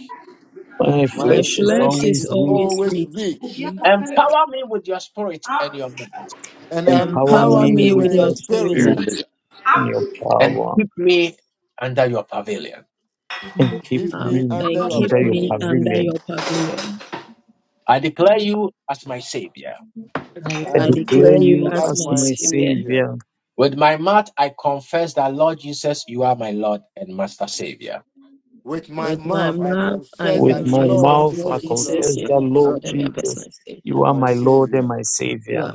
S8: My
S14: My
S6: My
S8: flesh is
S14: flesh
S6: strength
S14: is
S8: always
S6: is
S8: weak.
S14: always
S6: always
S14: weak.
S6: weak.
S1: Empower me with your spirit
S15: Lord.
S1: and your mind,
S6: And
S8: Empower
S6: empower
S14: Empower
S8: me
S6: me
S14: me with
S6: with
S8: with
S6: your
S14: your
S8: your
S14: spirit
S15: Amen.
S6: spirit.
S8: spirit
S14: and,
S8: and your
S1: and
S8: power
S1: keep me under your pavilion.
S8: and
S17: am
S8: keep
S17: weak.
S6: Leave
S14: uh,
S6: me
S8: me
S6: under
S14: and
S6: your
S14: keep
S8: under your
S14: me
S6: pavilion.
S14: under
S8: pavilion.
S14: your pavilion.
S1: I declare you as my Savior.
S17: I
S8: I
S14: I
S6: I
S17: go.
S8: declare
S14: declare
S6: declare
S14: you
S6: you
S8: you
S14: as
S6: as
S8: as
S14: my
S6: my
S8: my
S14: Savior.
S6: Savior.
S8: savior.
S1: With my mouth, I confess that, Lord Jesus, you are my Lord and Master Savior.
S6: With my
S14: With my
S6: mouth, I
S14: mouth, I
S6: confess
S8: With
S6: that,
S8: my
S14: confess
S6: Lord
S14: that
S8: mouth, I
S14: Lord
S6: Jesus, you are
S14: Jesus,
S8: confess
S14: you are
S8: that
S14: my
S6: my
S8: Lord
S14: Lord and my
S6: Savior
S8: Jesus,
S14: personal Savior.
S8: you
S6: and
S8: are
S6: my
S8: my Lord and
S6: Savior.
S8: my
S14: You
S8: savior.
S14: are.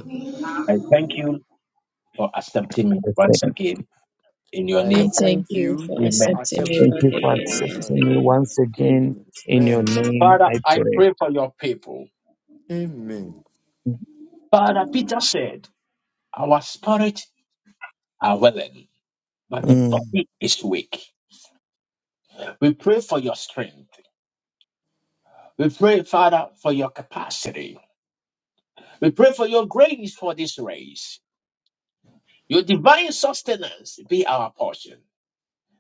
S1: For accepting me
S8: I thank
S1: once again in your
S6: I
S14: I
S1: name.
S6: thank
S14: thank you
S6: you
S14: for
S1: Amen.
S6: for
S14: accepting me
S6: accepting
S8: Thank
S14: back
S8: you
S6: me
S8: for
S14: again
S6: once
S14: once
S8: accepting me
S14: again.
S6: again.
S8: once again. In your
S6: Amen.
S8: name,
S1: Father,
S8: I
S1: I
S8: pray.
S1: pray for your people.
S6: Amen.
S1: Father, Peter said, Our spirit are willing but the
S6: Mm.
S8: Amen.
S1: body is weak. We pray for your strength. We pray, Father, for your capacity. We pray for your grace for this race. Your divine sustenance be our portion,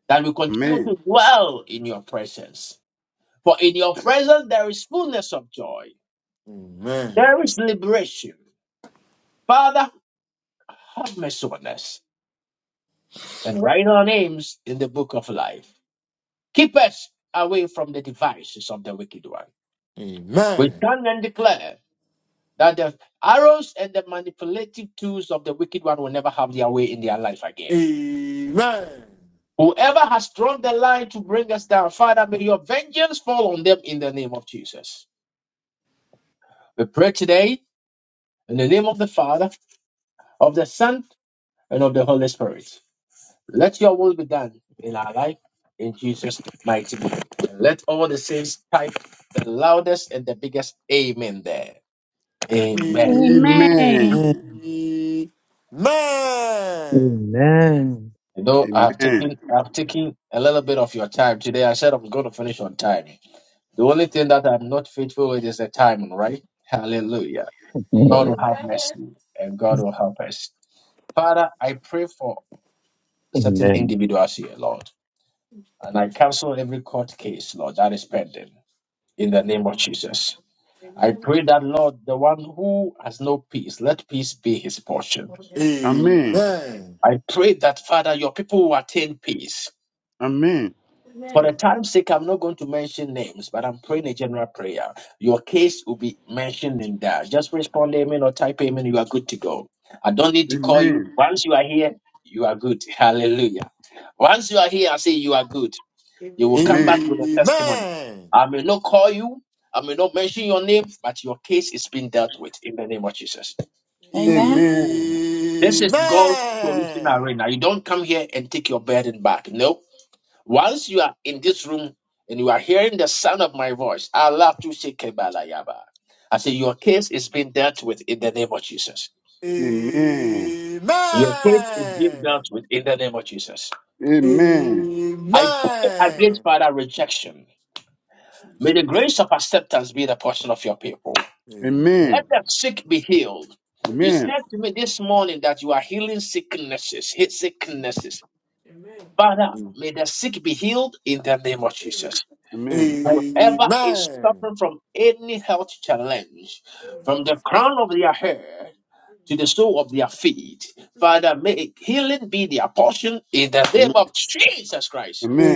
S1: that we continue
S15: Amen.
S1: to dwell in your presence. For in your presence there is fullness of joy,
S6: Amen.
S1: there is liberation. Father, have mercy on us and write our names in the book of life. Keep us away from the devices of the wicked one. We
S6: Amen.
S1: stand and declare. That the arrows and the manipulative tools of the wicked one will never have their way in their life again.
S6: Amen.
S1: Whoever has drawn the line to bring us down, Father, may your vengeance fall on them in the name of Jesus. We pray today in the name of the Father, of the Son, and of the Holy Spirit. Let your will be done in our life in Jesus' mighty name. let all the saints type the loudest and the biggest amen there. Amen.
S6: Amen.
S13: Amen.
S8: Amen.
S15: Amen.
S6: Amen.
S8: Amen.
S1: You know, I have
S15: Amen.
S1: taken I have taken a little bit of your time today. I said I was going to finish on time. The only thing that I'm not faithful with is the time, right? Hallelujah. God will have mercy and God will help us. Father, I pray for certain
S8: Amen.
S1: individuals here, Lord, and I cancel every court case, Lord, that is pending in the name of Jesus. I pray that, Lord, the one who has no peace, let peace be his portion.
S15: Amen.
S6: Amen. Amen.
S1: I pray that, Father, your people will attain peace
S15: Amen.
S1: For the time's sake, I'm not going to mention names, but I'm praying a general prayer. Your case will be mentioned in that. Just respond amen or type amen. You are good to go. I don't need to call you.
S15: Amen.
S1: Once you are here, you are good. [LAUGHS] Hallelujah. Once you are here, I say you are good. You will come back with a testimony.
S6: Amen.
S1: I may not call you. I may not mention your name, but your case is being dealt with in the name of Jesus.
S15: Amen.
S18: Amen.
S15: Amen.
S1: This is God's solution arena. You don't come here and take your burden back. No. Once you are in this room and you are hearing the sound of my voice, I love to say Kebalayaba. I say your case is being dealt with in the name of Jesus.
S15: Amen. Amen.
S1: Your case is being dealt with in the name of Jesus.
S15: Amen.
S1: I pray against
S6: Amen.
S1: father rejection. May the
S6: Jesus.
S1: grace of acceptance be the portion of your people. Let
S15: Amen.
S1: the sick be healed. You
S15: Amen.
S1: said to me this morning that you are healing sicknesses, hit sicknesses. Father,
S6: Amen.
S1: may the sick be healed in the name of Jesus.
S15: Amen. Amen.
S1: Whoever is
S6: Amen.
S1: suffering from any health challenge, from the crown of their hair to the sole of their feet, Father, may healing be their portion in the name of Jesus
S15: Amen. Amen. Amen. Amen.
S1: Christ.
S15: Amen. Amen.
S6: Amen. Amen.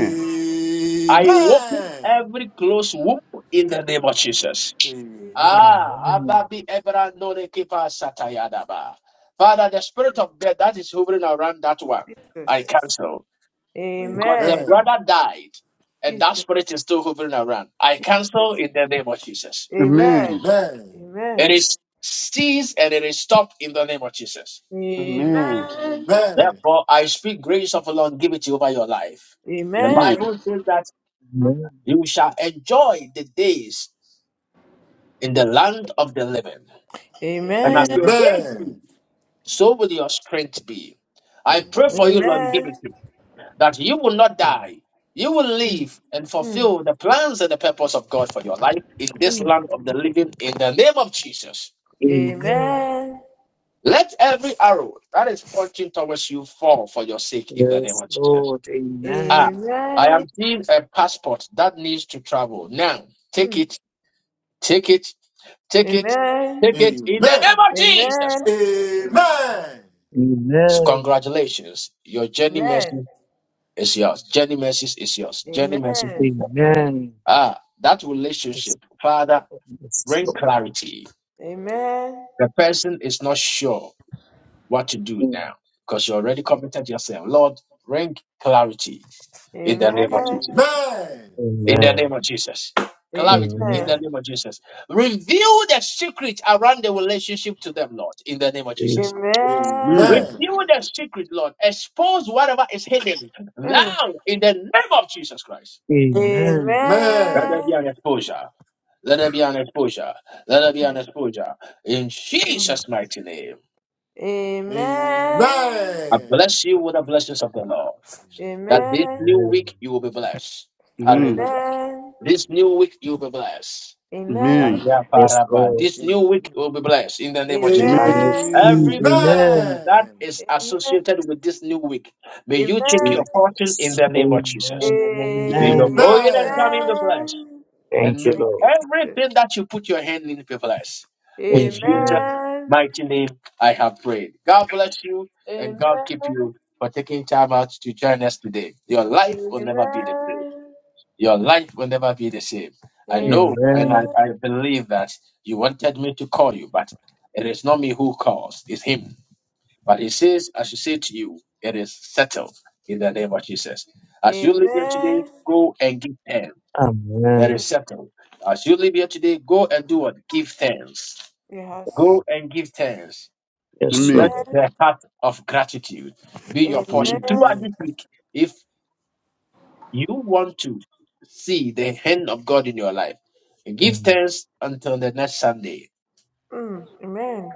S1: I open every closed womb in the name of Jesus.
S6: Amen.
S1: Ah,
S8: Amen.
S1: Ababi Ebra Nore Kipa Satayadaba. Father, the spirit of death that is hovering around that one, I
S5: Jesus.
S1: cancel
S6: Amen.
S1: because the
S5: Amen.
S6: Amen.
S1: brother died and
S5: Jesus.
S1: that spirit is still hovering around. I cancel
S5: Jesus.
S1: in the name of Jesus.
S15: Amen.
S5: Amen.
S1: It
S5: Amen.
S1: is ceased and it is stopped in the name of Jesus.
S5: Amen.
S1: Therefore, I speak grace of the longevity over your life.
S5: Amen.
S8: Amen.
S1: You shall enjoy the days in the land of the living.
S6: Amen.
S1: And
S6: Amen. Amen.
S5: Amen.
S1: as
S6: Amen.
S1: your
S6: Amen.
S1: days be, so will your strength be. I pray for you
S5: Amen.
S1: longevity. that you will not die. You will
S5: Mm,
S1: live and
S5: mm,
S1: fulfill the plans and the purpose of God for your life in this
S5: mm.
S1: land of the living in the name of Jesus.
S8: Amen.
S5: Amen.
S1: Let every arrow that is pointing towards you fall for your sake in the name
S8: Yes,
S1: of Jesus.
S8: Lord.
S1: Ah,
S8: Amen.
S1: I
S5: Amen.
S1: am seeing a passport that needs to travel. Now, take
S5: Hmm.
S1: it, take it, take it,
S5: Amen.
S1: take it in the
S5: Amen.
S1: name of Jesus.
S5: Amen.
S1: So
S8: Amen.
S1: congratulations. Your journey
S5: Amen.
S1: mercy is yours. Journey mercy is yours. Journey mercy is
S5: Amen.
S1: yours.
S8: Amen.
S1: Ah, that
S8: Yes,
S1: relationship, Father.
S8: Lord. Yes,
S1: Bring
S8: Lord.
S1: clarity.
S5: Amen.
S1: The person is not sure what to do now because you already committed yourself. Lord, bring clarity in the
S5: Amen.
S1: name of Jesus.
S5: Amen.
S1: In the name
S8: Amen.
S1: of Jesus. Clarity
S8: Amen.
S1: in the
S5: Amen.
S1: name of Jesus. Reveal the secret around the relationship to them, Lord, in the name of Jesus.
S5: Amen. Amen.
S1: Reveal the secret, Lord. Expose whatever is hidden
S5: Amen. Mm.
S1: now in the name of Jesus Christ.
S8: Amen.
S1: Let there be
S5: Amen.
S1: an exposure. Let there be an exposure. Let there be an exposure. In
S5: Amen. Mm.
S1: Jesus' mighty name.
S5: Amen.
S1: I bless you with the blessings of the Lord. That this
S5: Amen. Amen.
S1: new
S8: Amen.
S1: week you will be blessed. Hallelujah.
S5: Amen.
S1: This new week you will be blessed. Aya
S8: Yes,
S1: paraba.
S8: Lord.
S1: This new week you will be blessed in the name
S6: Amen.
S1: of Jesus.
S8: I
S5: Amen. Amen.
S8: receive.
S1: Every
S6: Amen.
S1: blessing
S8: Amen.
S1: that
S6: Amen.
S1: is
S5: Amen. Amen.
S1: associated with this new week, may you take
S5: Amen.
S1: your portion in
S8: Jesus.
S1: the name of Jesus.
S8: Amen and
S5: Amen.
S1: May your
S6: Amen.
S8: amen.
S1: going and
S6: Amen.
S1: coming be blessed. And
S8: Thank you,
S1: may
S5: Thank you.
S8: Lord.
S1: everything that you put your hand in be blessed. In Jesus'
S8: Amen.
S5: Amen.
S1: mighty name I have prayed. God bless you and
S5: Amen.
S1: God keep you for taking time out to join us today. Your life will never be the same.
S5: Amen.
S1: Your life will never be the same. I know and I,
S8: Amen.
S5: Amen.
S1: I believe that you wanted me to call you, but it is not me who calls, it's him. But he says, I should say to you, it is settled in the name of Jesus. As you live here today,
S5: Amen.
S1: go and give thanks. It
S5: Mm,
S1: is
S8: Amen.
S1: settled. As you live here today, go and do what? Give thanks.
S5: Yes.
S1: Go and give thanks
S8: Yes,
S1: let
S5: Amen.
S8: Lord.
S1: the heart of gratitude be your portion throughout
S5: Amen.
S6: Amen.
S1: this week. If you want to see the hand of God in your life, give
S8: Amen.
S1: thanks until the next Sunday.
S5: Mm, Amen.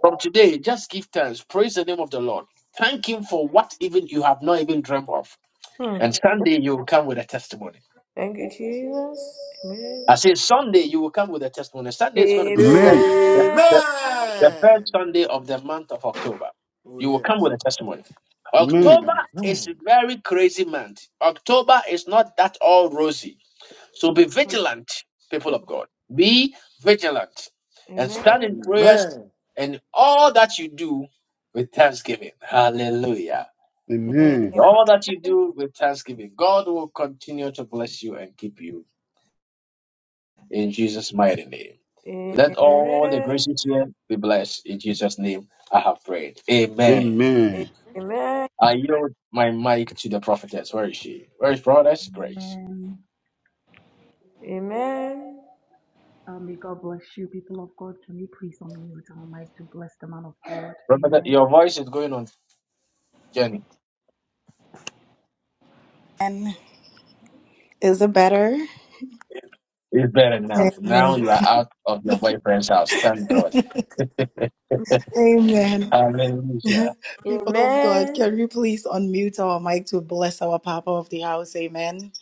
S1: From today, just give thanks. Praise the name of the Lord. Thank Him for what even you have not even dreamt of.
S5: Mm.
S1: And Sunday, you will come with a testimony.
S5: Thank you, Jesus. Amen.
S1: I say Sunday, you will come with a testimony. Sunday is going to be the first.
S5: Amen.
S1: the, the first
S6: Amen.
S1: Sunday of the month of October.
S6: Oh,
S1: You
S5: Mm,
S1: will come
S6: yes.
S1: with a testimony. October
S6: Amen.
S1: is a
S6: Amen.
S1: very crazy month. October is not that all rosy. So be vigilant, people of God. Be vigilant and stand
S5: Amen.
S1: in prayers
S6: Amen.
S1: and all that you do with thanksgiving. Hallelujah. In
S5: Amen.
S1: all that you do with thanksgiving, God will continue to bless you and keep you in Jesus' mighty name. Let all the
S5: Amen.
S1: graces here be blessed. In Jesus' name, I have prayed. Amen.
S5: Amen.
S1: I yield my mic to the prophetess. Where is she? Where is prophetess Grace?
S2: Amen.
S5: Amen.
S2: Um, may God bless you, people of God. Can we please unmute our mic to bless the man of God?
S1: Prophetess,
S2: Amen.
S1: your voice is going on journey
S2: Amen. Is it better?
S1: now.
S5: Yes,
S2: Amen.
S1: Now you
S5: please.
S1: are out of your boyfriend's house. Thank
S2: [LAUGHS]
S1: God.
S2: Amen.
S1: Hallelujah.
S2: [LAUGHS] People of God,
S5: Amen.
S2: can we please unmute our mic to bless our Papa of the house? Amen.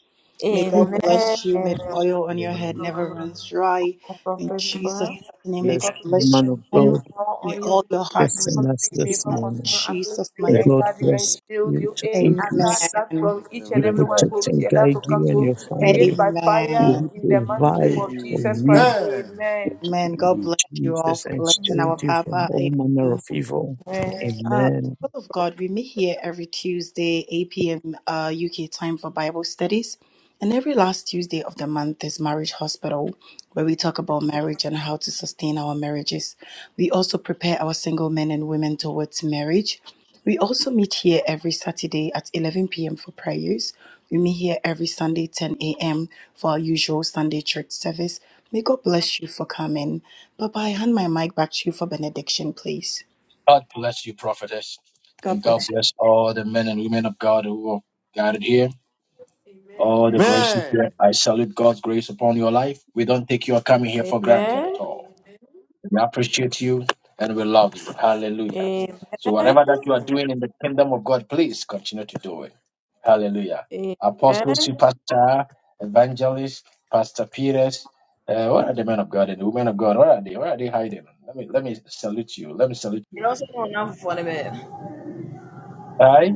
S2: May God
S5: Amen.
S2: bless you. May the oil on your head
S19: Amen.
S2: never
S5: Amen.
S2: runs dry.
S5: Oh,
S2: In
S5: Prophet
S2: Jesus'
S5: bless.
S2: name,
S5: May
S2: may
S8: Bless
S5: God
S2: God
S8: the
S5: keep
S2: bless you.
S8: man
S5: bless
S8: of
S2: home.
S5: you,
S8: God.
S5: fall
S2: May
S5: on you,
S2: all your
S5: and
S2: heart
S8: Blessing
S2: desires
S8: us
S5: healthy. May
S2: be
S8: this
S5: God
S2: met. In
S5: continue to
S8: morning.
S5: uplift
S2: Jesus'
S5: you,
S8: May
S2: mighty
S8: God
S5: encourage you,
S2: name.
S5: and
S8: bless
S5: shield
S8: you
S5: you.
S8: to
S5: Any attack
S8: increase.
S5: that
S2: Amen.
S5: from each
S8: He
S5: and
S1: Amen.
S5: every
S6: Amen.
S5: one
S8: protect
S5: who's
S8: and
S5: here that
S8: guide
S5: will come
S8: you and
S5: to,
S8: your
S5: may
S6: Amen.
S5: it
S8: family.
S5: by
S8: May
S5: fire
S2: Amen.
S8: He
S5: in the mighty
S6: Amen.
S5: name
S8: provide
S5: of
S8: for
S5: Jesus
S8: you,
S5: Christ.
S6: Amen.
S5: Amen.
S2: Amen. God bless you all
S8: Jesus,
S2: for
S8: and
S2: blessing
S8: shield
S2: our
S8: you from
S2: Papa.
S8: all
S2: Amen.
S8: manner of evil.
S5: Amen.
S2: Uh,
S8: Amen.
S2: people of God, we meet here every Tuesday, 8 p.m. Uh, UK time for Bible studies. And every last Tuesday of the month is Marriage Hospital, where we talk about marriage and how to sustain our marriages. We also prepare our single men and women towards marriage. We also meet here every Saturday at 11 p.m. for prayers. We meet here every Sunday, 10 a.m., for our usual Sunday church service. May God bless you for coming. Bye bye. Hand my mic back to you for benediction, please.
S1: God bless you, prophetess.
S2: God
S1: And
S2: bless. you.
S1: God bless all the men and women of God who are gathered here. All the graces here. I salute God's grace upon your life. We don't take your coming here for granted
S5: Amen.
S1: at all. We appreciate you and we love you. Hallelujah. So, whatever that you are doing in the kingdom of God, please continue to do it. Hallelujah. Apostle,
S5: Amen.
S1: superstar, evangelist, Pastor Peters. Uh, what are the men of God and the women of God? Where are they? Where are they hiding? Let me let me salute you. Let me salute
S14: You
S1: you.
S14: know, someone now for the man.
S1: Hi,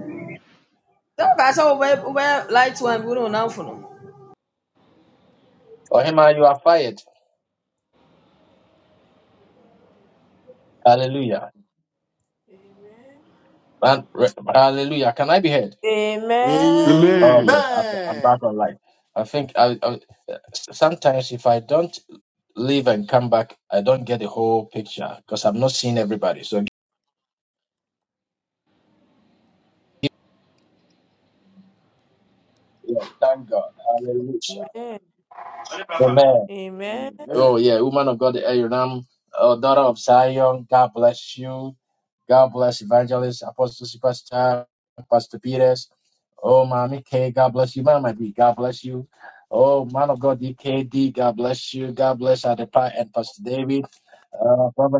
S14: Don't pass over where light one, we don't know for no.
S1: Ohima, you are fired. Hallelujah. And re- hallelujah. Can I be heard?
S5: Amen. Amen.
S6: Amen.
S15: Amen. Amen. Amen. Amen.
S1: Okay, I'm, I'm back online. I think I, I, sometimes if I don't leave and come back, I don't get the whole picture because I'm not seeing everybody. So yeah, thank God. Hallelujah.
S5: Amen.
S15: Amen.
S1: Amen.
S5: Amen.
S1: Oh yeah, woman of God, Aram, oh, daughter of Zion, God bless you. God bless evangelist, apostle superstar, Pastor Peters. Oh, Mommy K, God bless you. Mama D, God bless you. Oh, man of God, DKD, God bless you. God bless Adepa and Pastor David. Uh,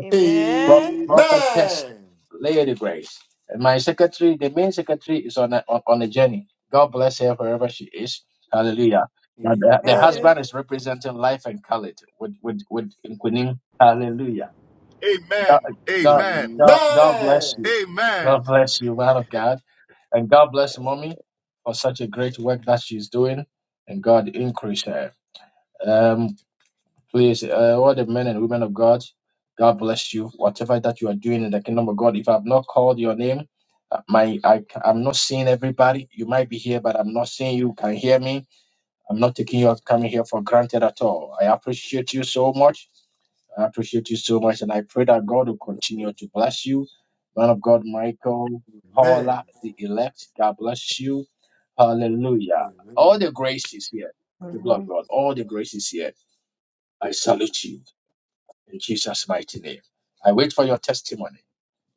S1: Pro-
S5: Amen.
S1: prophetess Lady Grace. And my secretary, the main secretary, is on a, on, on a journey. God bless her wherever she is. Hallelujah. Now the, the
S5: Amen.
S1: husband is representing life and color with with with Nkunim. Hallelujah.
S20: Amen.
S1: God,
S5: Amen. Amen.
S1: God,
S20: Amen.
S6: Amen.
S1: God,
S5: Amen.
S1: God bless you.
S20: Amen.
S1: God bless you, man of God, and God bless mommy for such a great work that she's doing, and God increase her. Um, Please, uh, all the men and women of God, God bless you. Whatever that you are doing in the kingdom of God, if I've not called your name, uh, my I, I'm not seeing everybody. You might be here, but I'm not seeing you. Can you hear me? I'm not taking your coming here for granted at all. I appreciate you so much. I appreciate you so much, and I pray that God will continue to bless you, man of God, Michael,
S6: Amen.
S1: Paula, the elect. God bless you. Hallelujah. All
S6: Amen.
S1: the grace is here, people of
S5: Amen.
S1: God. All the grace is here. I salute you in Jesus' mighty name. I wait for your testimony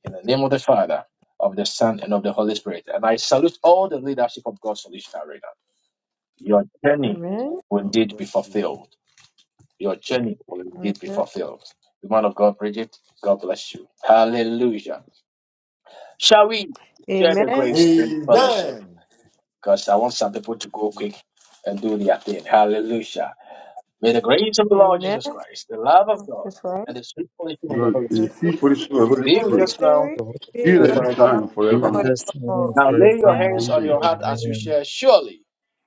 S1: in the name of the Father, of the Son, and of the Holy Spirit. And I salute all the leadership of God's Solution Arena. Your journey will
S6: God
S1: indeed be
S6: bless you.
S1: fulfilled. Your journey will
S5: Amen.
S1: indeed be fulfilled. The man of God, Bridget, God bless you. Hallelujah. Shall we share the
S5: Amen.
S1: grace in fellowship? Because I want some people to go quick
S6: Amen.
S1: and do their thing. Hallelujah. May the grace of
S5: Amen.
S1: the Lord
S5: Amen.
S1: Jesus Christ, the love of God,
S5: Jesus
S1: and
S5: Christ,
S1: the sweet fellowship of the
S15: God
S1: Holy
S15: is
S5: and
S15: the
S1: Spirit
S15: chief
S5: Jesus
S15: fellowship of the
S5: and the
S15: Holy
S1: be
S5: Holy
S1: with us
S15: Spirit.
S1: now
S8: Of
S5: Spirit,
S8: the Holy
S5: be
S15: Be with
S5: with
S1: and
S5: us
S8: Spirit.
S15: us
S1: forevermore.
S15: now
S5: now
S15: and
S8: be
S5: and
S8: with
S15: forevermore.
S8: us now and
S5: forevermore.
S1: Now lay your
S5: Amen.
S1: hand
S8: forevermore.
S15: Amen.
S1: out as you
S8: Amen.
S1: share. Surely,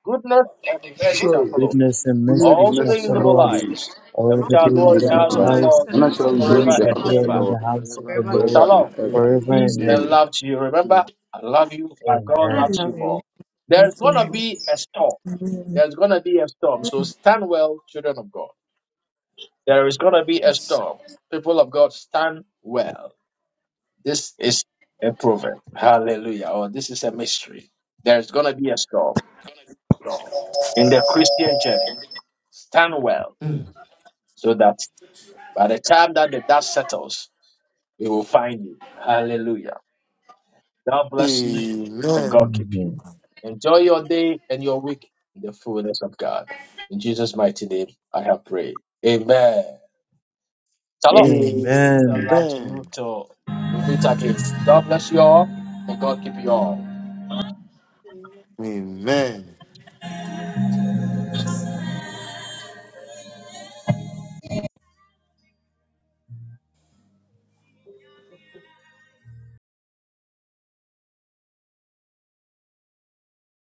S1: goodness and mercy shall
S15: Surely,
S1: follow
S6: glory
S8: Goodness and
S15: goodness
S8: mercy
S6: praise
S15: and
S1: all the
S6: shall
S8: shall
S15: mercy
S1: days of
S15: shall
S6: follow
S1: our
S8: follow
S15: follow
S6: me
S8: us
S15: me.
S1: lives,
S6: the
S1: and
S8: all
S6: rest
S1: we
S8: the
S6: of
S1: shall
S6: my
S15: God
S1: dwell
S8: days
S1: in
S5: Praise
S15: bless
S1: the
S8: of
S6: life,
S5: of
S15: my
S6: and
S8: our
S1: house
S5: our
S1: of
S6: I
S1: the
S15: life.
S6: shall
S5: lives
S8: lives,
S1: Lord
S5: and
S15: And
S6: dwell
S15: I
S6: in the
S5: us to
S15: shall
S6: house of
S8: and
S6: the
S15: go
S8: we
S5: adore
S15: in
S6: Lord
S1: forever
S15: the
S8: shall
S5: your
S1: and
S15: house of
S5: house
S8: dwell
S15: the
S1: ever.
S8: in
S15: Lord
S8: the house of
S6: forever
S8: the
S5: forever
S6: and
S8: Lord
S15: forever
S5: and
S15: and
S1: Shalom,
S5: ever.
S15: ever.
S6: ever.
S8: forever
S1: peace
S8: and
S1: and
S15: Amen.
S8: ever.
S5: Amen.
S1: love to you. Remember, I love you by God
S5: I
S8: Amen.
S5: love you.
S1: more.
S5: Love
S1: There's
S5: you.
S1: gonna
S5: more.
S1: be a storm.
S5: Amen.
S1: There's gonna be a storm. So stand well, children of God. There is gonna be a storm. People of God, stand well. This is a proverb. Hallelujah. Or this is a mystery. There's gonna be a storm. Jenny. Stand well so that By the time that the dust settles, we will find you. Hallelujah. God bless you and God
S6: Amen.
S1: keep
S8: Amen.
S1: you. Enjoy your day and your week in the fullness of God. In Jesus' mighty name, I have prayed. Amen. Shalom.
S6: Amen.
S8: Amen.
S1: love to
S6: Amen.
S1: you too. we meet again. God bless you all and God keep you all.
S6: Amen.